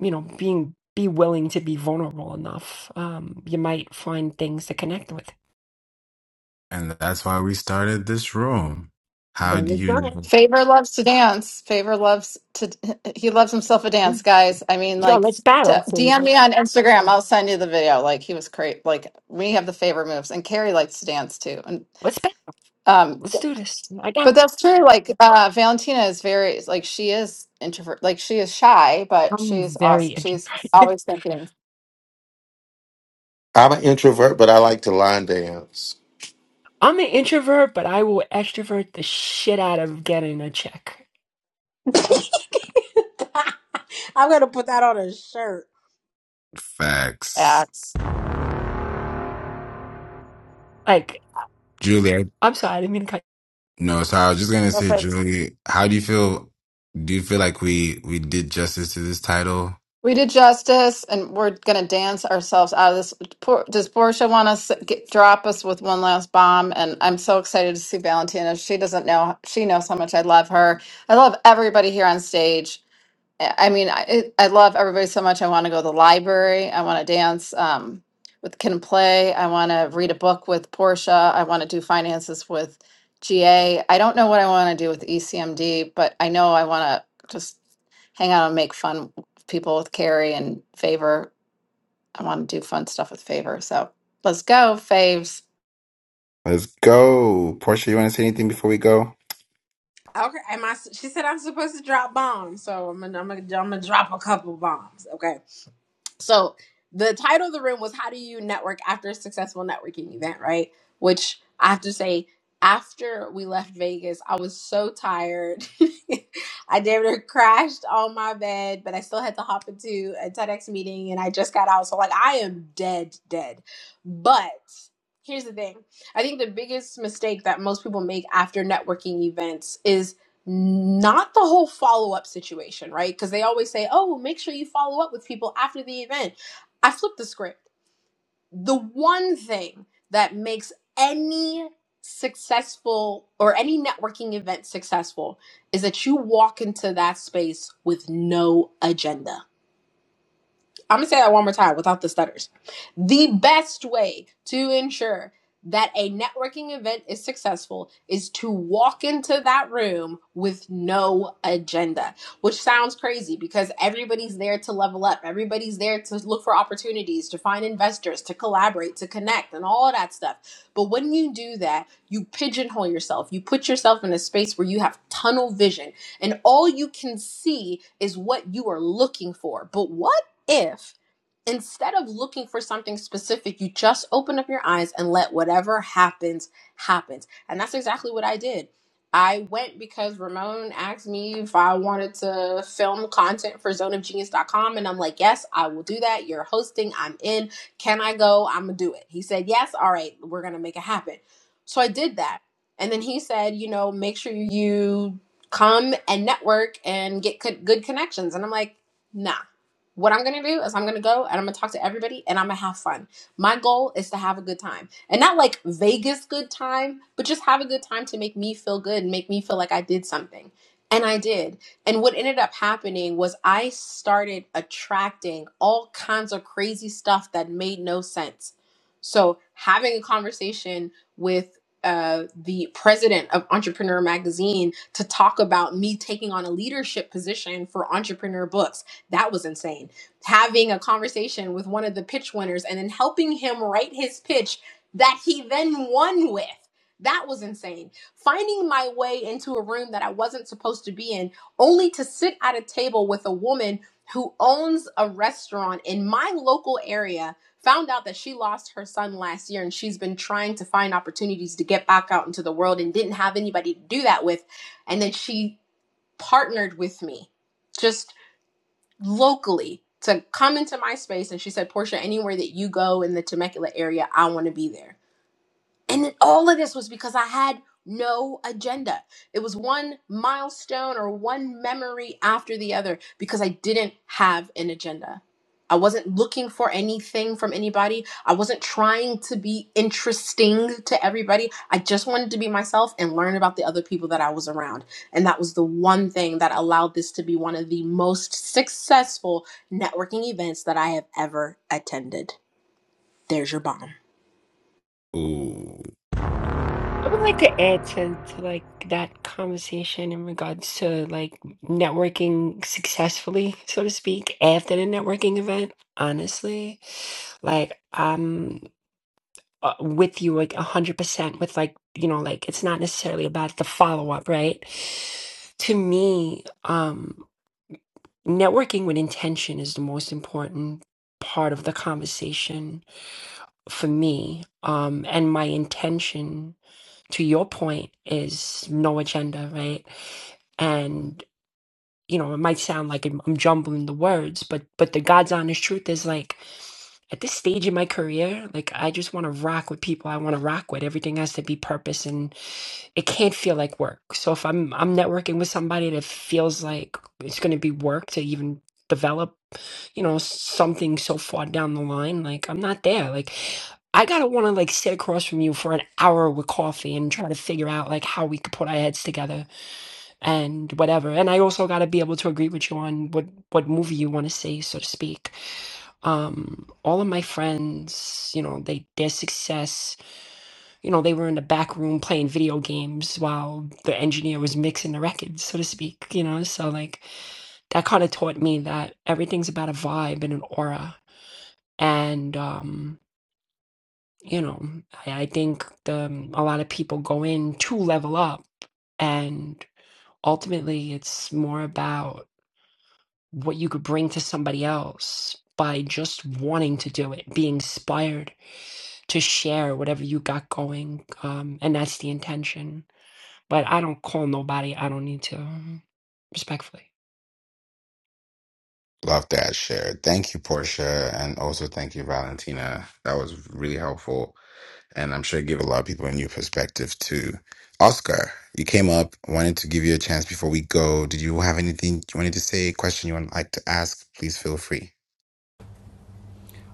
you know being be willing to be vulnerable enough um you might find things to connect with And that's why we started this room. How there do you you know go Favor loves to dance. Favor loves to. He loves himself a dance, guys. I mean, yo like, let's t- battle DM Saber. me on Instagram. I'll send you the video. Like, he was great. Like, we have the favor moves, and Carrie likes to dance too. And let's battle um, let's do this i got but it. that's true. Like, uh, Valentina is very like she is introvert. Like, she is shy, but i'm she's very awesome. She's interested always thinking I'm an introvert, but I like to line dance. I'm an introvert, but I will extrovert the shit out of getting a check. I'm gonna put that on a shirt. facts? acts. Like, Julie, I- I'm sorry, I didn't mean to cut. no, so I was just gonna say, Perfect. Julie, how do you feel? Do you feel like we we did justice to this title? We did justice, and we're gonna dance ourselves out of this. Por- Does Portia want to get, drop us with one last bomb? And I'm so excited to see Valentina. She doesn't know. She knows how much I love her. I love everybody here on stage. I I mean, I it, I love everybody so much. I want to go to the library. I want to dance um, with Ken Play. I want to read a book with Portia. I want to do finances with GA. I don't know what I want to do with ECMD, but I know I want to just hang out and make fun with people with Carrie and Favor. I want to do fun stuff with Favor. So let's go, Faves. Let's go, Portia. You want to say anything before we go? Okay, am I? She said I'm supposed to drop bombs, so I'm gonna, I'm gonna, I'm gonna drop a couple bombs. Okay, so the title of the room was "How do you network after a successful networking event?" Right, which I have to say, after we left Vegas, I was so tired. I damn near crashed on my bed, but I still had to hop into a TEDx meeting, and I just got out, so like I am dead, dead. But here's the thing: I think the biggest mistake that most people make after networking events is not the whole follow up situation, right? Because they always say, oh, well, make sure you follow up with people after the event. I flipped the script. The one thing that makes any successful or any networking event successful is that you walk into that space with no agenda I'm gonna say that one more time without the stutters. The best way to ensure that a networking event is successful is to walk into that room with no agenda, which sounds crazy because everybody's there to level up, everybody's there to look for opportunities, to find investors, to collaborate, to connect, and all of that stuff. But when you do that, you pigeonhole yourself, you put yourself in a space where you have tunnel vision, and all you can see is what you are looking for. But what? if instead of looking for something specific you just open up your eyes and let whatever happens happens and that's exactly what i did i went because ramon asked me if i wanted to film content for zone of genius dot com, and i'm like yes i will do that you're hosting i'm in can i go i'm gonna do it he said yes all right we're gonna make it happen so i did that and then he said you know make sure you come and network and get co- good connections and i'm like nah what I'm gonna do is I'm gonna go and I'm gonna talk to everybody and I'm gonna have fun. My goal is to have a good time. And not like Vegas good time, but just have a good time to make me feel good and make me feel like I did something. And I did. And what ended up happening was I started attracting all kinds of crazy stuff that made no sense. So having a conversation with uh, the president of Entrepreneur Magazine to talk about me taking on a leadership position for Entrepreneur Books that was insane. Having a conversation with one of the pitch winners and then helping him write his pitch that he then won with. That was insane. Finding my way into a room that I wasn't supposed to be in, only to sit at a table with a woman who owns a restaurant in my local area. Found out that she lost her son last year and she's been trying to find opportunities to get back out into the world and didn't have anybody to do that with. And then she partnered with me. Just locally to come into my space. And she said, Portia, anywhere that you go in the Temecula area, I want to be there. And it- all of this was because I had no agenda. It was one milestone or one memory after the other because I didn't have an agenda. I wasn't looking for anything from anybody. I wasn't trying to be interesting to everybody. I just wanted to be myself and learn about the other people that I was around. And that was the one thing that allowed this to be one of the most successful networking events that I have ever attended. There's your bomb. Ooh, I would like to add to, to like that conversation in regards to like networking successfully, so to speak, after the networking event. Honestly, like I'm uh, with you like a hundred percent. With like you know, like it's not necessarily about the follow up, right? To me, um. networking with intention is the most important part of the conversation for me um and my intention to your point is no agenda right and you know it might sound like i'm I'm jumbling the words but but the god's honest truth is like at this stage in my career like i just want to rock with people i want to rock with everything has to be purpose and it can't feel like work so if i'm i'm networking with somebody that feels like it's going to be work to even develop you know, something so far down the line. Like, I'm not there. Like, I gotta want to like sit across from you for an hour with coffee and try to figure out like how we could put our heads together and whatever. And I also gotta be able to agree with you on what what movie you want to see, so to speak. Um, all of my friends, you know, they their success, you know, they were in the back room playing video games while the engineer was mixing the records, so to speak. You know, so like that kind of taught me that everything's about a vibe and an aura and, um, you know, I, I think the, um, a lot of people go in to level up, and ultimately it's more about what you could bring to somebody else by just wanting to do it, be inspired to share whatever you got going. Um, and that's the intention. But I don't call nobody, I don't need to, um, respectfully. love that share. Thank you, Portia, and also thank you, Valentina. That was really helpful. and I'm sure it gave a lot of people a new perspective too. Oscar, you came up, wanted to give you a chance before we go. Did you have anything you wanted to say, question you would like to ask? Please feel free.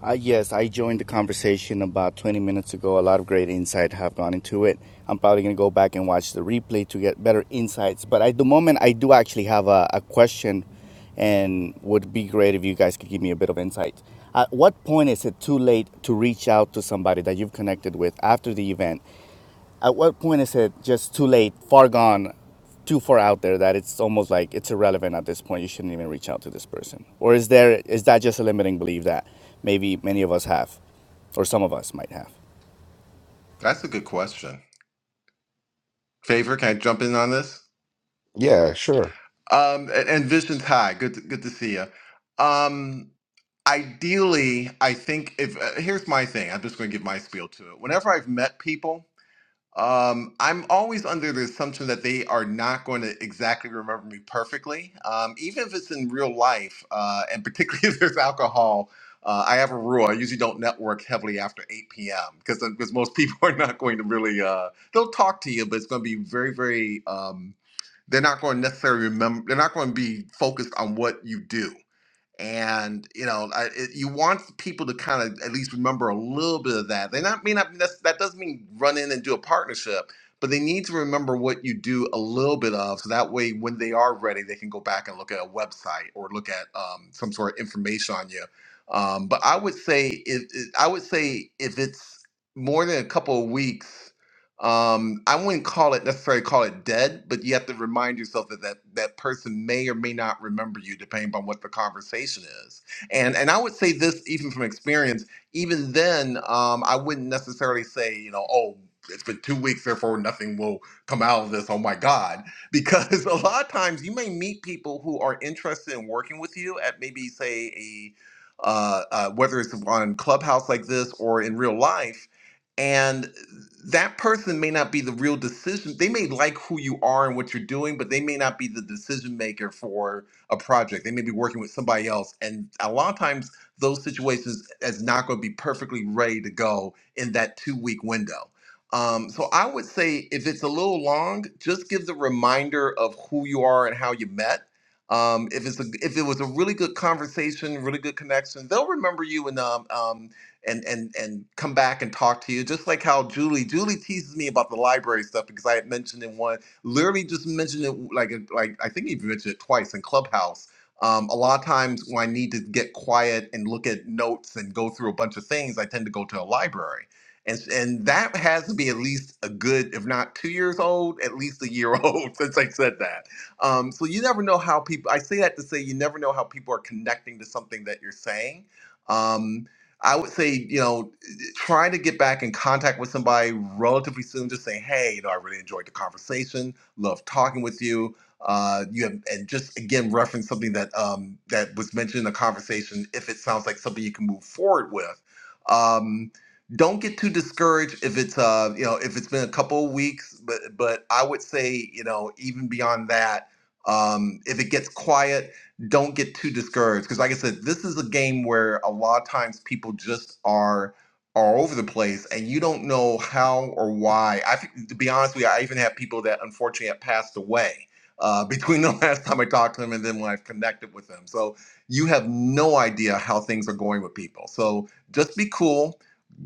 Uh, yes, I joined the conversation about 20 minutes ago. A lot of great insight have gone into it. I'm probably going to go back and watch the replay to get better insights. But at the moment, I do actually have a, a question and would be great if you guys could give me a bit of insight. At what point is it too late to reach out to somebody that you've connected with after the event? At what point is it just too late, far gone, too far out there that it's almost like it's irrelevant at this point? You shouldn't even reach out to this person. Or is there is that just a limiting belief that maybe many of us have, or some of us might have? That's a good question. Favor, can I jump in on this? Yeah, sure. Um, and, and Vision's hi. Good, to, good to see you. ideally, I think if uh, here's my thing, I'm just going to give my spiel to it. Whenever I've met people, um, I'm always under the assumption that they are not going to exactly remember me perfectly, um, even if it's in real life, uh, and particularly if there's alcohol. Uh, I have a rule. I usually don't network heavily after 8 p.m. because because most people are not going to really uh, they'll talk to you, but it's going to be very very um, they're not going to necessarily remember. They're not going to be focused on what you do and you know I, it, you want people to kind of at least remember a little bit of that they not may not that's, that doesn't mean run in and do a partnership but they need to remember what you do a little bit of so that way when they are ready they can go back and look at a website or look at um, some sort of information on you um, but i would say if, if i would say if it's more than a couple of weeks um i wouldn't call it necessarily call it dead but you have to remind yourself that that, that person may or may not remember you depending on what the conversation is and and i would say this even from experience even then um i wouldn't necessarily say you know oh it's been two weeks therefore nothing will come out of this oh my god because a lot of times you may meet people who are interested in working with you at maybe say a uh, uh, whether it's on clubhouse like this or in real life and that person may not be the real decision they may like who you are and what you're doing but they may not be the decision maker for a project they may be working with somebody else and a lot of times those situations is not going to be perfectly ready to go in that two week window um, so i would say if it's a little long just give the reminder of who you are and how you met um, if it's a, if it was a really good conversation, really good connection, they'll remember you. And um. um, and and and come back and talk to you. Just like how Julie Julie teases me about the library stuff because I had mentioned it one, literally just mentioned it like like I think even mentioned it twice in Clubhouse. Um, a lot of times when I need to get quiet and look at notes and go through a bunch of things, I tend to go to a library. And, and that has to be at least a good, if not two years old, at least a year old since I said that. Um, so you never know how people. I say that to say you never know how people are connecting to something that you're saying. Um, I would say, you know, trying to get back in contact with somebody relatively soon, just say, hey, you know, I really enjoyed the conversation, love talking with you. Uh, you have, and just again reference something that um, that was mentioned in the conversation. If it sounds like something you can move forward with, um, don't get too discouraged if it's uh, you know if it's been a couple of weeks. But but I would say you know even beyond that, um, if it gets quiet don't get too discouraged because like i said this is a game where a lot of times people just are are over the place and you don't know how or why i think- to be honest with you i even have people that unfortunately have passed away uh, between the last time i talked to them and then when i've connected with them so you have no idea how things are going with people so just be cool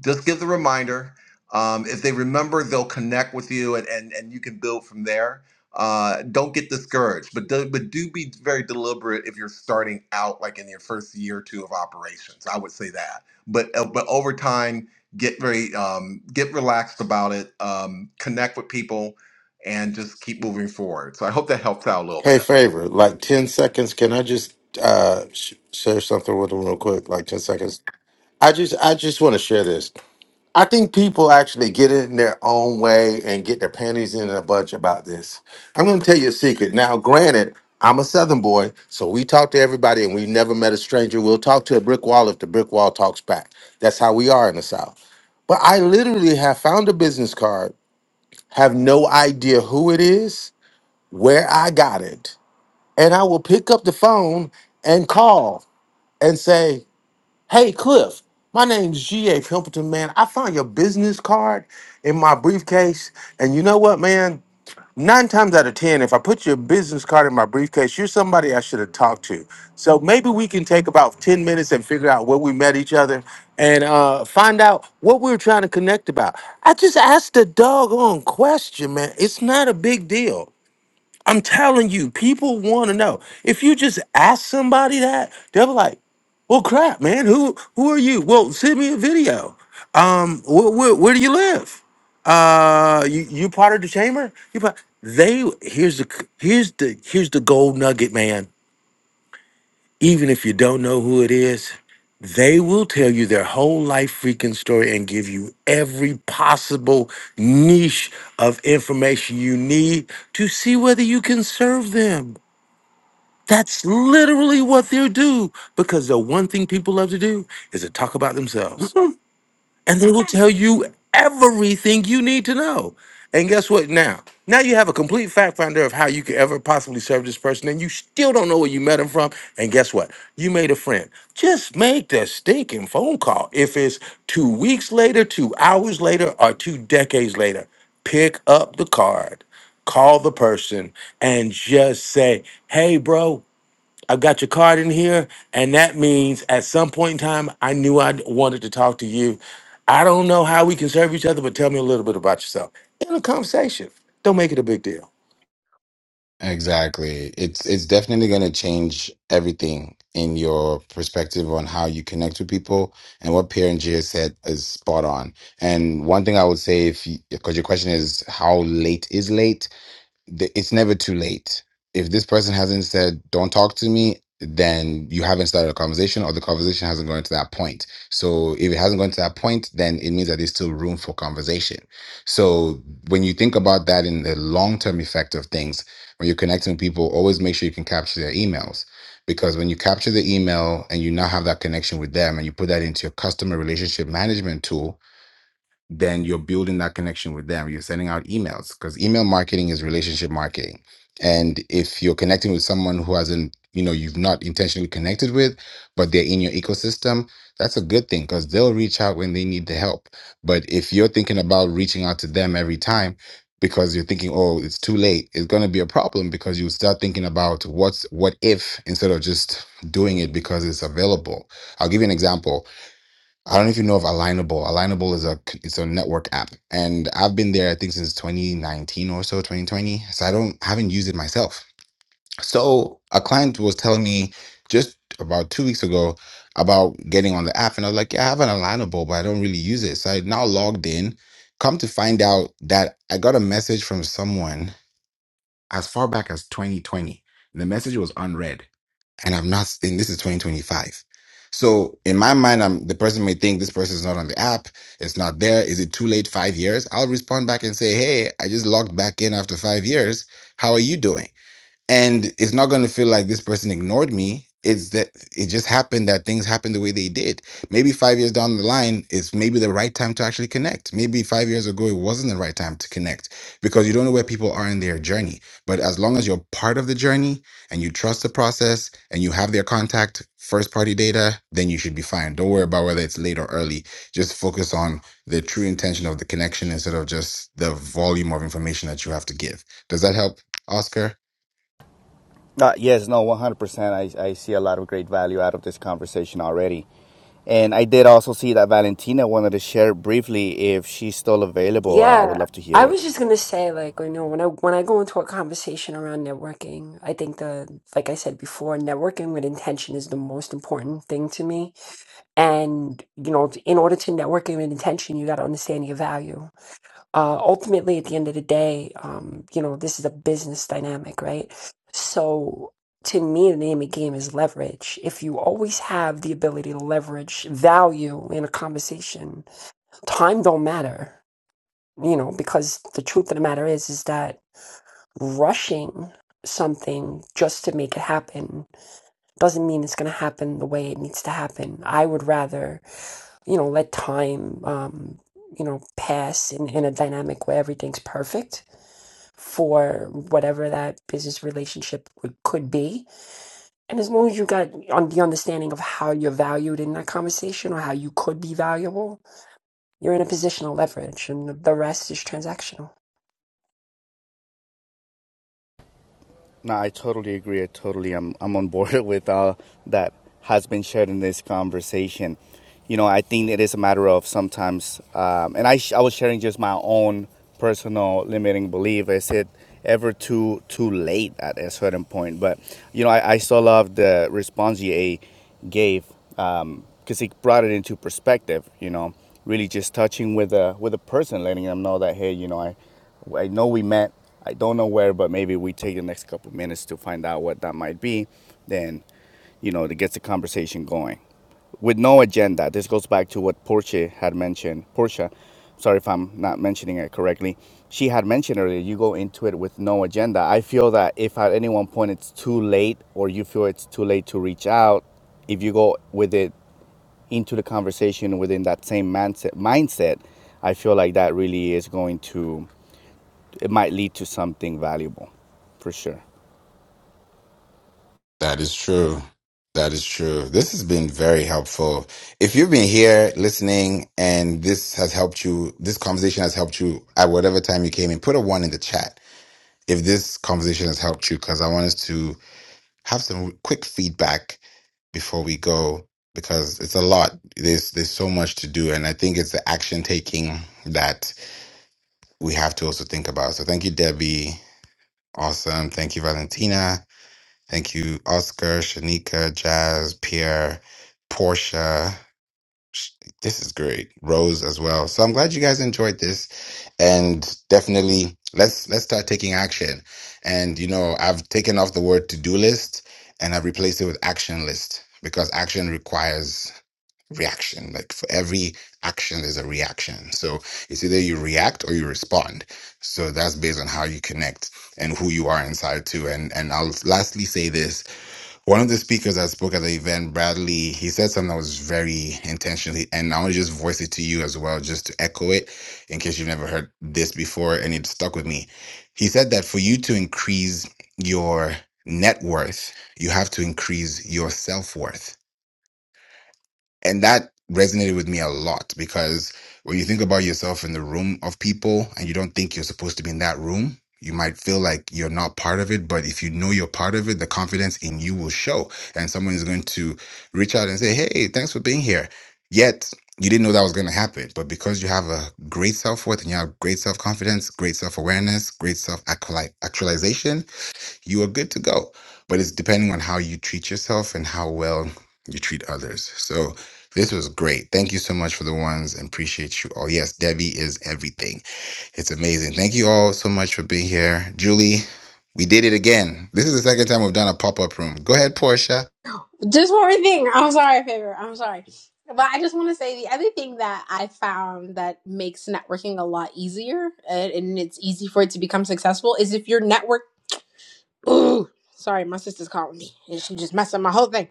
just give the reminder um, if they remember they'll connect with you and, and and you can build from there uh, don't get discouraged, but do, but do be very deliberate if you're starting out like in your first year or two of operations. I would say that, but uh, but over time, get very um, get relaxed about it. Um, connect with people, and just keep moving forward. So I hope that helps out a little bit. Hey, Favor, like 10 seconds. Can I just uh, sh- share something with them real quick? Like 10 seconds. I just, I just want to share this. I think people actually get in their own way and get their panties in a bunch about this. I'm going to tell you a secret. Now, granted, I'm a Southern boy, so we talk to everybody and we never met a stranger. We'll talk to a brick wall if the brick wall talks back. That's how we are in the South. But I literally have found a business card, have no idea who it is, where I got it, and I will pick up the phone and call and say, Hey Cliff, my name's G.A. Pimpleton, man. I found your business card in my briefcase. And you know what, man? Nine times out of 10, if I put your business card in my briefcase, you're somebody I should have talked to. So maybe we can take about 10 minutes and figure out where we met each other and uh, find out what we were trying to connect about. I just asked a doggone question, man. It's not a big deal. I'm telling you, people want to know. If you just ask somebody that, they'll be like, "Well, crap, man. Who who are you? Well, send me a video. Um, wh- wh- where do you live? Uh, you you part of the chamber? You part? They here's the c- here's the here's the gold nugget, man. Even if you don't know who it is, they will tell you their whole life freaking story and give you every possible niche of information you need to see whether you can serve them. That's literally what they do because the one thing people love to do is to talk about themselves. And they will tell you everything you need to know. And guess what now? Now you have a complete fact finder of how you could ever possibly serve this person, and you still don't know where you met him from. And guess what? You made a friend. Just make the stinking phone call. If it's two weeks later, two hours later, or two decades later, pick up the card call the person and just say, "Hey, bro, I've got your card in here, and that means at some point in time, I knew I wanted to talk to you. I don't know how we can serve each other, but tell me a little bit about yourself in a conversation. Don't make it a big deal. Exactly. It's it's definitely going to change everything in your perspective on how you connect with people. And what Pierre and Gia said is spot on. And one thing I would say, if because your question is how late is late, th- it's never too late. If this person hasn't said, don't talk to me, then you haven't started a conversation or the conversation hasn't gone to that point. So if it hasn't gone to that point, then it means that there's still room for conversation. So when you think about that in the long term effect of things, when you're connecting with people, always make sure you can capture their emails. Because when you capture the email and you now have that connection with them and you put that into your customer relationship management tool, then you're building that connection with them. You're sending out emails because email marketing is relationship marketing. And if you're connecting with someone who hasn't, you know, you've not intentionally connected with, but they're in your ecosystem, that's a good thing because they'll reach out when they need the help. But if you're thinking about reaching out to them every time because you're thinking, oh, it's too late, it's going to be a problem because you start thinking about what's what if instead of just doing it because it's available. I'll give you an example I don't know if you know of Alignable. Alignable is a c- it's a network app, and I've been there I think since 2019 or so, 2020. So I don't haven't used it myself. So a client was telling me just about two weeks ago about getting on the app, and I was like, yeah, I have an Alignable, but I don't really use it. So I now logged in. Come to find out that I got a message from someone as far back as 2020. The message was unread and I'm not, and this is 2025. So in my mind, I'm, the person may think this person is not on the app. It's not there. Is it too late? Five years? I'll respond back and say, Hey, I just logged back in after five years. How are you doing? and it's not going to feel like this person ignored me it's that it just happened that things happened the way they did maybe five years down the line it's maybe the right time to actually connect maybe five years ago it wasn't the right time to connect because you don't know where people are in their journey but as long as you're part of the journey and you trust the process and you have their contact first party data then you should be fine don't worry about whether it's late or early just focus on the true intention of the connection instead of just the volume of information that you have to give does that help oscar Uh, yes, no, 100%. I, I see a lot of great value out of this conversation already. And I did also see that Valentina wanted to share briefly if she's still available. I would Yeah, love to hear I it. was just gonna say, like, you know, when I when I go into a conversation around networking, I think the like I said before, networking with intention is the most important thing to me. And you know, in order to network with intention, you got to understand your value. Uh, ultimately, at the end of the day, um, you know, this is a business dynamic, right? So. To me, the name of the game is leverage. If you always have the ability to leverage value in a conversation, time don't matter you know because the truth of the matter is is that rushing something just to make it happen doesn't mean it's going to happen the way it needs to happen i would rather you know let time um you know pass in, in a dynamic where everything's perfect for whatever that business relationship would, could be and as long as you got on the understanding of how you're valued in that conversation or how you could be valuable you're in a position of leverage and the rest is transactional No, I totally agree. I totally, I'm, I'm on board with all that has been shared in this conversation. You know, I think it is a matter of sometimes, um, and I, sh- I was sharing just my own personal limiting belief. Is it ever too too late at a certain point? But you know, I, I still love the response you gave because it brought it into perspective. You know, really just touching with a with a person, letting them know that hey, you know, I I know we met. I don't know where, but maybe we take the next couple of minutes to find out what that might be. Then, you know, to get the conversation going with no agenda. This goes back to what Portia had mentioned. Portia, sorry if I'm not mentioning it correctly. She had mentioned earlier, you go into it with no agenda. I feel that if at any one point it's too late or you feel it's too late to reach out, if you go with it into the conversation within that same mindset, mindset I feel like that really is going to it might lead to something valuable for sure. That is true. That is true. This has been very helpful. If you've been here listening and this has helped you, this conversation has helped you at whatever time you came in, put a one in the chat if this conversation has helped you, because I want us to have some quick feedback before we go, because it's a lot. There's there's so much to do, and I think it's the action taking that we have to also think about. So thank you, Debbie. Awesome. Thank you, Valentina. Thank you, Oscar, Shanika, Jazz, Pierre, Portia. Sh- This is great. Rose as well. So I'm glad you guys enjoyed this, and definitely let's let's start taking action. And you know, I've taken off the word to do list and I've replaced it with action list because action requires reaction. Like for every action, there's a reaction. So it's either you react or you respond. So that's based on how you connect and who you are inside too. And and I'll lastly say this one of the speakers that spoke at the event, Bradley, he said something that was very intentionally, and I want to just voice it to you as well, just to echo it in case you've never heard this before and it stuck with me. He said that for you to increase your net worth, you have to increase your self worth and that resonated with me a lot because when you think about yourself in the room of people and you don't think you're supposed to be in that room, you might feel like you're not part of it. But if you know you're part of it, the confidence in you will show. And someone is going to reach out and say, Hey, thanks for being here. Yet you didn't know that was going to happen. But because you have a great self worth and you have great self confidence, great self awareness, great self actualization, you are good to go. But it's depending on how you treat yourself and how well you treat others. So this was great. Thank you so much for the ones and appreciate you all. Yes, Debbie is everything. It's amazing. Thank you all so much for being here. Julie, we did it again. This is the second time we've done a pop up room. Go ahead, Portia. Just one more thing. I'm sorry, favor. I'm sorry. But I just want to say the other thing that I found that makes networking a lot easier and, and it's easy for it to become successful is if your network. Ooh, sorry, my sister's calling me and she just messed up my whole thing.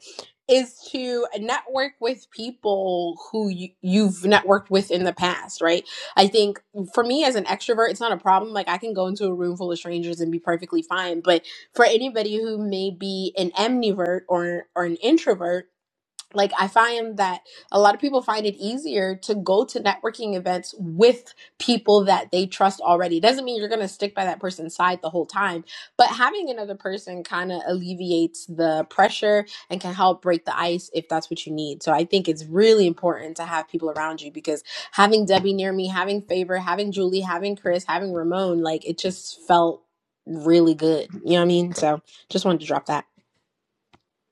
Is to network with people who you, you've networked with in the past, right? I think for me as an extrovert, it's not a problem. Like I can go into a room full of strangers and be perfectly fine. But for anybody who may be an amnivert or or an introvert, like i find that a lot of people find it easier to go to networking events with people that they trust already doesn't mean you're going to stick by that person's side the whole time but having another person kind of alleviates the pressure and can help break the ice if that's what you need so i think it's really important to have people around you because having debbie near me having favor having julie having chris having ramon like it just felt really good you know what i mean so just wanted to drop that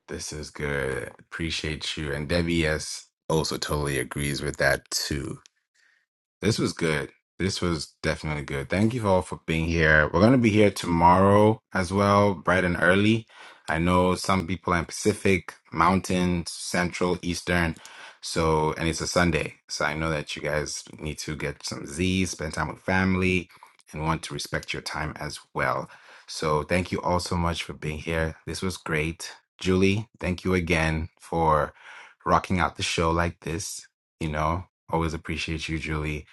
This is good. Appreciate you. And Debbie, yes, also totally agrees with that too. This was good. This was definitely good. Thank you all for being here. We're going to be here tomorrow as well, bright and early. I know some people are in Pacific, Mountain, Central, Eastern. So, and it's a Sunday. So I know that you guys need to get some Z's, spend time with family, and want to respect your time as well. So thank you all so much for being here. This was great. Julie, thank you again for rocking out the show like this. You know, always appreciate you, Julie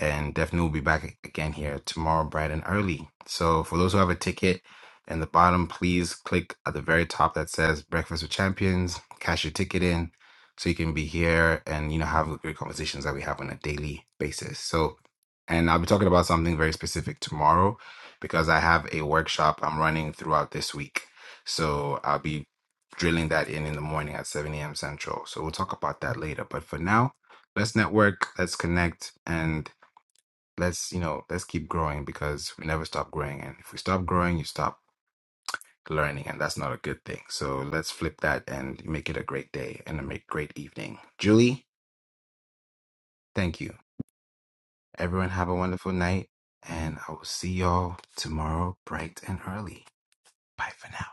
and definitely we'll be back again here tomorrow bright and early so for those who have a ticket in the bottom please click at the very top that says breakfast with champions cash your ticket in so you can be here and you know have the great conversations that we have on a daily basis so and i'll be talking about something very specific tomorrow because i have a workshop i'm running throughout this week so i'll be drilling that in in the morning at 7 a.m central so we'll talk about that later but for now let's network let's connect and let's you know let's keep growing because we never stop growing and if we stop growing you stop learning and that's not a good thing so let's flip that and make it a great day and a make great evening julie thank you everyone have a wonderful night and i will see y'all tomorrow bright and early bye for now